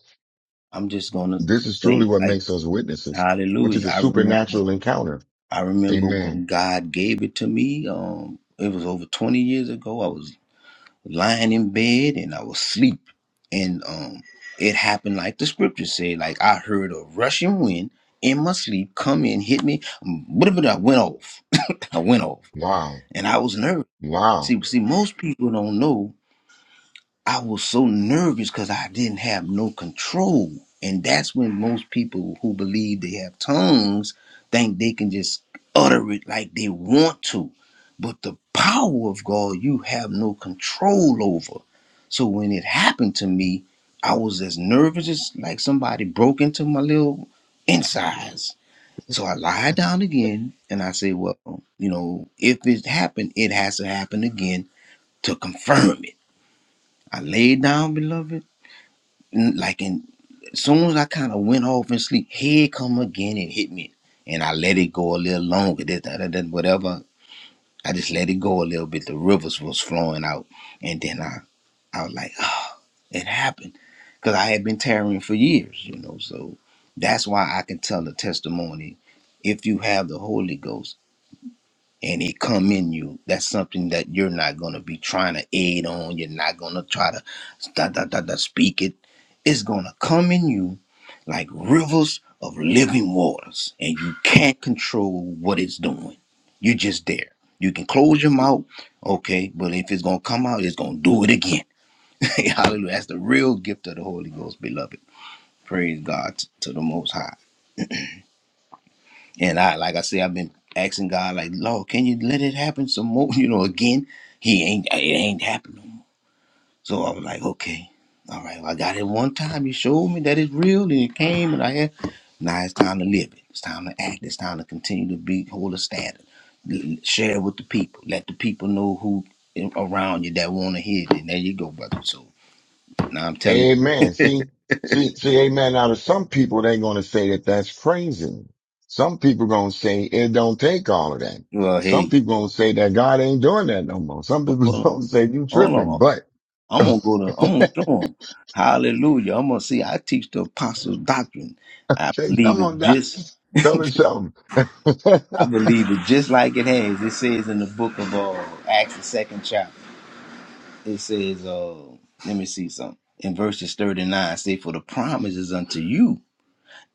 Speaker 3: I'm just gonna
Speaker 1: This is truly
Speaker 3: say
Speaker 1: what
Speaker 3: like
Speaker 1: makes us witnesses, which is
Speaker 3: hallelujah.
Speaker 1: a
Speaker 3: I remember
Speaker 1: supernatural encounter.
Speaker 3: I remember
Speaker 1: Amen.
Speaker 3: when God gave it to me. Um it was over twenty years ago. I was lying in bed and I was asleep. And um it happened like the scripture said, like I heard a rushing wind in my sleep come in, hit me, but I went off. I went off.
Speaker 1: Wow.
Speaker 3: And I was nervous. See
Speaker 1: Wow.
Speaker 3: see most people don't know I was so nervous because I didn't have no control. And that's when most people who believe they have tongues think they can just utter it like they want to. But the power of God, you have no control over. So when it happened to me, I was as nervous as like somebody broke into my little insides. So I lied down again and I said, well, you know, if it happened, it has to happen again to confirm it. I laid down, beloved n- like in as soon as I kind of went off and sleep, here it come again and hit me. And I let it go a little longer. This, that, that, that, whatever. I just let it go a little bit. The rivers was flowing out. And then I I was like, oh, it happened. Cause I had been tearing for years, you know. So that's why I can tell the testimony. If you have the Holy Ghost, and it come in you that's something that you're not going to be trying to aid on you're not going to try to da, da, da, da, speak it it's going to come in you like rivers of living waters and you can't control what it's doing you're just there you can close your mouth okay but if it's going to come out it's going to do it again hallelujah that's the real gift of the holy ghost beloved praise god to the most high and I, like I say, I've been asking God, like, Lord, can you let it happen some more? You know, again, He ain't, it ain't happening. no more. So I was like, okay, all right, well, I got it one time. You showed me that it's real, and it came, and I had. Now it's time to live it. It's time to act. It's time to continue to be hold a standard. L- Share it with the people. Let the people know who in- around you that want to hear it. And there you go, brother. So now I'm telling.
Speaker 1: Amen. See, see, see, amen. Now, to some people, they're going to say that that's crazy. Some people going to say it don't take all of that.
Speaker 3: Well,
Speaker 1: Some
Speaker 3: hey,
Speaker 1: people going to say that God ain't doing that no more. Some
Speaker 3: well,
Speaker 1: people
Speaker 3: hold on,
Speaker 1: going to say you
Speaker 3: hold on.
Speaker 1: tripping, but
Speaker 3: I'm gonna go to. I'm gonna
Speaker 1: okay,
Speaker 3: show them. Hallelujah. I'm gonna see. I teach the apostles' doctrine. I believe
Speaker 1: come on
Speaker 3: it
Speaker 1: down.
Speaker 3: just.
Speaker 1: Tell me something.
Speaker 3: I believe it just like it has. It says in the book of uh, Acts, the second chapter. It says, uh, let me see something in verses thirty nine. Say, for the promise is unto you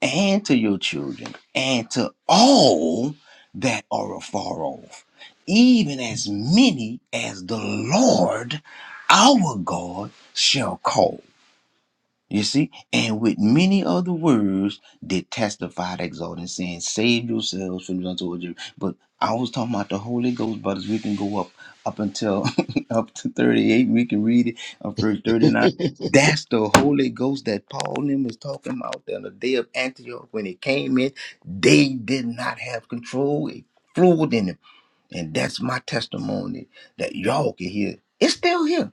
Speaker 3: and to your children and to all that are afar off, even as many as the Lord our God shall call You see, and with many other words did testify, exhorting, saying, "Save yourselves from the untold you." But I was talking about the Holy Ghost, brothers. We can go up up until up to thirty-eight. We can read it on verse thirty-nine. That's the Holy Ghost that Paul and them was talking about on the day of Antioch when it came in. They did not have control; it flowed in them, and that's my testimony that y'all can hear. It's still here.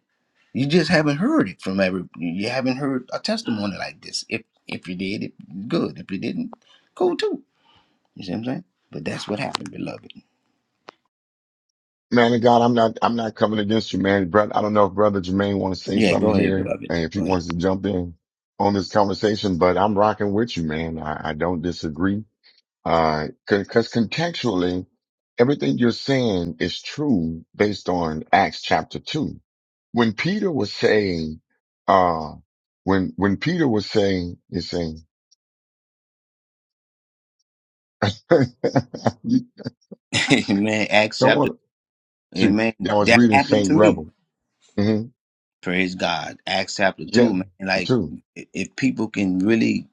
Speaker 3: You just haven't heard it from every. You haven't heard a testimony like this. If if you did, it good. If you didn't, cool too. You see what I'm saying? But that's what happened, beloved.
Speaker 1: Man of God, I'm not I'm not coming against you, man. Brother, I don't know if Brother Jermaine wants to say
Speaker 3: Yeah,
Speaker 1: something
Speaker 3: go ahead,
Speaker 1: here
Speaker 3: beloved.
Speaker 1: and if he
Speaker 3: Go
Speaker 1: wants to jump in on this conversation, but I'm rocking with you, man. I, I don't disagree. Uh, cause, 'cause contextually, everything you're saying is true based on Acts chapter two. When Peter was saying, uh, when, when Peter was saying, he's saying, you
Speaker 3: ahead. Amen. Acts
Speaker 1: don't
Speaker 3: chapter.
Speaker 1: want to,
Speaker 3: Amen.
Speaker 1: yeah, I was
Speaker 3: That
Speaker 1: reading
Speaker 3: happened to
Speaker 1: Saint
Speaker 3: me.
Speaker 1: Rebel. hmm
Speaker 3: Praise God. Acts chapter
Speaker 1: Yeah,
Speaker 3: two, man. Like
Speaker 1: too,
Speaker 3: i- if people can really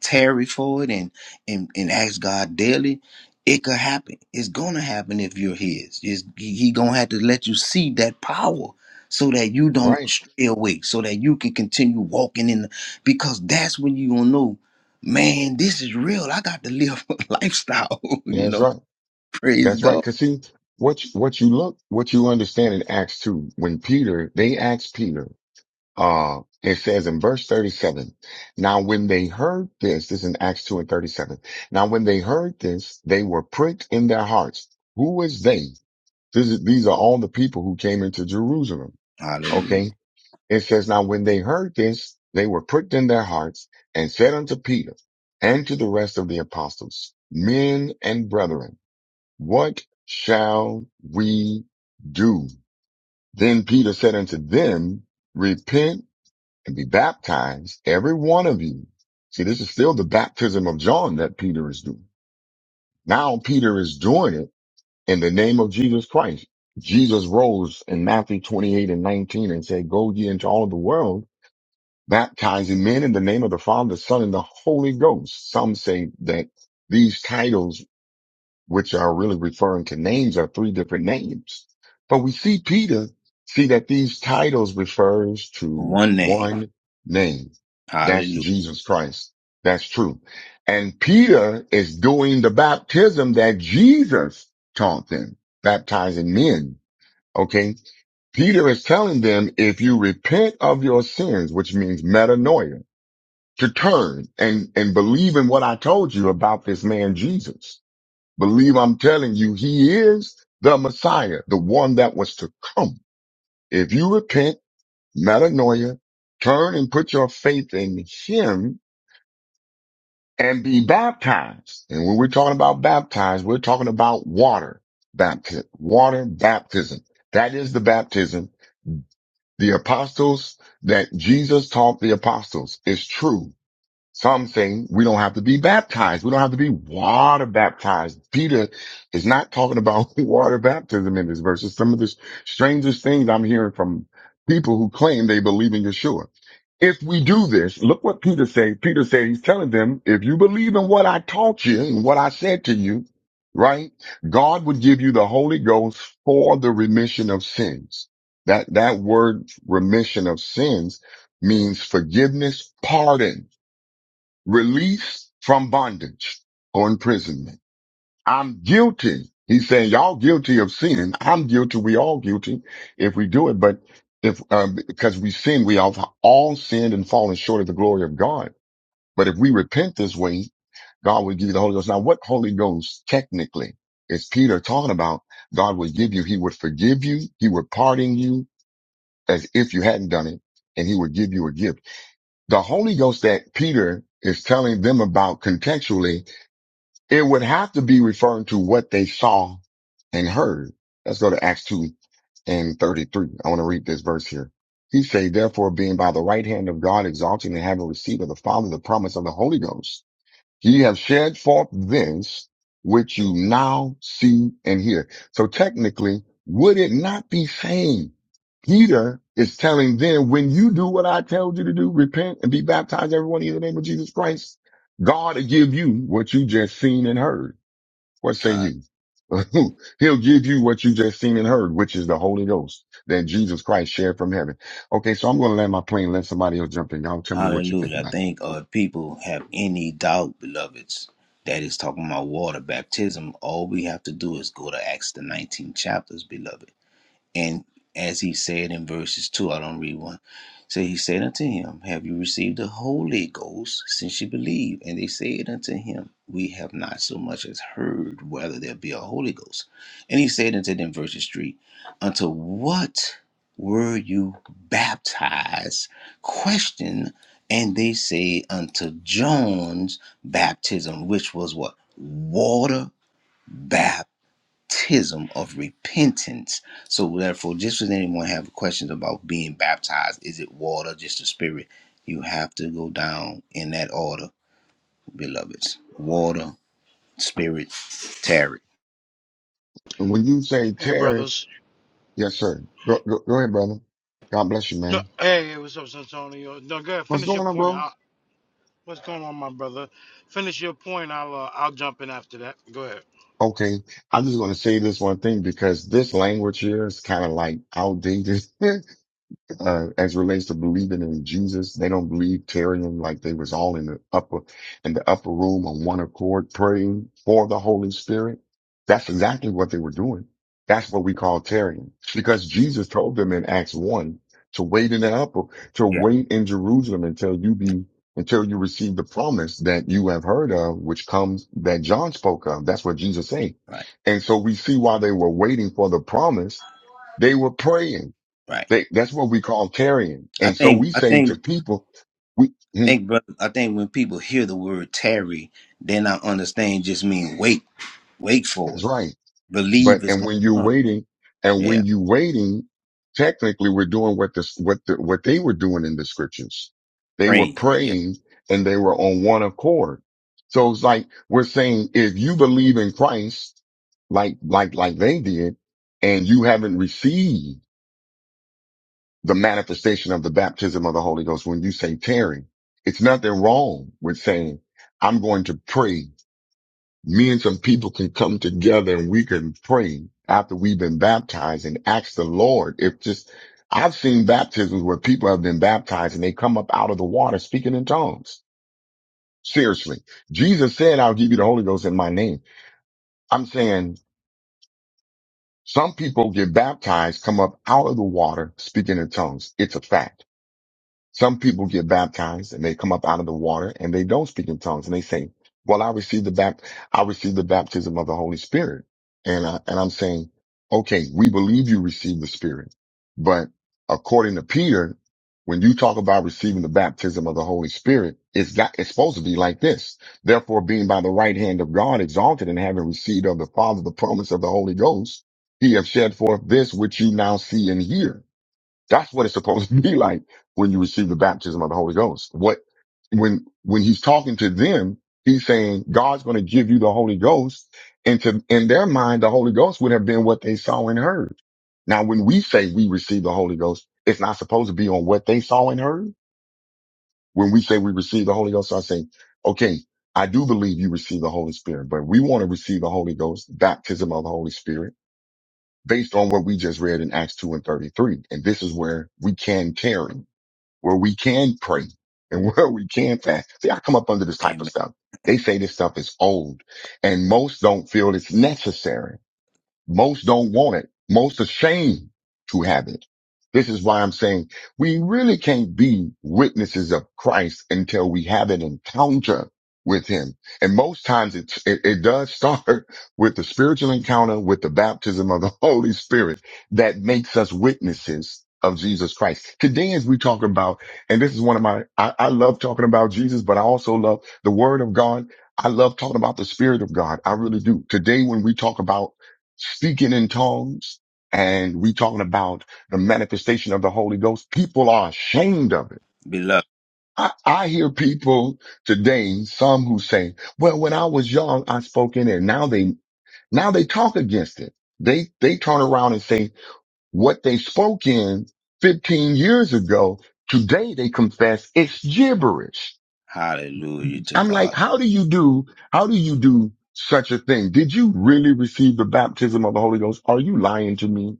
Speaker 3: tarry for it and and and ask God daily, it could happen. It's gonna happen if you're His. It's, he he gonna have to let you see that power so that you don't
Speaker 1: right?
Speaker 3: stray away, so that you can continue walking in. The, because that's when you gonna know, man, this is real. I got to live a lifestyle. you
Speaker 1: That's
Speaker 3: know,
Speaker 1: right.
Speaker 3: praise
Speaker 1: That's right.
Speaker 3: God.
Speaker 1: Cause see, what, you- what you look, what you understand in Acts 2, when Peter, they asked Peter, uh, it says in verse 37, now when they heard this, this is in Acts 2 and 37. Now when they heard this, they were pricked in their hearts. Who is they? This is, these are all the people who came into Jerusalem.
Speaker 3: Hallelujah.
Speaker 1: Okay. It says, now when they heard this, they were pricked in their hearts and said unto Peter and to the rest of the apostles, men and brethren, what shall we do? Then Peter said unto them, Repent and be baptized, every one of you. See, this is still the baptism of John that Peter is doing. Now Peter is doing it in the name of Jesus Christ. Jesus rose in Matthew 28 and 19 and said, Go ye into all the world, baptizing men in the name of the Father, the Son, and the Holy Ghost. Some say that these titles which are really referring to names are three different names. But we see Peter see that these titles refers to
Speaker 3: One name.
Speaker 1: one name. That's
Speaker 3: Hallelujah.
Speaker 1: Jesus Christ. That's true. And Peter is doing the baptism that Jesus taught them, baptizing men. Okay. Peter is telling them, if you repent of your sins, which means metanoia, to turn and, and believe in what I told you about this man Jesus Believe I'm telling you, he is the Messiah, the one that was to come. If you repent, metanoia, turn and put your faith in him and be baptized. And when we're talking about baptized, we're talking about water baptism, water baptism. That is the baptism. The apostles that Jesus taught the apostles is true Some say we don't have to be baptized. We don't have to be water baptized. Peter is not talking about water baptism in this verse. It's some of the strangest things I'm hearing from people who claim they believe in Yeshua. If we do this, look what Peter says. Peter said, he's telling them, if you believe in what I taught you and what I said to you, right? God would give you the Holy Ghost for the remission of sins. That, that word remission of sins means forgiveness, pardon released from bondage or imprisonment. I'm guilty. He's saying y'all guilty of sinning. I'm guilty. We all guilty if we do it. But if, um, because we sin, we have all sinned and fallen short of the glory of God. But if we repent this way, God will give you the Holy Ghost. Now, what Holy Ghost technically is Peter talking about? God will give you, he would forgive you, he would pardon you as if you hadn't done it, and he would give you a gift the Holy Ghost that Peter is telling them about contextually, it would have to be referring to what they saw and heard. Let's go to Acts 2 and 33. I want to read this verse here. He say, therefore being by the right hand of God exalted and having received of the Father the promise of the Holy Ghost. Ye have shared forth this which you now see and hear. So technically, would it not be saying Peter is telling them, when you do what I told you to do, repent and be baptized, everyone in the name of Jesus Christ, God will give you what you just seen and heard. What say you? He'll give you what you just seen and heard, which is the Holy Ghost that Jesus Christ shared from heaven. Okay, so I'm going to land my plane, let somebody else jump in. Y'all tell me what you think
Speaker 3: Hallelujah. I
Speaker 1: about it.
Speaker 3: think uh, people have any doubt, beloveds, that is talking about water baptism. All we have to do is go to Acts the 19 chapters, beloved. And as he said in verses 2, I don't read one. So he said unto him, Have you received the Holy Ghost since you believe? And they said unto him, We have not so much as heard whether there be a Holy Ghost. And he said unto them, verses 3, Unto what were you baptized? Question. And they say, Unto John's baptism, which was what? Water baptism of repentance. So therefore, just as anyone have questions about being baptized, is it water, just the spirit? You have to go down in that order, beloveds. Water, spirit, tarot.
Speaker 1: When you say
Speaker 5: Hey,
Speaker 1: Terry,
Speaker 5: brothers.
Speaker 1: Yes, sir. Go, go, go ahead, brother. God bless you,
Speaker 5: No,
Speaker 1: man.
Speaker 5: hey, what's up, Santonio? No, go ahead.
Speaker 1: What's
Speaker 5: Finish your
Speaker 1: going on,
Speaker 5: point.
Speaker 1: bro?
Speaker 5: I, what's going on, my brother? Finish your point. I'll uh, I'll jump in after that. Go ahead.
Speaker 1: Okay. I'm just going to say this one thing because this language here is kind of like outdated. uh, as relates to believing in Jesus. They don't believe carrying like they was all in the upper, in the upper room on one accord praying for the Holy Spirit. That's exactly what they were doing. That's what we call tarrying because Jesus told them in Acts one to wait in the upper, to
Speaker 3: Yeah.
Speaker 1: wait in Jerusalem until you be, until you receive the promise that you have heard of, which comes that John spoke of. That's what Jesus said.
Speaker 3: Right.
Speaker 1: And so we see while they were waiting for the promise, they were praying
Speaker 3: Right.
Speaker 1: they, that's what we call tarrying.
Speaker 3: I
Speaker 1: And so
Speaker 3: think
Speaker 1: we
Speaker 3: I
Speaker 1: saying to
Speaker 3: think
Speaker 1: people, we, mhm,
Speaker 3: think brother I think when people hear the word tarry, they not understand just mean wait. Wait
Speaker 1: that's
Speaker 3: for it.
Speaker 1: right. But,
Speaker 3: Believe it's
Speaker 1: and
Speaker 3: gonna
Speaker 1: when you're
Speaker 3: come.
Speaker 1: waiting and
Speaker 3: Yeah.
Speaker 1: when you waiting, technically we're doing what this, what the, what they were doing in the scriptures. They were
Speaker 3: Praying. Yeah.
Speaker 1: praying and they were on one accord. So it's like we're saying, if you believe in Christ, like, like, like they did and you haven't received the manifestation of the baptism of the Holy Ghost. When you say tearing, it's nothing wrong with saying, I'm going to pray. Me and some people can come together and we can pray after we've been baptized and ask the Lord if just, I've seen baptisms where people have been baptized and they come up out of the water speaking in tongues. Seriously. Jesus said, I'll give you the Holy Ghost in my name. I'm saying some people get baptized, come up out of the water speaking in tongues. It's a fact. Some people get baptized and they come up out of the water and they don't speak in tongues and they say, well, I received the bapt, I received the baptism of the Holy Spirit. And, I, and I'm saying, okay, we believe you received the Spirit, but according to Peter, when you talk about receiving the baptism of the Holy Spirit, it's that it's supposed to be like this. Therefore, being by the right hand of God exalted and having received of the Father the promise of the Holy Ghost, he have shed forth this which you now see and hear. That's what it's supposed to be like when you receive the baptism of the Holy Ghost. What, when, when he's talking to them, he's saying God's going to give you the Holy Ghost. And to, in their mind, the Holy Ghost would have been what they saw and heard. Now, when we say we receive the Holy Ghost, it's not supposed to be on what they saw and heard. When we say we receive the Holy Ghost, I say, okay, I do believe you receive the Holy Spirit, but we want to receive the Holy Ghost, baptism of the Holy Spirit based on what we just read in Acts 2 and 33. And this is where we can tarry where we can pray and where we can fast. See, I come up under this type of
Speaker 3: Amen.
Speaker 1: stuff. They say this stuff is old and most don't feel it's necessary. Most don't want it. Most ashamed to have it. This is why I'm saying we really can't be witnesses of Christ until we have an encounter with him. And most times it's, it, it does start with the spiritual encounter with the baptism of the Holy Spirit that makes us witnesses of Jesus Christ. Today, as we talk about, and this is one of my, I, I love talking about Jesus, but I also love the word of God. I love talking about the spirit of God. I really do. Today, when we talk about speaking in tongues and we talking about the manifestation of the Holy Ghost, people are ashamed of it.
Speaker 3: Beloved.
Speaker 1: I, I hear people today, some who say, well, when I was young, I spoke in it. Now they, now they talk against it. They, they turn around and say what they spoke in 15 years ago. Today they confess it's gibberish.
Speaker 3: Hallelujah to
Speaker 1: I'm like,
Speaker 3: God.
Speaker 1: how do you do, how do you do such a thing? Did you really receive the baptism of the Holy Ghost? Are you lying to me?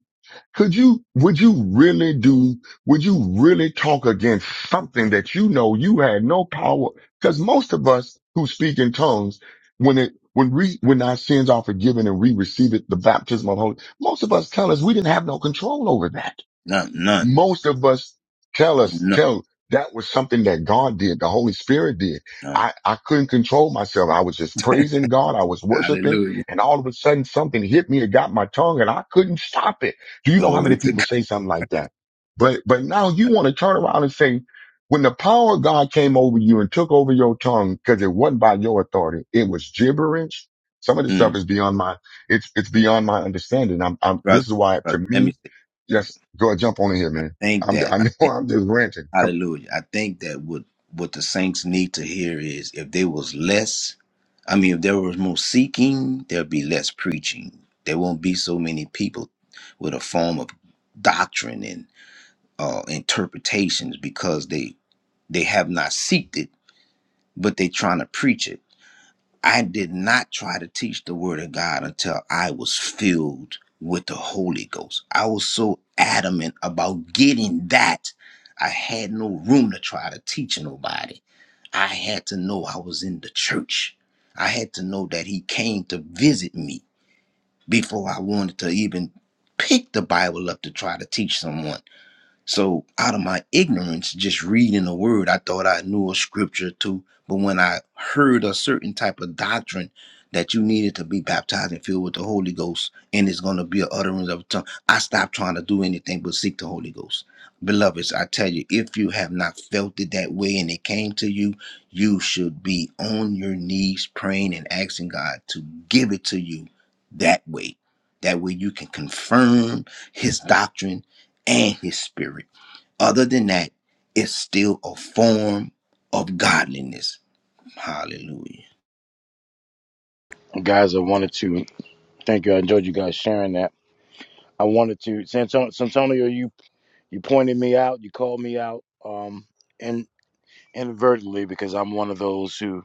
Speaker 1: Could you, would you really do, would you really talk against something that you know you had no power? Cause most of us who speak in tongues, when it, when we, when our sins are forgiven and we receive it, the baptism of the Holy, most of us tell us we didn't have no control over that
Speaker 3: None none.
Speaker 1: most of us tell us
Speaker 3: None.
Speaker 1: tell that was something that God did, the Holy Spirit did.
Speaker 3: None.
Speaker 1: I, I couldn't control myself. I was just praising God. I was worshiping
Speaker 3: Hallelujah.
Speaker 1: and all of a sudden something hit me. It got my tongue and I couldn't stop it. Do you know how many
Speaker 3: Glory to
Speaker 1: people
Speaker 3: God.
Speaker 1: say something like that? But, but now you want to turn around and say, when the power of God came over you and took over your tongue, because it wasn't by your authority, it was gibberish. Some of this stuff
Speaker 3: Mm,
Speaker 1: is beyond my, it's, it's beyond my understanding. I'm, I'm,
Speaker 3: brother,
Speaker 1: this is why to
Speaker 3: brother, let
Speaker 1: me,
Speaker 3: me say, brother.
Speaker 1: Yes, go jump on in here,
Speaker 3: I
Speaker 1: man.
Speaker 3: think
Speaker 1: I'm,
Speaker 3: that
Speaker 1: I
Speaker 3: I
Speaker 1: know
Speaker 3: think
Speaker 1: I'm just ranting. Come
Speaker 3: hallelujah. I think that what what the saints need to hear is if there was less, I mean if there was more seeking, there'd be less preaching. There won't be so many people with a form of doctrine and uh interpretations because they they have not seeked it, but they trying to preach it I did not try to teach the word of God until I was filled with the Holy Ghost. I was so adamant about getting that, I had no room to try to teach nobody. I had to know I was in the church. I had to know that He came to visit me before I wanted to even pick the Bible up to try to teach someone. So out of my ignorance, just reading the word, I thought I knew a scripture too. But when I heard a certain type of doctrine that you needed to be baptized and filled with the Holy Ghost, and it's going to be a utterance of a tongue, I stopped trying to do anything but seek the Holy Ghost. Beloveds, I tell you, if you have not felt it that way and it came to you, you should be on your knees praying and asking God to give it to you that way. That way you can confirm his doctrine and his spirit. Other than that, it's still a form of godliness. Hallelujah.
Speaker 5: guys, I wanted to thank you. I enjoyed you guys sharing that. I wanted to, Santon- Santonio, you you pointed me out, you called me out, um, and inadvertently because I'm one of those who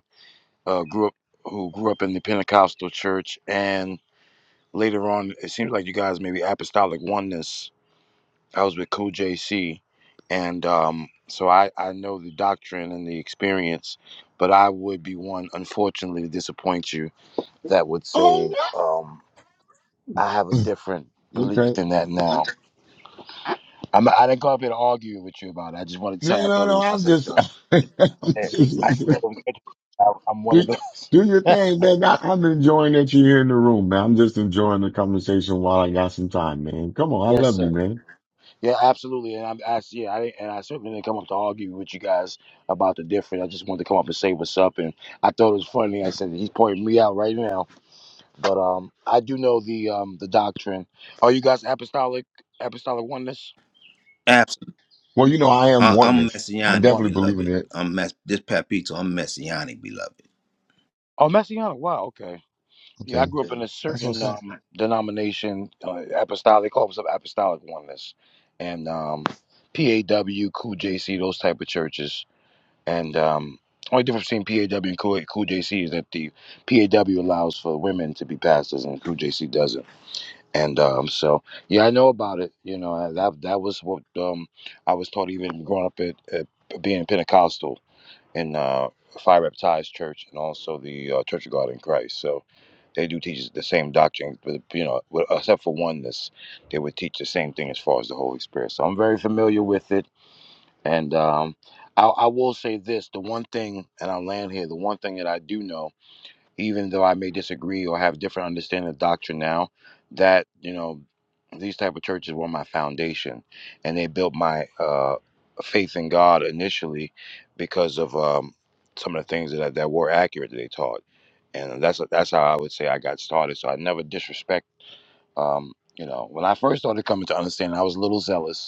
Speaker 5: uh, grew up who grew up in the Pentecostal church, and later on, it seems like you guys maybe apostolic oneness. I was with Cool JC, and um, so I, I know the doctrine and the experience, but I would be one, unfortunately, to disappoint you that would say
Speaker 1: on.
Speaker 5: um, I have a different belief
Speaker 1: Okay.
Speaker 5: than that now. I'm, I didn't go up here to argue with you about it. I just wanted to tell
Speaker 1: No,
Speaker 5: you I
Speaker 1: no,
Speaker 5: thought it
Speaker 1: no.
Speaker 5: was I
Speaker 1: I'm
Speaker 5: said,
Speaker 1: just,
Speaker 5: does.
Speaker 1: I'm
Speaker 5: it. I,
Speaker 1: just
Speaker 5: I, I'm one
Speaker 1: do,
Speaker 5: of
Speaker 1: do your
Speaker 5: those.
Speaker 1: thing, man. I, I'm enjoying that you're here in the room, man. I'm just enjoying the conversation while I got some time, man. Come on. I
Speaker 5: yes,
Speaker 1: love
Speaker 5: sir.
Speaker 1: you, man.
Speaker 5: Yeah, absolutely. And I'm, I, yeah, I, and I certainly didn't come up to argue with you guys about the difference. I just wanted to come up and say what's up. And I thought it was funny. I said he's pointing me out right now, but um, I do know the um the doctrine. Are you guys apostolic apostolic oneness?
Speaker 3: Absolutely.
Speaker 1: Well, you know, I am
Speaker 3: I, I'm
Speaker 1: oneness. I
Speaker 3: messianic,
Speaker 5: One.
Speaker 1: definitely believe in
Speaker 3: beloved.
Speaker 1: it.
Speaker 3: I'm mess this papito, I'm messianic, beloved.
Speaker 5: Oh, messianic. Wow. Okay. Yeah, I
Speaker 1: Okay.
Speaker 5: grew up in a
Speaker 1: That's what I
Speaker 5: certain
Speaker 1: said.
Speaker 5: um denomination, uh, apostolic apostolic oneness, and um PAW, Cool JC, those type of churches. And um, only difference between PAW and Cool, cool JC is that the PAW allows for women to be pastors and Cool JC doesn't. And um, so, yeah, I know about it. You know, and that that was what um, I was taught even growing up at, at being Pentecostal in uh, Fire Baptized Church and also the uh, Church of God in Christ. So they do teach the same doctrine, but you know, with- except for oneness, they would teach the same thing as far as the Holy Spirit. So I'm very familiar with it and um, I, I will say this: the one thing, and I'll land here. The one thing that I do know, even though I may disagree or have different understanding of doctrine now, that you know, these type of churches were my foundation, and they built my uh, faith in God initially because of um, some of the things that that were accurate that they taught, and that's that's how I would say I got started. So I never disrespect. Um, you know, when I first started coming to understanding, I was a little zealous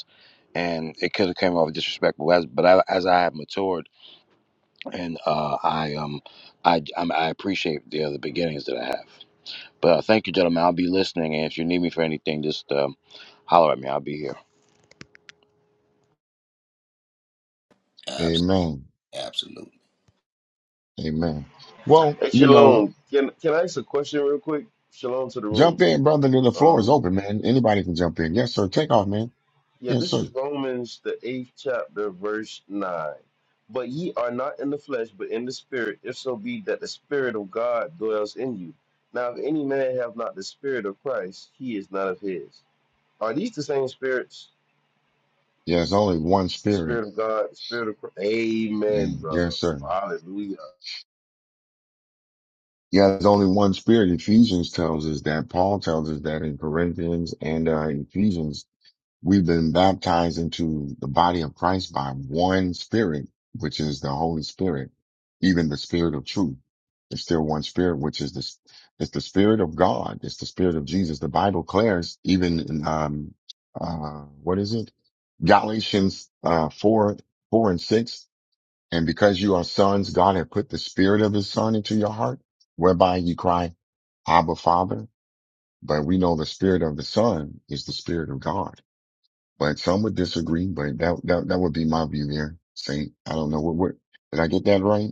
Speaker 5: and it could have came off disrespectful. As but I, as I have matured, and uh, I um, I I'm, I appreciate the other beginnings that I have. But uh, thank you, gentlemen. I'll be listening, and if you need me for anything, just um, holler at me. I'll be here.
Speaker 3: Absolutely.
Speaker 1: Amen.
Speaker 3: Absolutely.
Speaker 1: Amen. Well,
Speaker 6: Hey,
Speaker 1: you know,
Speaker 6: Shalom. Can can I ask a question real quick? Shalom to the
Speaker 1: jump
Speaker 6: room.
Speaker 1: in, brother. The floor is
Speaker 6: Um,
Speaker 1: open, man. Anybody can jump in. Yes, sir. Take off, man.
Speaker 6: yeah,
Speaker 1: Yes,
Speaker 6: this
Speaker 1: sir.
Speaker 6: is Romans the eighth chapter, verse nine. But ye are not in the flesh, but in the spirit, if so be that the spirit of God dwells in you. Now, if any man have not the spirit of Christ, he is not of his. Are these the same spirits?
Speaker 1: Yeah, There's only one spirit.
Speaker 6: Spirit of God, spirit of Christ. Amen,
Speaker 1: And
Speaker 6: brother.
Speaker 1: yes, sir.
Speaker 6: Hallelujah.
Speaker 1: Yeah, there's only one spirit. Ephesians tells us that. Paul tells us that in Corinthians and uh, Ephesians, we've been baptized into the body of Christ by one spirit, which is the Holy Spirit, even the spirit of truth. It's still one spirit, which is this, it's the spirit of God. It's the spirit of Jesus. The Bible declares even in, um, uh, what is it? Galatians, uh, four, four and six And because you are sons, God had put the spirit of his son into your heart, whereby you cry, Abba Father. But we know the spirit of the son is the spirit of God. But some would disagree, but that, that, that would be my view there. Saint, I don't know what, what, did I get that right?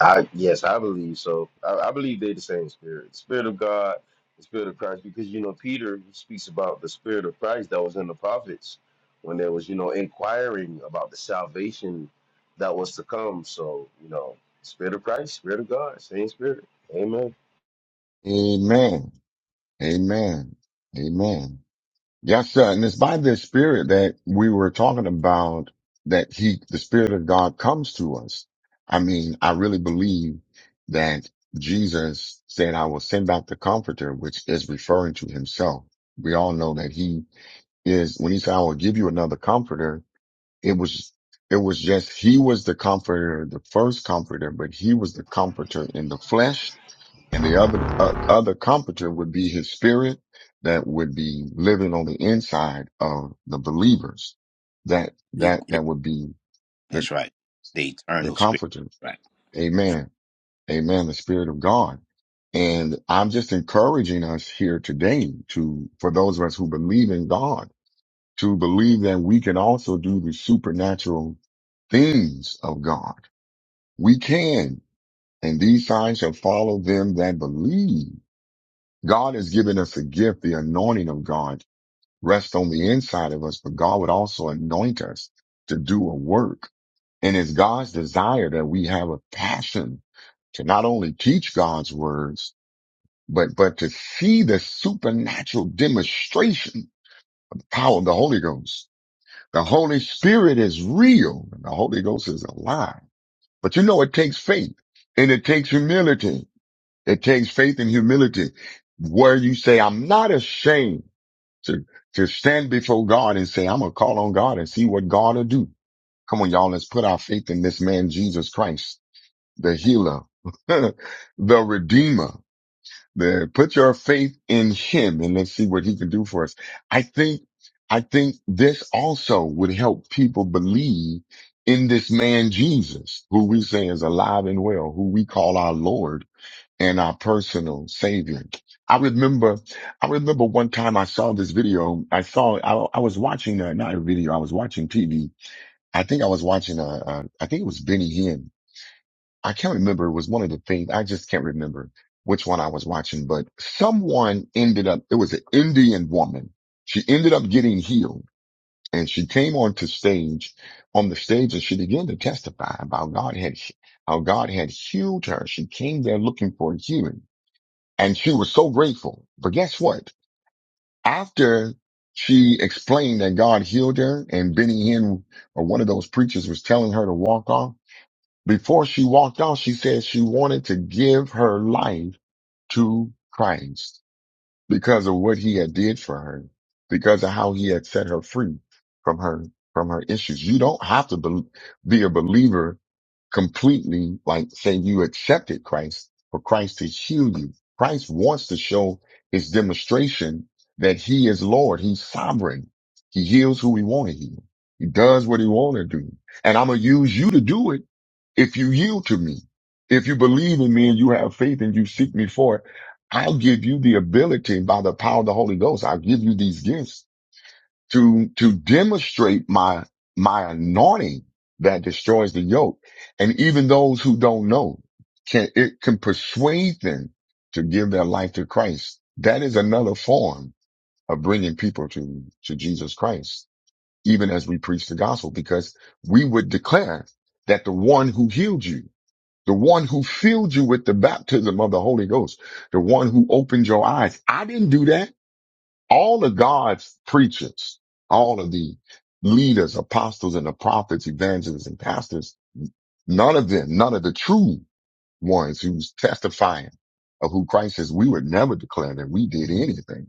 Speaker 6: I yes, I believe so. I, I believe they're the same spirit, the spirit of God, the spirit of Christ. Because you know, Peter speaks about the spirit of Christ that was in the prophets when there was you know inquiring about the salvation that was to come. So you know, spirit of Christ, spirit of God, same spirit. Amen.
Speaker 1: Amen. Amen. Amen. Yes, sir. And it's by this spirit that we were talking about that he, the spirit of God comes to us. I mean, I really believe that Jesus said, I will send out the comforter, which is referring to himself. We all know that he is, when he said, I will give you another comforter, it was, it was just, he was the comforter, the first comforter, but he was the comforter in the flesh and the other uh, other comforter would be his spirit that would be living on the inside of the believers. That that
Speaker 3: Yeah,
Speaker 1: that would be the
Speaker 3: That's right. The
Speaker 1: the
Speaker 3: eternal spirit.
Speaker 1: comforter.
Speaker 3: Right.
Speaker 1: Amen. Amen. The spirit of God. And I'm just encouraging us here today to for those of us who believe in God to believe that we can also do the supernatural things of God. We can. And these signs shall follow them that believe God has given us a gift, the anointing of God rests on the inside of us, but God would also anoint us to do a work. And it's God's desire that we have a passion to not only teach God's words, but, but to see the supernatural demonstration power of the Holy Ghost. The Holy Spirit is real and the Holy Ghost is alive. But you know, it takes faith and it takes humility. It takes faith and humility where you say, I'm not ashamed to to stand before God and say, I'm gonna call on God and see what God will do. Come on, y'all, let's put our faith in this man Jesus Christ, the healer, the redeemer. The put your faith in him and let's see what he can do for us. I think I think this also would help people believe in this man Jesus, who we say is alive and well, who we call our Lord and our personal savior. I remember, I remember one time I saw this video. I saw, I, I was watching, uh, not a video, I was watching TV. I think I was watching, uh, uh, I think it was Benny Hinn. I can't remember. It was one of the things. I just can't remember which one I was watching, but someone ended up, it was an Indian woman. She ended up getting healed and she came onto stage, on the stage and she began to testify about God had, how God had healed her. She came there looking for healing and she was so grateful. But guess what? After she explained that God healed her and Benny Hinn or one of those preachers was telling her to walk off, before she walked off, she said she wanted to give her life to Christ because of what he had did for her, because of how he had set her free from her, from her issues. You don't have to be, be a believer completely like say you accepted Christ for Christ to heal you. Christ wants to show his demonstration that he is Lord. He's sovereign. He heals who he want to heal. He does what he want to do. And I'm going to use you to do it if you yield to me. If you believe in me and you have faith and you seek me for it, I'll give you the ability by the power of the Holy Ghost. I'll give you these gifts to to demonstrate my my anointing that destroys the yoke. And even those who don't know can it can persuade them to give their life to Christ. That is another form of bringing people to to Jesus Christ, even as we preach the gospel, because we would declare that the one who healed you, the one who filled you with the baptism of the Holy Ghost, the one who opened your eyes. I didn't do that all of God's preachers, all of the leaders, apostles and the prophets, evangelists and pastors, none of them, none of the true ones who's testifying of who Christ is, we would never declare that we did anything.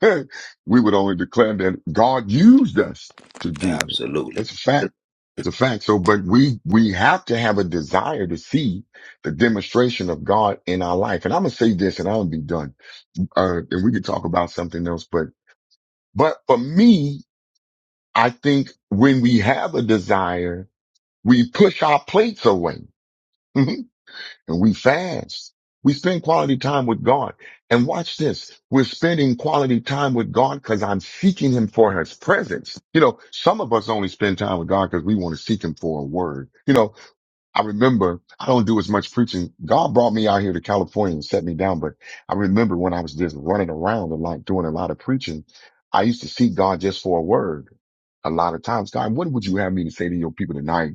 Speaker 1: we would only declare that God used us to do it.
Speaker 3: Absolutely.
Speaker 1: It's a fact. It's a fact. So, but we, we have to have a desire to see the demonstration of God in our life. And I'm going to say this and I'm going to be done. Uh, and we could talk about something else, but but for me, I think when we have a desire, we push our plates away and we fast. We spend quality time with God. And watch this. We're spending quality time with God because I'm seeking him for his presence. You know, some of us only spend time with God because we want to seek him for a word. You know, I remember I don't do as much preaching. God brought me out here to California and set me down, but I remember when I was just running around and like doing a lot of preaching, I used to seek God just for a word. A lot of times, God, what would you have me to say to your people tonight?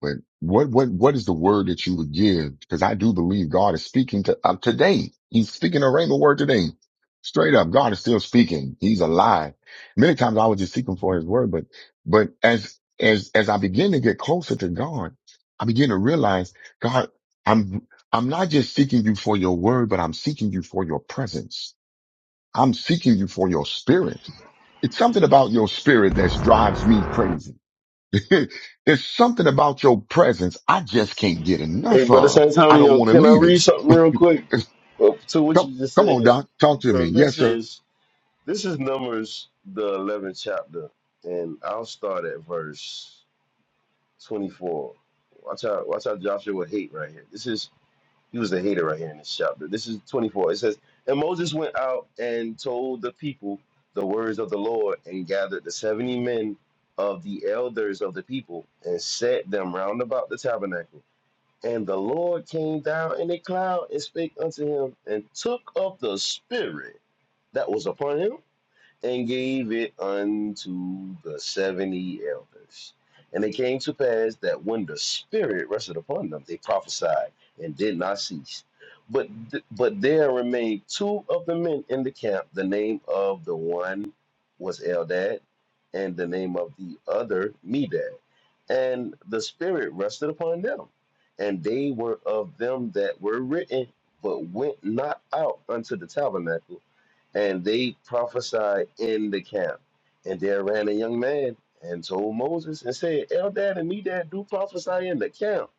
Speaker 1: But what, what, what is the word that you would give? Because I do believe God is speaking to uh, today. He's speaking a rhema word today. Straight up, God is still speaking. He's alive. Many times I was just seeking for his word, but, but as, as, as I begin to get closer to God, I begin to realize, God, I'm, I'm not just seeking you for your word, but I'm seeking you for your presence. I'm seeking you for your spirit. It's something about your spirit that drives me crazy. There's something about your presence I just can't get
Speaker 6: Hey,
Speaker 1: enough
Speaker 6: brother
Speaker 1: of. I don't
Speaker 6: Santonio,
Speaker 1: want to
Speaker 6: can I
Speaker 1: leave it.
Speaker 6: read something real quick
Speaker 1: It's-
Speaker 6: Well, to what
Speaker 1: come,
Speaker 6: you just
Speaker 1: come on,
Speaker 6: said,
Speaker 1: Doc. Talk to me.
Speaker 6: bro?
Speaker 1: Yes,
Speaker 6: This
Speaker 1: sir.
Speaker 6: is this is Numbers the 11th chapter, and I'll start at verse. 24. Watch out, watch out Joshua hate right here. This is he was a hater right here in this chapter. This is 24. It says, And Moses went out and told the people the words of the Lord and gathered the 70 men of the elders of the people and set them round about the tabernacle. And the Lord came down in a cloud and spake unto him and took up the spirit that was upon him and gave it unto the seventy elders. And it came to pass that when the Spirit rested upon them, they prophesied and did not cease. But th- but there remained two of the men in the camp. The name of the one was Eldad, and the name of the other Medad. And the Spirit rested upon them, and they were of them that were written, but went not out unto the tabernacle and they prophesied in the camp. And there ran a young man and told Moses and said, Eldad and Medad do prophesy in the camp.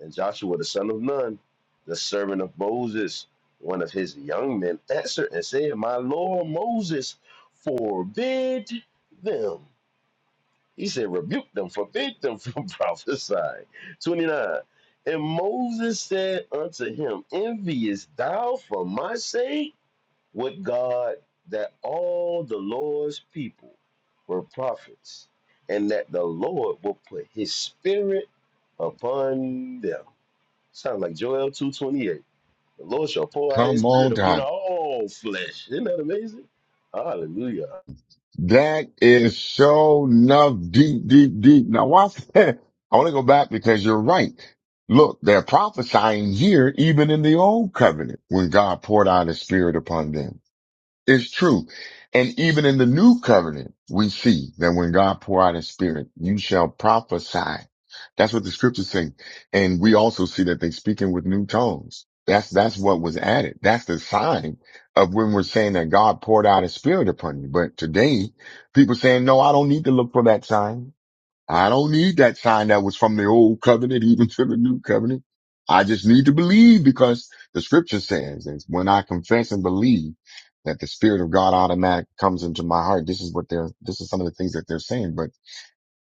Speaker 6: And Joshua the son of Nun, the servant of Moses, one of his young men, answered and said, My Lord Moses, forbid them. He said, Rebuke them, forbid them from prophesying. 29. And Moses said unto him, Envious thou for my sake? with God that all the Lord's people were prophets, and that the Lord will put his spirit upon them. Sound like Joel 2.28. The Lord shall pour out his
Speaker 1: Come
Speaker 6: spirit
Speaker 1: on,
Speaker 6: upon
Speaker 1: Doc.
Speaker 6: all flesh. Isn't that amazing? Hallelujah.
Speaker 1: That is so enough deep, deep, deep. Now watch that. I want to go back because you're right. Look, they're prophesying here, even in the old covenant when God poured out his spirit upon them. It's true. And even in the new covenant, we see that when God pour out his spirit, you shall prophesy. That's what the scriptures say. And we also see that they speaking with new tongues. That's, that's what was added. That's the sign of when we're saying that God poured out his spirit upon you. But today people saying, no, I don't need to look for that sign. I don't need that sign that was from the old covenant even to the new covenant. I just need to believe because the scripture says that when I confess and believe that the spirit of God automatic comes into my heart. This is what they're, this is some of the things that they're saying, but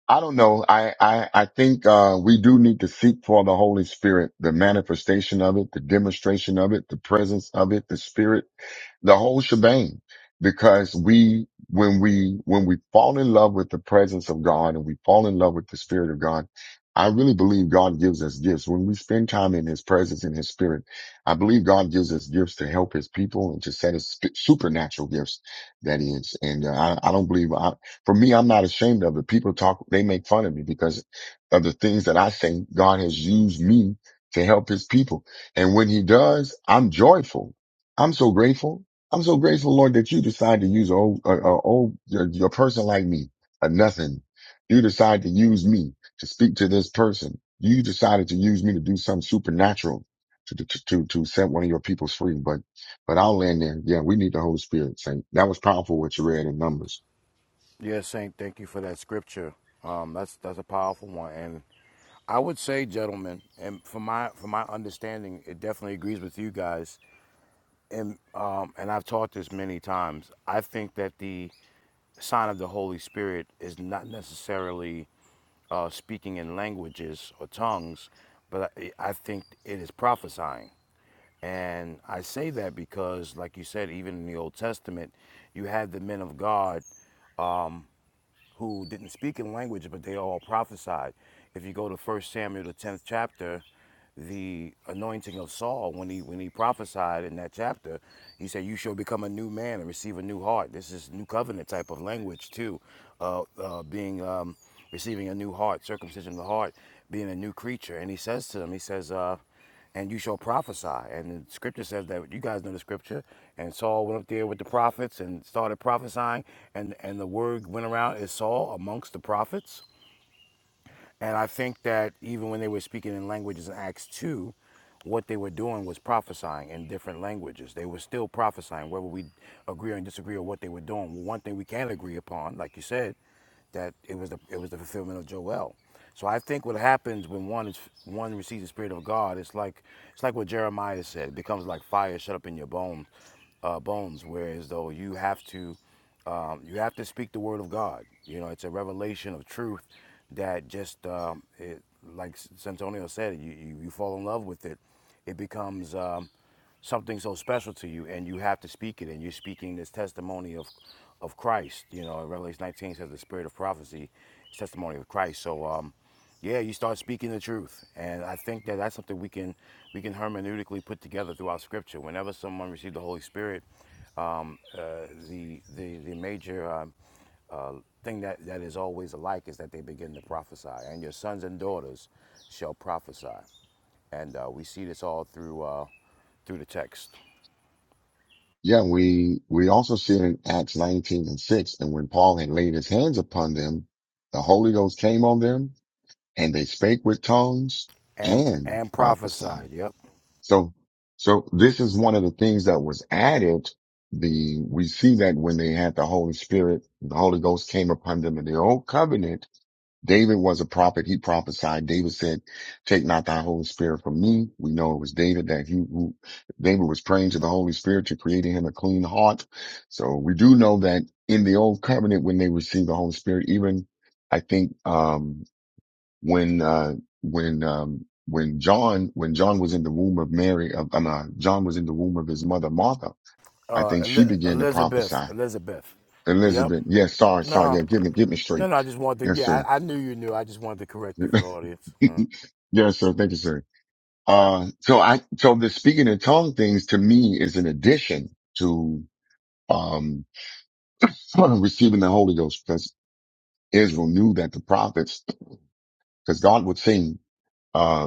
Speaker 1: I don't know. I, I, I think, uh, we do need to seek for the Holy Spirit, the manifestation of it, the demonstration of it, the presence of it, the spirit the whole shebang because we when we when we fall in love with the presence of god and we fall in love with the spirit of god i really believe god gives us gifts when we spend time in his presence in his spirit i believe god gives us gifts to help his people and to set us sp- supernatural gifts that is and uh, I, I don't believe I, for me i'm not ashamed of it people talk they make fun of me because of the things that i say god has used me to help his people and when he does i'm joyful i'm so grateful I'm so grateful, Lord, that you decide to use a old, a, a old, a, a person like me, a nothing. You decide to use me to speak to this person. You decided to use me to do something supernatural to, to, to, to set one of your peoples free. But, but I'll land there. Yeah, we need the Holy Spirit. Saint. That was powerful what you read in Numbers.
Speaker 5: Yes, Saint, thank you for that scripture. Um, that's that's a powerful one, and I would say, gentlemen, and from my from my understanding, it definitely agrees with you guys. And um, and I've taught this many times. I think that the sign of the Holy Spirit is not necessarily uh, speaking in languages or tongues, but I, I think it is prophesying. And I say that because, like you said, even in the Old Testament, you had the men of God who didn't speak in language, but they all prophesied. If you go to 1 Samuel, the 10th chapter, the anointing of Saul, when he when he prophesied in that chapter, he said, "You shall become a new man and receive a new heart." This is new covenant type of language too, uh, uh, being um, receiving a new heart, circumcision of the heart, being a new creature. And he says to them, he says. Uh, and you shall prophesy. And the scripture says that you guys know the scripture. And Saul went up there with the prophets and started prophesying, and and the word went around is Saul amongst the prophets. And I think that even when they were speaking in languages in Acts two, what they were doing was prophesying in different languages. They were still prophesying, whether we agree or disagree on what they were doing. Well, One thing we can agree upon, like you said, that it was the it was the fulfillment of Joel. So I think what happens when one is one receives the spirit of God, it's like it's like what Jeremiah said. It becomes like fire shut up in your bone uh, bones. Whereas though you have to um, you have to speak the word of God. You know, it's a revelation of truth that just um, it, like Santonio said, you, you you fall in love with it. It becomes um, something so special to you and you have to speak it and you're speaking this testimony of of Christ you know Revelation 19 says the spirit of prophecy is testimony of Christ so um yeah you start speaking the truth and I think that that's something we can we can hermeneutically put together throughout scripture whenever someone received the Holy Spirit um uh, the the the major um, uh, thing that, that is always alike is that they begin to prophesy, and your sons and daughters shall prophesy. And uh, we see this all through uh, through the text.
Speaker 1: Yeah, we, we also see it in Acts 19 and 6. And when Paul had laid his hands upon them, the Holy Ghost came on them and they spake with tongues
Speaker 5: and
Speaker 1: and
Speaker 5: and
Speaker 1: prophesied.
Speaker 5: prophesied. Yep.
Speaker 1: So, so this is one of the things that was added. The, we see that when they had the Holy Spirit, the Holy Ghost came upon them in the old covenant. David was a prophet. He prophesied. David said, take not thy Holy Spirit from me. We know it was David that he, who, David was praying to the Holy Spirit to create in him a clean heart. So we do know that in the old covenant, when they received the Holy Spirit, even I think, um, when uh when um when John when John was in the womb of Mary of um, uh, John was in the womb of his mother Martha, I
Speaker 5: Uh,
Speaker 1: think she
Speaker 5: Eli-
Speaker 1: began to
Speaker 5: Elizabeth,
Speaker 1: prophesy.
Speaker 5: Elizabeth. Yep.
Speaker 1: Elizabeth, yes, sorry, sorry,
Speaker 5: No,
Speaker 1: yeah, get me get me
Speaker 5: no,
Speaker 1: straight.
Speaker 5: no. I just wanted to.
Speaker 1: Yes,
Speaker 5: Yeah,
Speaker 1: sir.
Speaker 5: I, I knew you knew. I just wanted to correct it for the audience. Mm.
Speaker 1: yes, sir, thank you, sir. Uh so I so the speaking in tongue things to me is an addition to um receiving the Holy Ghost because Israel knew that the prophets because God would sing uh,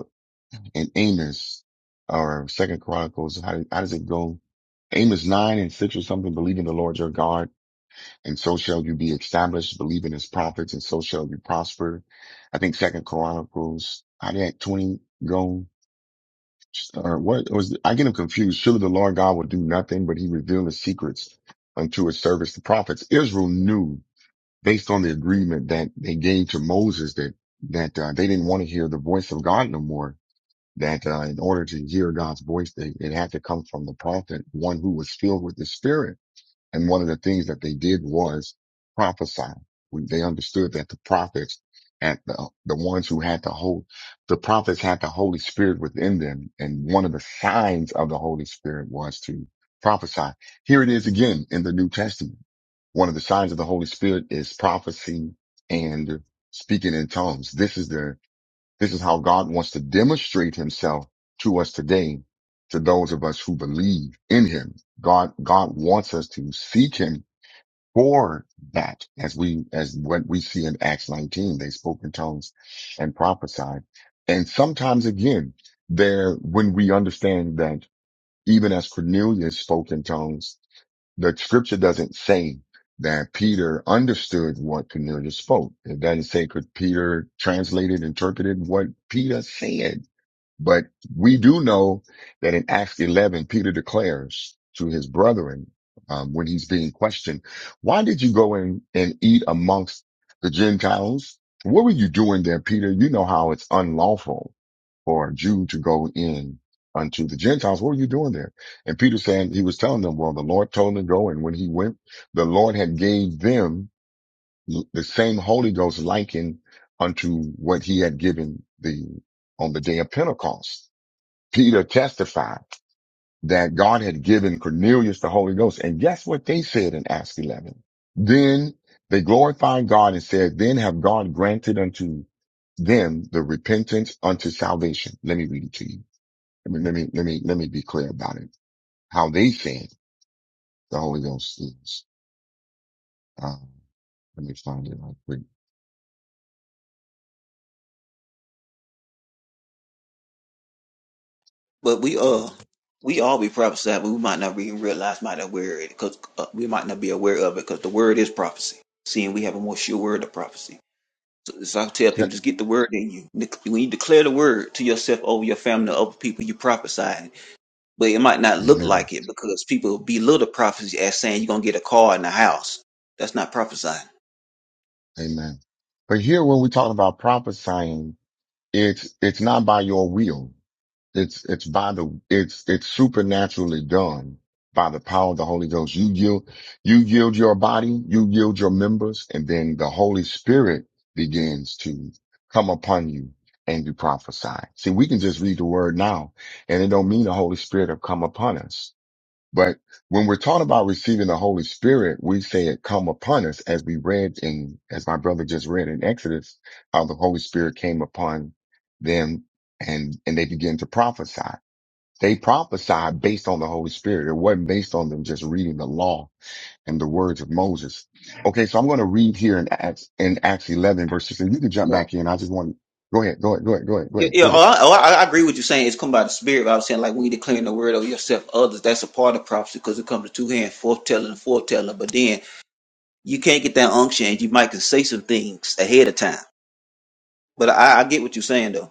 Speaker 1: and Amos or Second Chronicles. How, how does it go? Amos nine and six or something. Believe in the Lord your God, and so shall you be established. Believe in His prophets, and so shall you prosper. I think Second Chronicles. How did that twenty go? Or what was? I get him confused. Surely the Lord God will do nothing, but He revealed His secrets unto His servants, the prophets. Israel knew based on the agreement that they gave to Moses that that uh, they didn't want to hear the voice of God no more that uh, in order to hear God's voice, they, it had to come from the prophet, one who was filled with the spirit. And one of the things that they did was prophesy. They understood that the prophets and the, uh, the ones who had the whole, the prophets had the Holy Spirit within them. And one of the signs of the Holy Spirit was to prophesy. Here it is again in the New Testament. One of the signs of the Holy Spirit is prophecy and speaking in tongues. This is the this is how God wants to demonstrate himself to us today, to those of us who believe in him. God, God wants us to seek him for that as we, as what we see in Acts 19, they spoke in tongues and prophesied. And sometimes again, there, when we understand that even as Cornelius spoke in tongues the scripture doesn't say that Peter understood what Cornelius spoke. It doesn't say could Peter translated, interpreted what Peter said. But we do know that in Acts 11, Peter declares to his brethren, um, when he's being questioned, why did you go in and eat amongst the Gentiles? What were you doing there, Peter? You know how it's unlawful for a Jew to go in unto the Gentiles. What were you doing there? And Peter saying, he was telling them, well, the Lord told him to go. And when he went, the Lord had gave them the same Holy Ghost likened unto what he had given the, on the day of Pentecost. Peter testified that God had given Cornelius the Holy Ghost. And guess what they said in Acts 11? Then they glorified God and said, then have God granted unto them the repentance unto salvation. Let me read it to you. Let me, let me, let me, let me be clear about it. How they said the Holy Ghost is. Um, let me find it right quick.
Speaker 7: But we uh we all be prophesied, but we might not even realize, might not aware it, because uh, we might not be aware of it, because the word is prophecy. Seeing we have a more sure word of prophecy. So, so I tell people,
Speaker 1: Yep.
Speaker 7: just get the word in you. Dec- When you declare the word to yourself, over your family, over people, you prophesy. But it might not look
Speaker 1: Amen.
Speaker 7: like it because people belittle prophecy as saying you're gonna get a car and a house. That's not prophesying.
Speaker 1: Amen. But here when we're talking about prophesying, it's, it's not by your will. It's it's by the it's it's supernaturally done by the power of the Holy Ghost. You yield you yield your body, you yield your members, and then the Holy Spirit begins to come upon you and you prophesy. See, we can just read the word now and it don't mean the Holy Spirit have come upon us. But when we're talking about receiving the Holy Spirit, we say it come upon us as we read in, as my brother just read in Exodus, how the Holy Spirit came upon them and, and they began to prophesy. They prophesied based on the Holy Spirit. It wasn't based on them just reading the law and the words of Moses. Okay. So I'm going to read here in Acts, in Acts 11 verses, and you can jump back in. I just want, go ahead, go ahead, go ahead, go ahead, go
Speaker 7: Yeah,
Speaker 1: ahead,
Speaker 7: yeah.
Speaker 1: go
Speaker 7: Oh,
Speaker 1: ahead.
Speaker 7: I, oh, I I agree with you saying it's come by the spirit. But I was saying like when you declaring the word of yourself, others. That's a part of prophecy because it comes to two hands, foretelling and foretelling. But then you can't get that unction, and you might can say some things ahead of time. But I, I get what you're saying though.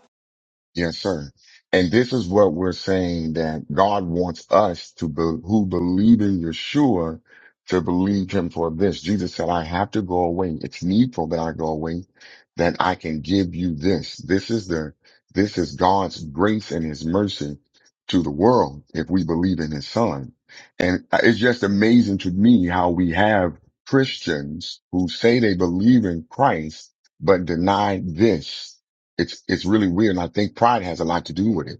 Speaker 1: Yes, sir. And this is what we're saying that God wants us to be, who believe in Yeshua to believe him for this. Jesus said, I have to go away. It's needful that I go away, that I can give you this. This is the, this is God's grace and his mercy to the world if we believe in his son. And it's just amazing to me how we have Christians who say they believe in Christ, but deny this. It's, it's really weird. And I think pride has a lot to do with it.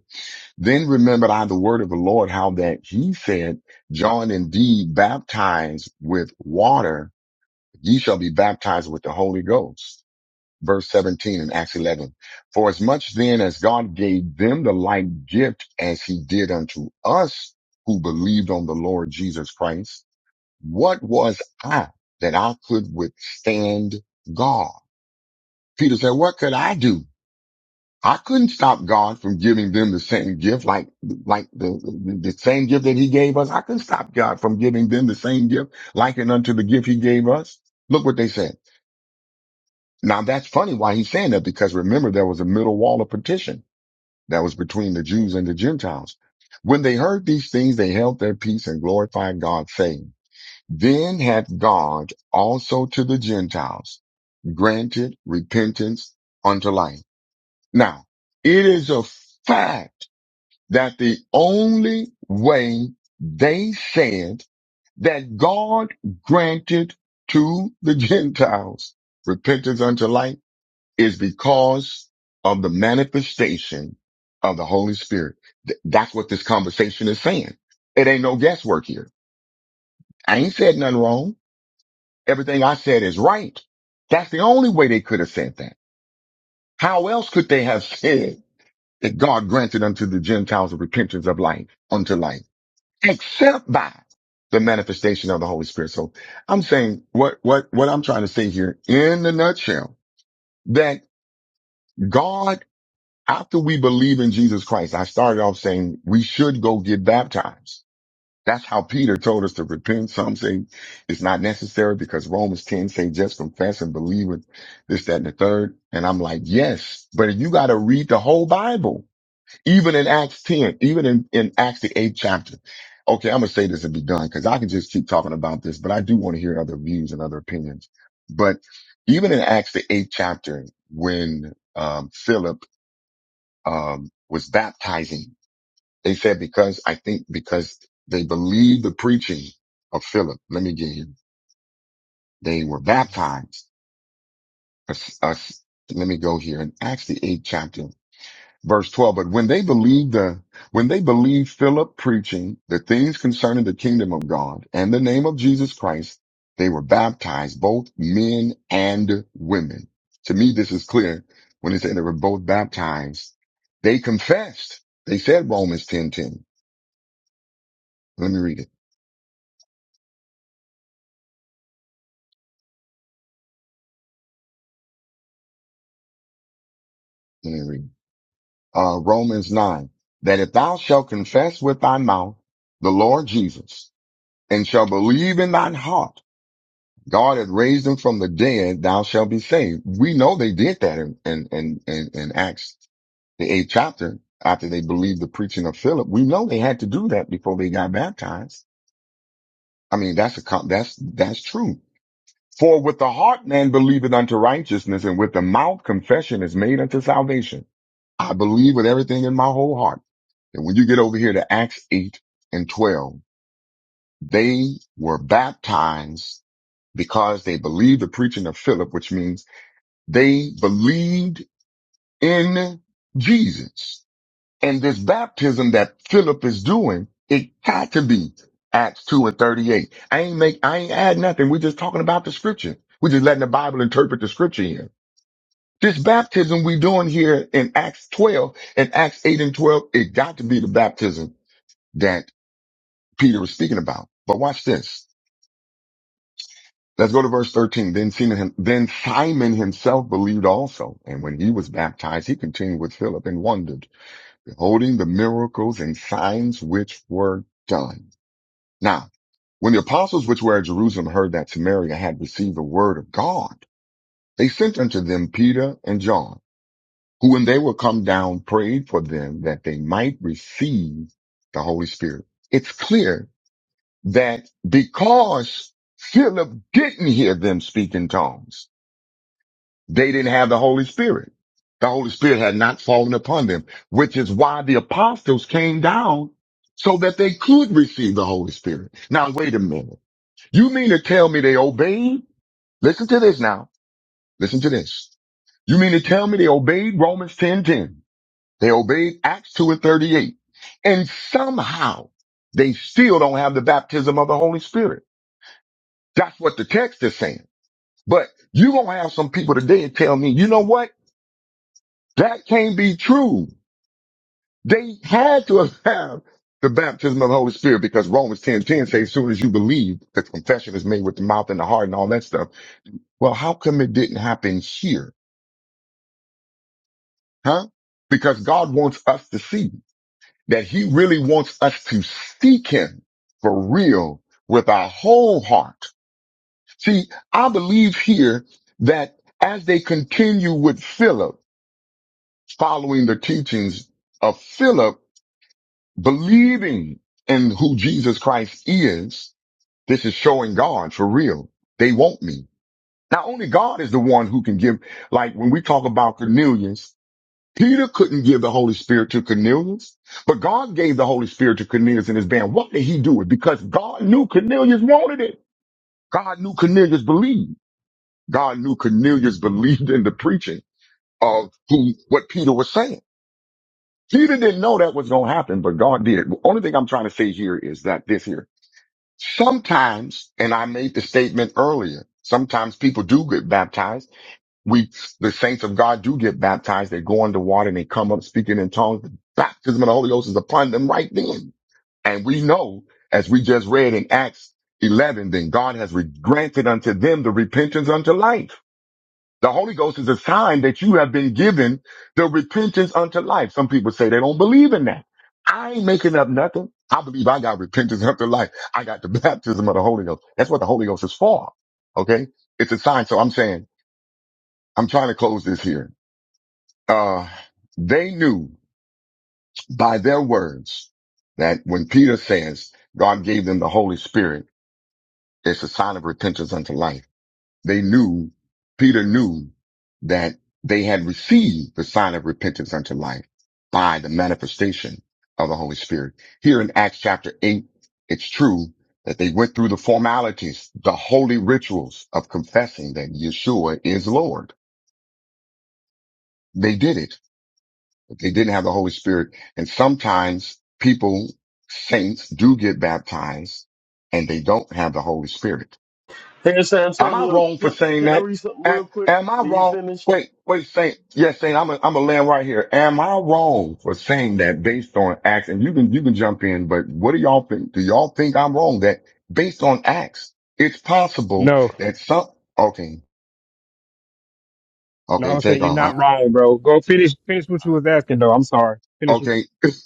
Speaker 1: Then remembered I the word of the Lord, how that he said, John indeed baptized with water. Ye shall be baptized with the Holy Ghost. Verse 17 in Acts 11. For as much then as God gave them the like gift as he did unto us who believed on the Lord Jesus Christ, what was I that I could withstand God? Peter said, what could I do? I couldn't stop God from giving them the same gift, like like the, the the same gift that He gave us. I couldn't stop God from giving them the same gift, likened unto the gift He gave us. Look what they said. Now that's funny why He's saying that because remember there was a middle wall of partition that was between the Jews and the Gentiles. When they heard these things, they held their peace and glorified God, saying, "Then hath God also to the Gentiles granted repentance unto life." Now it is a fact that the only way they said that God granted to the Gentiles repentance unto life is because of the manifestation of the Holy Spirit. Th- That's what this conversation is saying. It ain't no guesswork here. I ain't said nothing wrong. Everything I said is right. That's the only way they could have said that. How else could they have said that God granted unto the Gentiles repentance of life, unto life? except by the manifestation of the Holy Spirit. So I'm saying what, what, what I'm trying to say here in the nutshell that God, after we believe in Jesus Christ, I started off saying we should go get baptized. That's how Peter told us to repent. Some say it's not necessary because Romans 10 say just confess and believe it, this, that, and the third. And I'm like, yes, but you got to read the whole Bible even in Acts 10, even in, in Acts the eighth chapter. Okay, I'm gonna say this and be done because I can just keep talking about this, but I do want to hear other views and other opinions. But even in Acts the eighth chapter, when um Philip um was baptizing, they said because I think because they believed the preaching of Philip. Let me get here. They were baptized. Us, us- let me go here in Acts the eighth chapter. verse 12. But when they believed the, when they believed Philip preaching the things concerning the kingdom of God and the name of Jesus Christ, they were baptized, both men and women. To me, this is clear when it said they were both baptized. They confessed. They said Romans 10:10. Let me read it. Let me read it. Uh, Romans 9, that if thou shalt confess with thy mouth the Lord Jesus and shall believe in thine heart God had raised him from the dead, thou shalt be saved. We know they did that in, in, in, in, in Acts, the eighth chapter, after they believed the preaching of Philip. We know they had to do that before they got baptized. I mean, that's a, that's, that's true. For with the heart man believeth unto righteousness and with the mouth confession is made unto salvation. I believe with everything in my whole heart. And when you get over here to Acts 8 and 12, they were baptized because they believed the preaching of Philip, which means They believed in Jesus. And this baptism that Philip is doing, it got to be Acts 2 and 38. I ain't make, I ain't add nothing. We're just talking about the scripture. We're just letting the Bible interpret the scripture here. This baptism we doing here in Acts 12 and Acts 8 and 12, it got to be the baptism that Peter was speaking about. But watch this. Let's go to verse 13. Then Simon, then Simon himself believed also. And when he was baptized, he continued with Philip and wondered holding the miracles and signs which were done. Now, when the apostles which were at Jerusalem heard that Samaria had received the word of God, they sent unto them Peter and John, who when they were come down prayed for them that they might receive the Holy Spirit. It's clear that because Philip didn't hear them speak in tongues, They didn't have the Holy Spirit. The Holy Spirit had not fallen upon them, which is why the apostles came down so that they could receive the Holy Spirit. Now, wait a minute. You mean to tell me they obeyed? Listen to this now. Listen to this. You mean to tell me they obeyed Romans 10 10? They obeyed Acts 2 and 38. And somehow they still don't have the baptism of the Holy Spirit. That's what the text is saying. But you going to have some people today and tell me, you know what? That can't be true. They had to have had the baptism of the Holy Spirit because Romans ten ten says, as soon as you believe, the confession is made with the mouth and the heart and all that stuff. Well, how come it didn't happen here? Huh? Because God wants us to see that he really wants us to seek him for real with our whole heart. See, I believe here that as they continue with Philip, following the teachings of Philip, believing in who Jesus Christ is, this is showing God for real. They want me. Not only God is the one who can give, like when we talk about Cornelius, Peter couldn't give the Holy Spirit to Cornelius, but God gave the Holy Spirit to Cornelius and his band. Why did he do it? Because God knew Cornelius wanted it. God knew Cornelius believed. God knew Cornelius believed in the preaching of who, what Peter was saying. Peter didn't know that was going to happen, but God did. The only thing I'm trying to say here is that this here. Sometimes, and I made the statement earlier, sometimes people do get baptized. We, the saints of God do get baptized. They go under water and they come up speaking in tongues. The baptism of the Holy Ghost is upon them right then. And we know, as we just read in Acts 11, then God has re- granted unto them the repentance unto life. The Holy Ghost is a sign that you have been given the repentance unto life. Some people say they don't believe in that. I ain't making up nothing. I believe I got repentance unto life. I got the baptism of the Holy Ghost. That's what the Holy Ghost is for. Okay. It's a sign. So I'm saying, I'm trying to close this here. Uh, they knew by their words that when Peter says God gave them the Holy Spirit, it's a sign of repentance unto life They knew, Peter knew that they had received the sign of repentance unto life by the manifestation of the Holy Spirit. Here in Acts chapter eight, it's true that they went through the formalities, the holy rituals of confessing that Yeshua is Lord. They did it, but they didn't have the Holy Spirit. And sometimes people, saints do get baptized and they don't have the Holy Spirit.
Speaker 6: Hey, San
Speaker 1: Am I
Speaker 6: Antonio,
Speaker 1: wrong for
Speaker 6: can,
Speaker 1: saying
Speaker 6: can I
Speaker 1: that?
Speaker 6: read something
Speaker 1: Am,
Speaker 6: real quick
Speaker 1: am I
Speaker 6: when you
Speaker 1: wrong?
Speaker 6: finish?
Speaker 1: Wait, wait, Saint. Yes, Saint. I'm a, I'm a land right here. Am I wrong for saying that based on acts? And you can you can jump in, but what do y'all think? Do y'all think I'm wrong that based on acts, it's possible
Speaker 8: No,
Speaker 1: that some? Okay,
Speaker 8: no,
Speaker 1: okay,
Speaker 8: I'm
Speaker 1: take
Speaker 8: saying you're
Speaker 5: No,
Speaker 1: off.
Speaker 8: not
Speaker 5: I agree.
Speaker 8: wrong, bro. Go finish finish what you
Speaker 5: I
Speaker 8: was
Speaker 5: agree with
Speaker 8: asking
Speaker 5: that.
Speaker 8: though. I'm sorry. Finish what you
Speaker 1: Okay.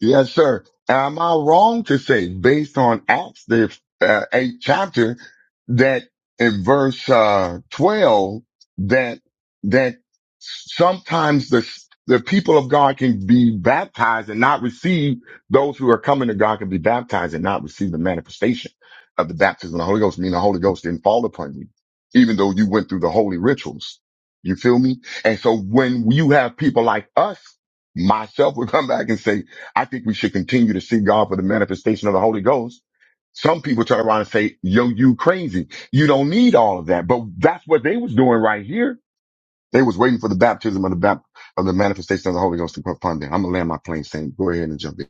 Speaker 1: yes, sir. Am I wrong to say, based on Acts, the uh, eighth chapter, that in verse uh, 12, that that sometimes the the people of God can be baptized and not receive those who are coming to God can be baptized and not receive the manifestation of the baptism of the Holy Ghost, meaning the Holy Ghost didn't fall upon you, even though you went through the holy rituals. You feel me? And so when you have people like us myself would come back and say, I think we should continue to seek God for the manifestation of the Holy Ghost. Some people turn around and say, yo, you crazy. You don't need all of that. But that's what they was doing right here. They was waiting for the baptism of the bap- of the manifestation of the Holy Ghost to come upon them. I'm gonna land my plane saying, go ahead and jump in.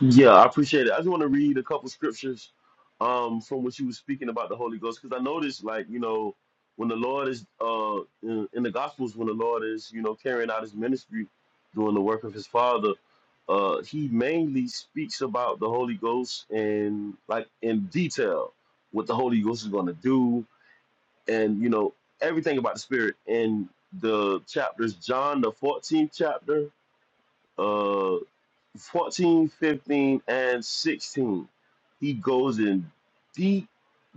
Speaker 6: Yeah, I appreciate it. I just want to read a couple scriptures um, from what you were speaking about the Holy Ghost because I noticed, like, you know, when the Lord is uh, in, in the Gospels, when the Lord is, you know, carrying out his ministry, doing the work of his Father, uh, he mainly speaks about the Holy Ghost and, like, in detail what the Holy Ghost is going to do and, you know, everything about the Spirit. in the chapters, John, the 14th chapter. uh, 14, 15, and 16, he goes in deep,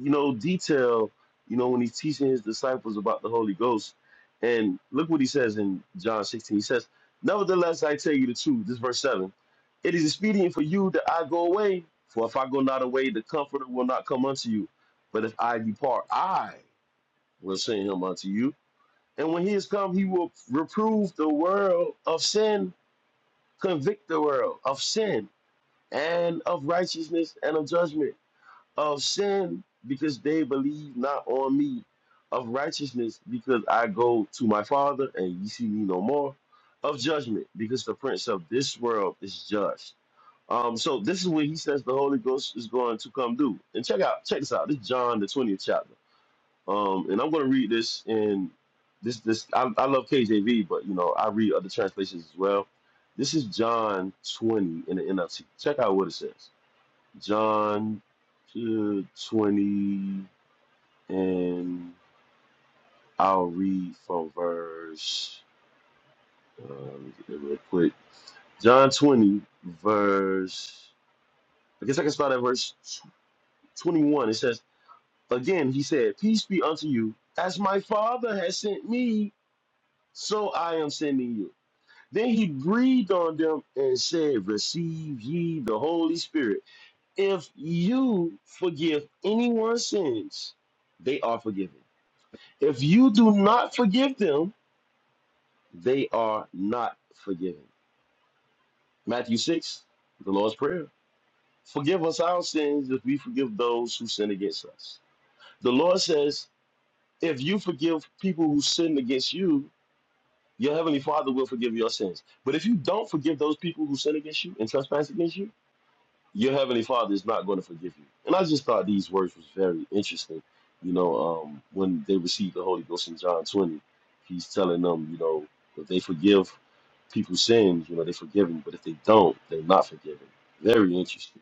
Speaker 6: you know, detail, you know, when he's teaching his disciples about the Holy Ghost. And look what he says in John 16. He says, Nevertheless, I tell you the truth, this verse 7. It is expedient for you that I go away, for if I go not away, the comforter will not come unto you. But if I depart, I will send him unto you. And when he is come, he will reprove the world of sin, convict the world of sin and of righteousness and of judgment, of sin, because they believe not on me, of righteousness, because I go to my Father and ye see me no more, of judgment, because the prince of this world is judged. Um, so this is what he says the Holy Ghost is going to come do. And check out, check this out. This is John the twentieth chapter. Um, and I'm going to read this in this this. I, I love KJV, but you know I read other translations as well. This is John 20 in the NLT. Check out what it says. John two twenty, and I'll read from verse. Uh, let me get there real quick. John 20, verse. I guess I can start at verse tw- 21. It says, Again, he said, Peace be unto you. As my Father has sent me, so I am sending you. Then he breathed on them and said, Receive ye the Holy Spirit. If you forgive anyone's sins, they are forgiven If you do not forgive them, they are not forgiven. Matthew 6, the Lord's Prayer. Forgive us our sins if we forgive those who sin against us. The Lord says, if you forgive people who sin against you, your heavenly Father will forgive your sins. But if you don't forgive those people who sin against you and trespass against you, your heavenly father is not going to forgive you. And I just thought these words was very interesting. You know, um, when they received the Holy Ghost in John 20, he's telling them, you know, if they forgive people's sins, you know, they're forgiven, but if they don't, they're not forgiven. Very interesting.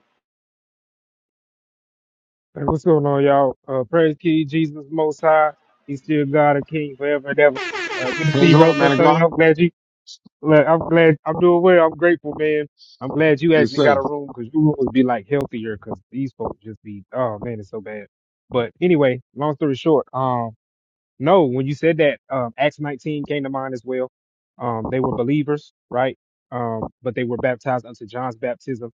Speaker 8: Hey, what's going on, y'all? Uh praise King Jesus most high. He's still God and King forever and ever. Uh good to see
Speaker 1: Praise
Speaker 8: you,
Speaker 1: the
Speaker 8: bro.
Speaker 1: Lord,
Speaker 8: So
Speaker 1: man of
Speaker 8: Tony,
Speaker 1: God.
Speaker 8: I'm glad you look, I'm glad I'm doing well. I'm grateful, man. I'm glad you
Speaker 1: Yes,
Speaker 8: actually got
Speaker 1: sir.
Speaker 8: a room because your room would be like healthier because these folks just be oh man, it's so bad. But anyway, long story short, um. No, when you said that, um, Acts 19 came to mind as well. Um, they were believers, right? Um, but they were baptized unto John's baptism.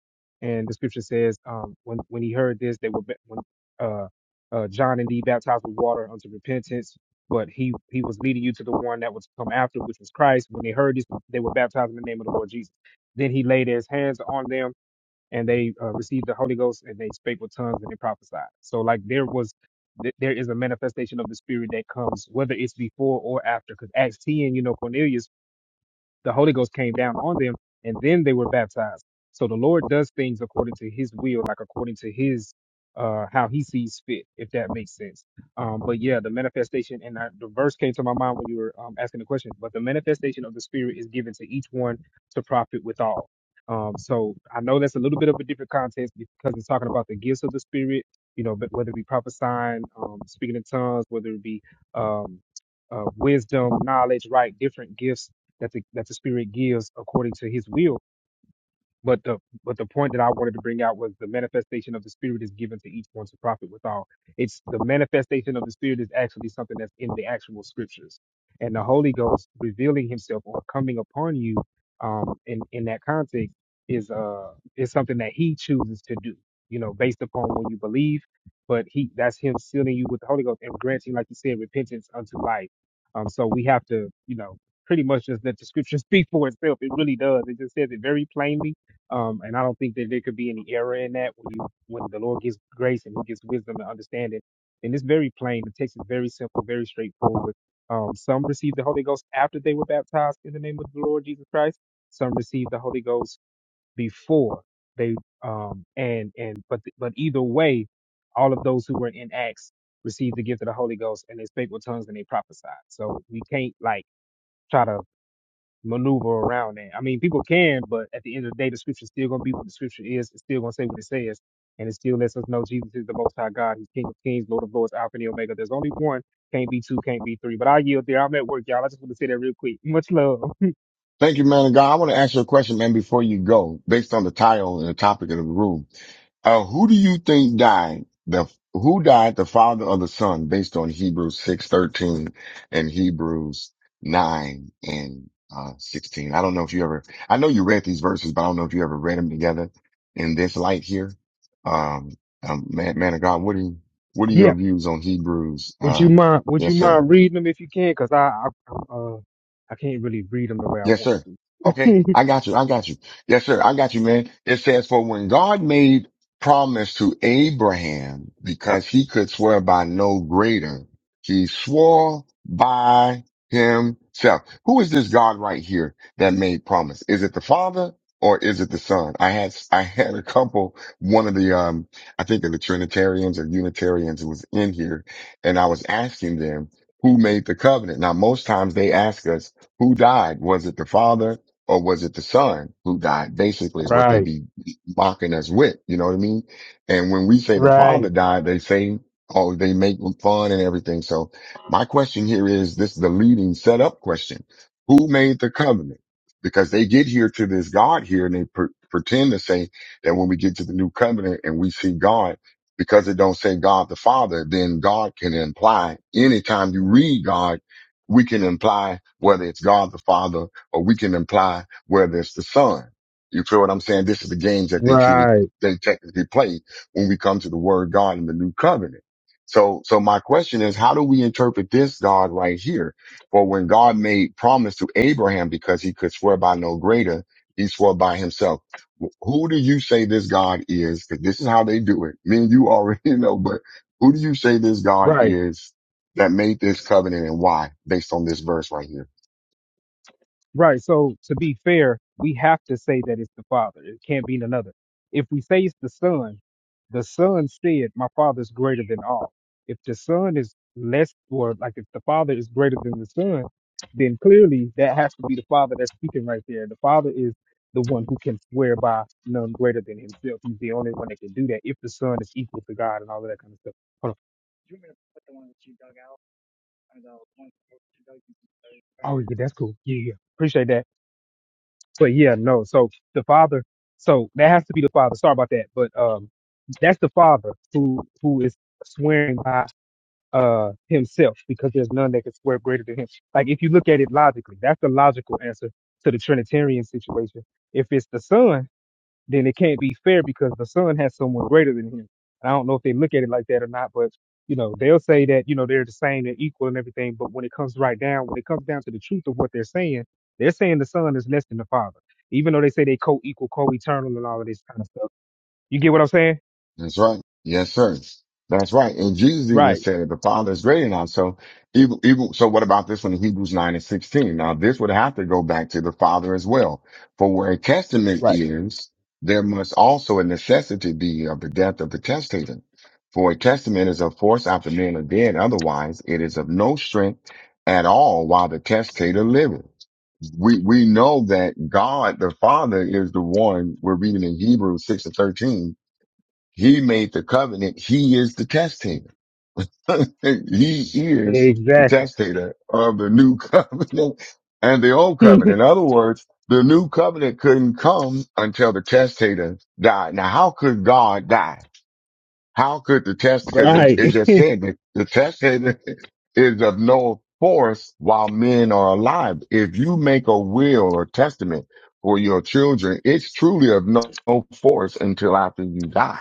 Speaker 8: And the scripture says, um, when, when he heard this, they were, ba- when, uh, uh, John indeed baptized with water unto repentance, but he, he was leading you to the one that was to come after, which was Christ. When they heard this, they were baptized in the name of the Lord Jesus. Then he laid his hands on them and they uh, received the Holy Ghost and they spake with tongues and they prophesied. So like there was th- there is a manifestation of the spirit that comes whether it's before or after because acts 10 you know cornelius the Holy Ghost came down on them and then they were baptized. So the Lord does things according to his will, like according to his uh how he sees fit, if that makes sense. Um but yeah, the manifestation and I, the verse came to my mind when you were um, asking the question, but the manifestation of the spirit is given to each one to profit withal. Um so I know that's a little bit of a different context because it's talking about the gifts of the spirit, you know, but whether it be prophesying, um speaking in tongues, whether it be um uh, wisdom, knowledge, right? Different gifts that the, that the Spirit gives according to His will but the but the point that I wanted to bring out was the manifestation of the spirit is given to each one to profit withal. It's the manifestation of the spirit is actually something that's in the actual scriptures, and the Holy Ghost revealing Himself or coming upon you, um, in in that context is uh is something that He chooses to do. You know, based upon when you believe, but He that's Him sealing you with the Holy Ghost and granting, like you said, repentance unto life. Um, so we have to, you know, pretty much just let the scripture speak for itself. It really does. It just says it very plainly um, and I don't think that there could be any error in that when you, when the Lord gives grace and He gives wisdom and understanding. And it's very plain. The text is very simple, very straightforward. Um, some received the Holy Ghost after they were baptized in the name of the Lord Jesus Christ. Some received the Holy Ghost before they um and and but but either way, all of those who were in Acts received the gift of the Holy Ghost and they spake with tongues and they prophesied. So we can't like try to maneuver around that. I mean, people can, but at the end of the day, the scripture is still going to be what the scripture is. It's still going to say what it says. And it still lets us know Jesus is the Most High God. He's King of Kings, Lord of Lords, Alpha and Omega. There's only one. Can't be two, can't be three. But I yield there. I'm at work, y'all. I just want to say that real quick. Much love.
Speaker 1: Thank you, man of God. I want to ask you a question, man, before you go, based on the title and the topic of the room. Uh, who do you think died? The who died? The father or the son? Based on Hebrews six thirteen and Hebrews nine and uh, sixteen. I don't know if you ever. I know you read these verses, but I don't know if you ever read them together in this light here. Um, um man, man of God, what do you, what are
Speaker 8: Yeah.
Speaker 1: your views on Hebrews?
Speaker 8: Would you
Speaker 1: Uh,
Speaker 8: mind? Would you
Speaker 1: yes, sir.
Speaker 8: mind reading them if you can? Cause I, I, I, uh, I can't really read them the way I
Speaker 1: Yes,
Speaker 8: want
Speaker 1: sir. Okay.
Speaker 8: to.
Speaker 1: I got you. I got you. Yes, sir. I got you, man. It says, for when God made promise to Abraham, because he could swear by no greater, he swore by himself. Who is this God right here that made promise? Is it the father or is it the son? I had, I had a couple, one of the, um, I think of the Trinitarians or Unitarians was in here and I was asking them, who made the covenant? Now, most times they ask us, who died? Was it the father or was it the son who died? Basically, is what they
Speaker 8: right.
Speaker 1: be mocking us with. You know what I mean? And when we say the
Speaker 8: Right.
Speaker 1: father died, they say, oh, they make fun and everything. So my question here is this is the leading setup question. Who made the covenant? Because they get here to this God here and they per- pretend to say that when we get to the new covenant and we see God, because it don't say God the Father, then God can imply anytime you read God we can imply whether it's God the Father or we can imply whether it's the Son. You feel what I'm saying? This is the games that they truly,
Speaker 8: Right.
Speaker 1: they technically play when we come to the word God in the new covenant. So, so my question is, how do we interpret this God right here? For when God made promise to Abraham because he could swear by no greater, he swore by himself. Wh- Who do you say this God is? Cause this is how they do it. Me and you already know, but who do you say this God
Speaker 8: Right.
Speaker 1: is? that made this covenant and why based on this verse right here.
Speaker 8: Right. So to be fair, we have to say that it's the Father. It can't be another. If we say it's the Son, the Son said, "My Father is greater than all." If the Son is less, or like if the Father is greater than the Son, then clearly that has to be the Father that's speaking right there. The Father is the one who can swear by none greater than Himself. He's the only one that can do that. If the Son is equal to God and all of that kind of stuff. Hold on. Oh yeah, that's cool. Yeah, yeah. yeah. Appreciate that. But yeah, no. So the father, so that has to be the father. Sorry about that, but um, that's the father who who is swearing by uh himself because there's none that can swear greater than him. Like if you look at it logically, that's the logical answer to the Trinitarian situation. If it's the son, then it can't be fair because the son has someone greater than him. And I don't know if they look at it like that or not, but you know, they'll say that, you know, they're the same and equal and everything, but when it comes right down, when it comes down to the truth of what they're saying, they're saying the son is less than the father. Even though they say they co equal, co eternal and all of this kind of stuff. You get what I'm saying?
Speaker 1: That's right. Yes, sir. That's right. And Jesus even
Speaker 8: Right,
Speaker 1: said that the Father is greater now. So even, even, so what about this one in Hebrews 9 and 16? Now this would have to go back to the Father as well. For where a testament
Speaker 8: right.
Speaker 1: is, there must also a necessity be of the death of the testator. For a testament is of force after men are dead. Otherwise it is of no strength at all while the testator liveth. we we know that God the Father is the one we're reading in Hebrews six and thirteen. He made the covenant. He is the testator. he is the
Speaker 8: Exactly.
Speaker 1: testator of the new covenant and the old covenant. In other words, the new covenant couldn't come until the testator died. Now, how could God die? How could the test, because it, it
Speaker 8: right.
Speaker 1: just said that the test said is of no force while men are alive. If you make a will or testament for your children, it's truly of no, no force until after you die.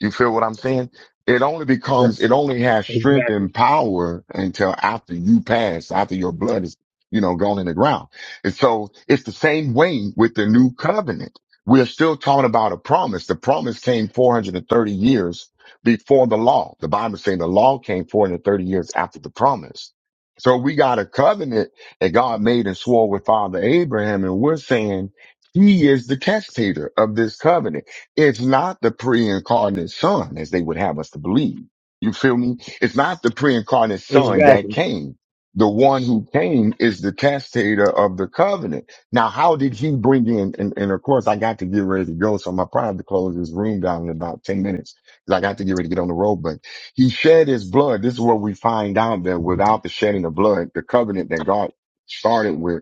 Speaker 1: You feel what I'm saying? It only
Speaker 8: Right.
Speaker 1: becomes, it only has strength and
Speaker 8: Exactly.
Speaker 1: power until after you pass, after your blood is, you know, gone in the ground. And so it's the same way with the new covenant. We are still talking about a promise. The promise came 430 years before the law. The Bible is saying the law came 430 years after the promise. So we got a covenant that God made and swore with Father Abraham. And we're saying he is the testator of this covenant. It's not the pre-incarnate son as they would have us to believe. You feel me? It's not the pre-incarnate son that
Speaker 8: Exactly.
Speaker 1: came. The one who came is the testator of the covenant. Now, how did he bring in? And, and of course, I got to get ready to go. So my probably have to close this room down in about 10 minutes because I got to get ready to get on the road. But he shed his blood. This is what we find out that without the shedding of blood, the covenant that God started with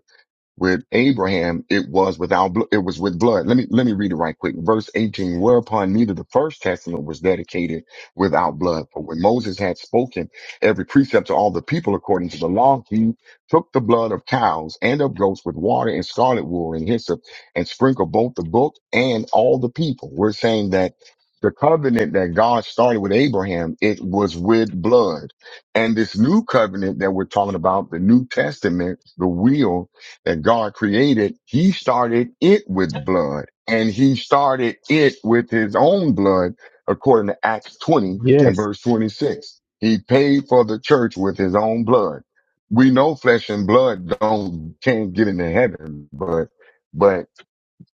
Speaker 1: with Abraham, it was without, bl- it was with blood. Let me, let me read it right quick. Verse 18, whereupon neither the first testament was dedicated without blood. For when Moses had spoken every precept to all the people according to the law, he took the blood of cows and of goats with water and scarlet wool and hyssop and sprinkled both the book and all the people. We're saying that the covenant that God started with Abraham, it was with blood. And this new covenant that we're talking about, the New Testament, the will that God created, he started it with blood and he started it with his own blood, according to Acts 20 and
Speaker 8: Yes.
Speaker 1: verse 26. He paid for the church with his own blood. We know flesh and blood don't, can't get into heaven, but, but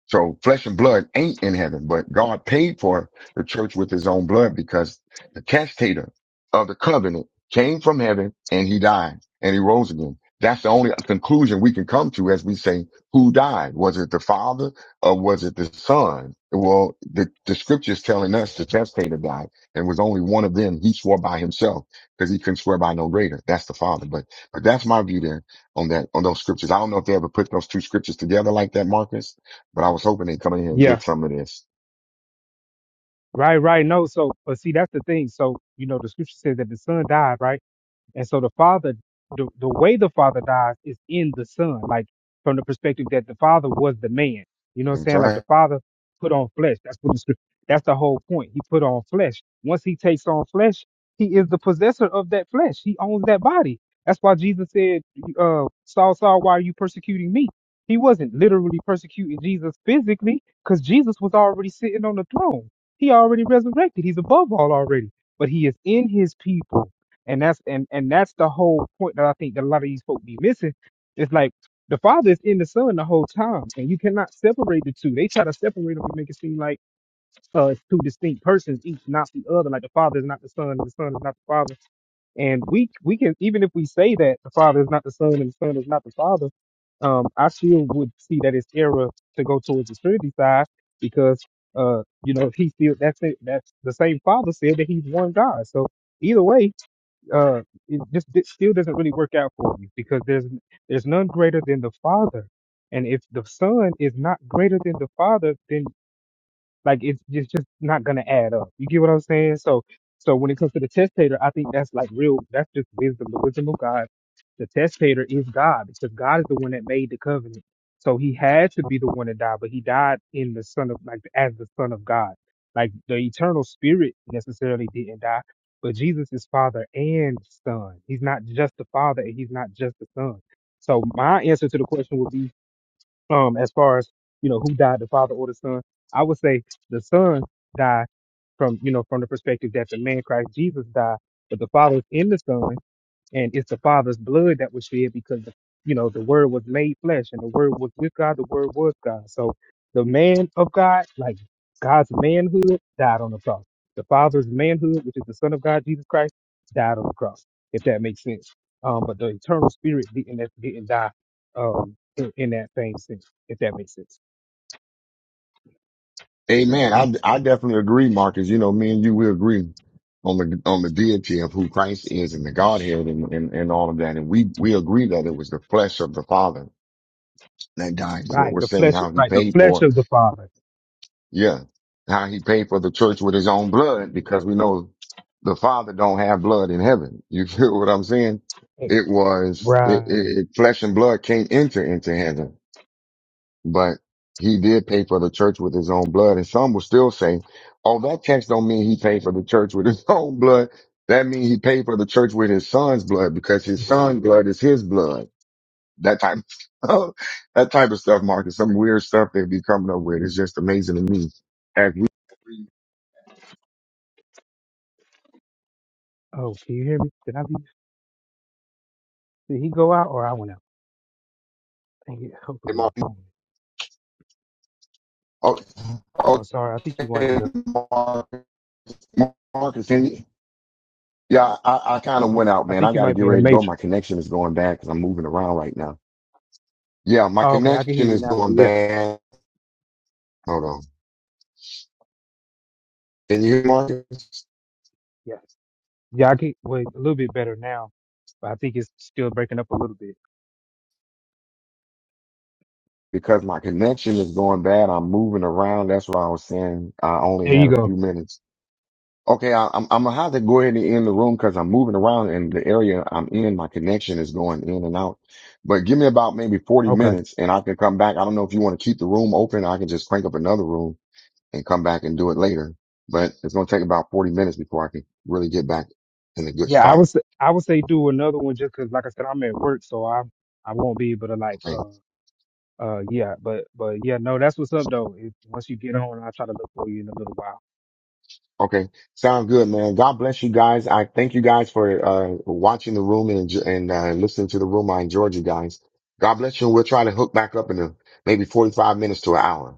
Speaker 1: so flesh and blood ain't in heaven, but God paid for the church with his own blood because the castator of the covenant came from heaven and he died and he rose again. That's the only conclusion we can come to as we say, who died? Was it the father or was it the son? Well, the, the scriptures telling us the testator died and was only one of them. He swore by himself because he couldn't swear by no greater. That's the father. But, but that's my view there on that, on those scriptures. I don't know if they ever put those two scriptures together like that, Marcus but I was hoping they'd come in here and
Speaker 8: Yeah.
Speaker 1: get some of this.
Speaker 8: Right, right. No, so but see that's the thing. So, you know, the scripture says that the son died, right? And so the father, the, the way the father dies is in the son, like from the perspective that the father was the man. You know what I'm
Speaker 1: That's
Speaker 8: saying? Like the
Speaker 1: right.
Speaker 8: father put on flesh. That's what the, scrip- that's the whole point. He put on flesh. Once he takes on flesh, he is the possessor of that flesh. He owns that body. That's why Jesus said, uh, Saul, Saul, why are you persecuting me? He wasn't literally persecuting Jesus physically because Jesus was already sitting on the throne. He already resurrected. He's above all already, but he is in his people and that's and and that's the whole point that I think that a lot of these folk be missing. It's like the father is in the son the whole time, and you cannot separate the two. They try to separate them and make it seem like uh it's two distinct persons, each not the other. Like the father is not the son, and the son is not the father. And we we can even if we say that the father is not the son and the son is not the father, um, I still would see that it's error to go towards the Trinity side because uh, you know, he still that's it, that's the same father said that he's one God. So either way uh, it just it still doesn't really work out for you because there's there's none greater than the Father, and if the Son is not greater than the Father, then like it's it's just not gonna add up. You get what I'm saying? So so when it comes to the testator, I think that's like real. That's just wisdom, the wisdom of God. The testator is God because God is the one that made the covenant. So he had to be the one to die, but he died in the son of like as the son of God. Like the eternal spirit necessarily didn't die, but Jesus is father and son. He's not just the father and he's not just the son. So my answer to the question would be um as far as you know who died the father or the son i would say the son died from you know from the perspective that the man christ jesus died but the father is in the son and it's the Father's blood that was shed because you know the Word was made flesh, and the Word was with God. The Word was God. So the man of God, like God's manhood, died on the cross. The Father's manhood, which is the Son of God, Jesus Christ, died on the cross. If that makes sense. Um, but the eternal Spirit didn't didn't die. Um, in, in that same sense, if that makes sense.
Speaker 1: Amen. I, I definitely agree, Marcus. You know, me and you, we agree on the, on the deity of who Christ is and the Godhead and, and, and all of that. And we, we agree that it was the flesh of the Father that died is what
Speaker 8: Right,
Speaker 1: we're
Speaker 8: the
Speaker 1: saying, and
Speaker 8: flesh,
Speaker 1: how he
Speaker 8: right, the
Speaker 1: paid
Speaker 8: flesh
Speaker 1: for,
Speaker 8: of the Father.
Speaker 1: yeah, how he paid for the church with his own blood because we know the Father don't have blood in heaven. You feel what I'm saying?
Speaker 8: Hey,
Speaker 1: It was, it,
Speaker 8: Right.
Speaker 1: it, it flesh and blood can't enter into heaven but he did pay for the church with his own blood. And some will still say, oh, that text don't mean he paid for the church with his own blood. That means he paid for the church with his son's blood because his son's blood is his blood. That type of stuff, that type of stuff, Marcus. Some weird stuff they be coming up with. It's just amazing to me. As we,
Speaker 8: Oh, can you hear me? Did I be? Did he go out or I went out? Dang it, hopefully my phone.
Speaker 1: oh,
Speaker 8: Oh, sorry. I think you went
Speaker 1: okay,
Speaker 8: into.
Speaker 1: Marcus, Marcus, and- yeah, I, I kind of went out,
Speaker 8: I
Speaker 1: man. I
Speaker 8: think you
Speaker 1: got to
Speaker 8: might
Speaker 1: get
Speaker 8: be in the
Speaker 1: ready to go. My
Speaker 8: matrix.
Speaker 1: connection is going bad because I'm moving around right now. Yeah, my
Speaker 8: Oh, okay, I can hear
Speaker 1: connection
Speaker 8: you
Speaker 1: is
Speaker 8: now. Though.
Speaker 1: going
Speaker 8: Yeah,
Speaker 1: bad. Hold on. Can you hear Marcus?
Speaker 8: yeah, yeah. I can wait a little bit better now, but I think it's still breaking up a little bit.
Speaker 1: Because my connection is going bad. I'm moving around. That's why I was saying I only
Speaker 8: There
Speaker 1: had
Speaker 8: you
Speaker 1: a
Speaker 8: go.
Speaker 1: few minutes. Okay, I, I'm, I'm gonna have to go ahead and end the room because I'm moving around and the area I'm in, my connection is going in and out. But give me about maybe 40
Speaker 8: Okay.
Speaker 1: minutes and I can come back. I don't know if you want to keep the room open. I can just crank up another room and come back and do it later. But it's gonna take about 40 minutes before I can really get back in a good
Speaker 8: Yeah, I
Speaker 1: spot.
Speaker 8: was. I would say do another one just because, like I said, I'm at work, so I I won't be able to like.
Speaker 1: Okay.
Speaker 8: Uh, uh, yeah, but but yeah, no, that's what's up though. If, once you get on, I'll try to look for you in a little while.
Speaker 1: Okay, sounds good, man. God bless you guys. I thank you guys for uh watching the room and enj- and uh, listening to the room. I enjoyed you guys. God bless you, and we'll try to hook back up in a, maybe forty five minutes to an hour.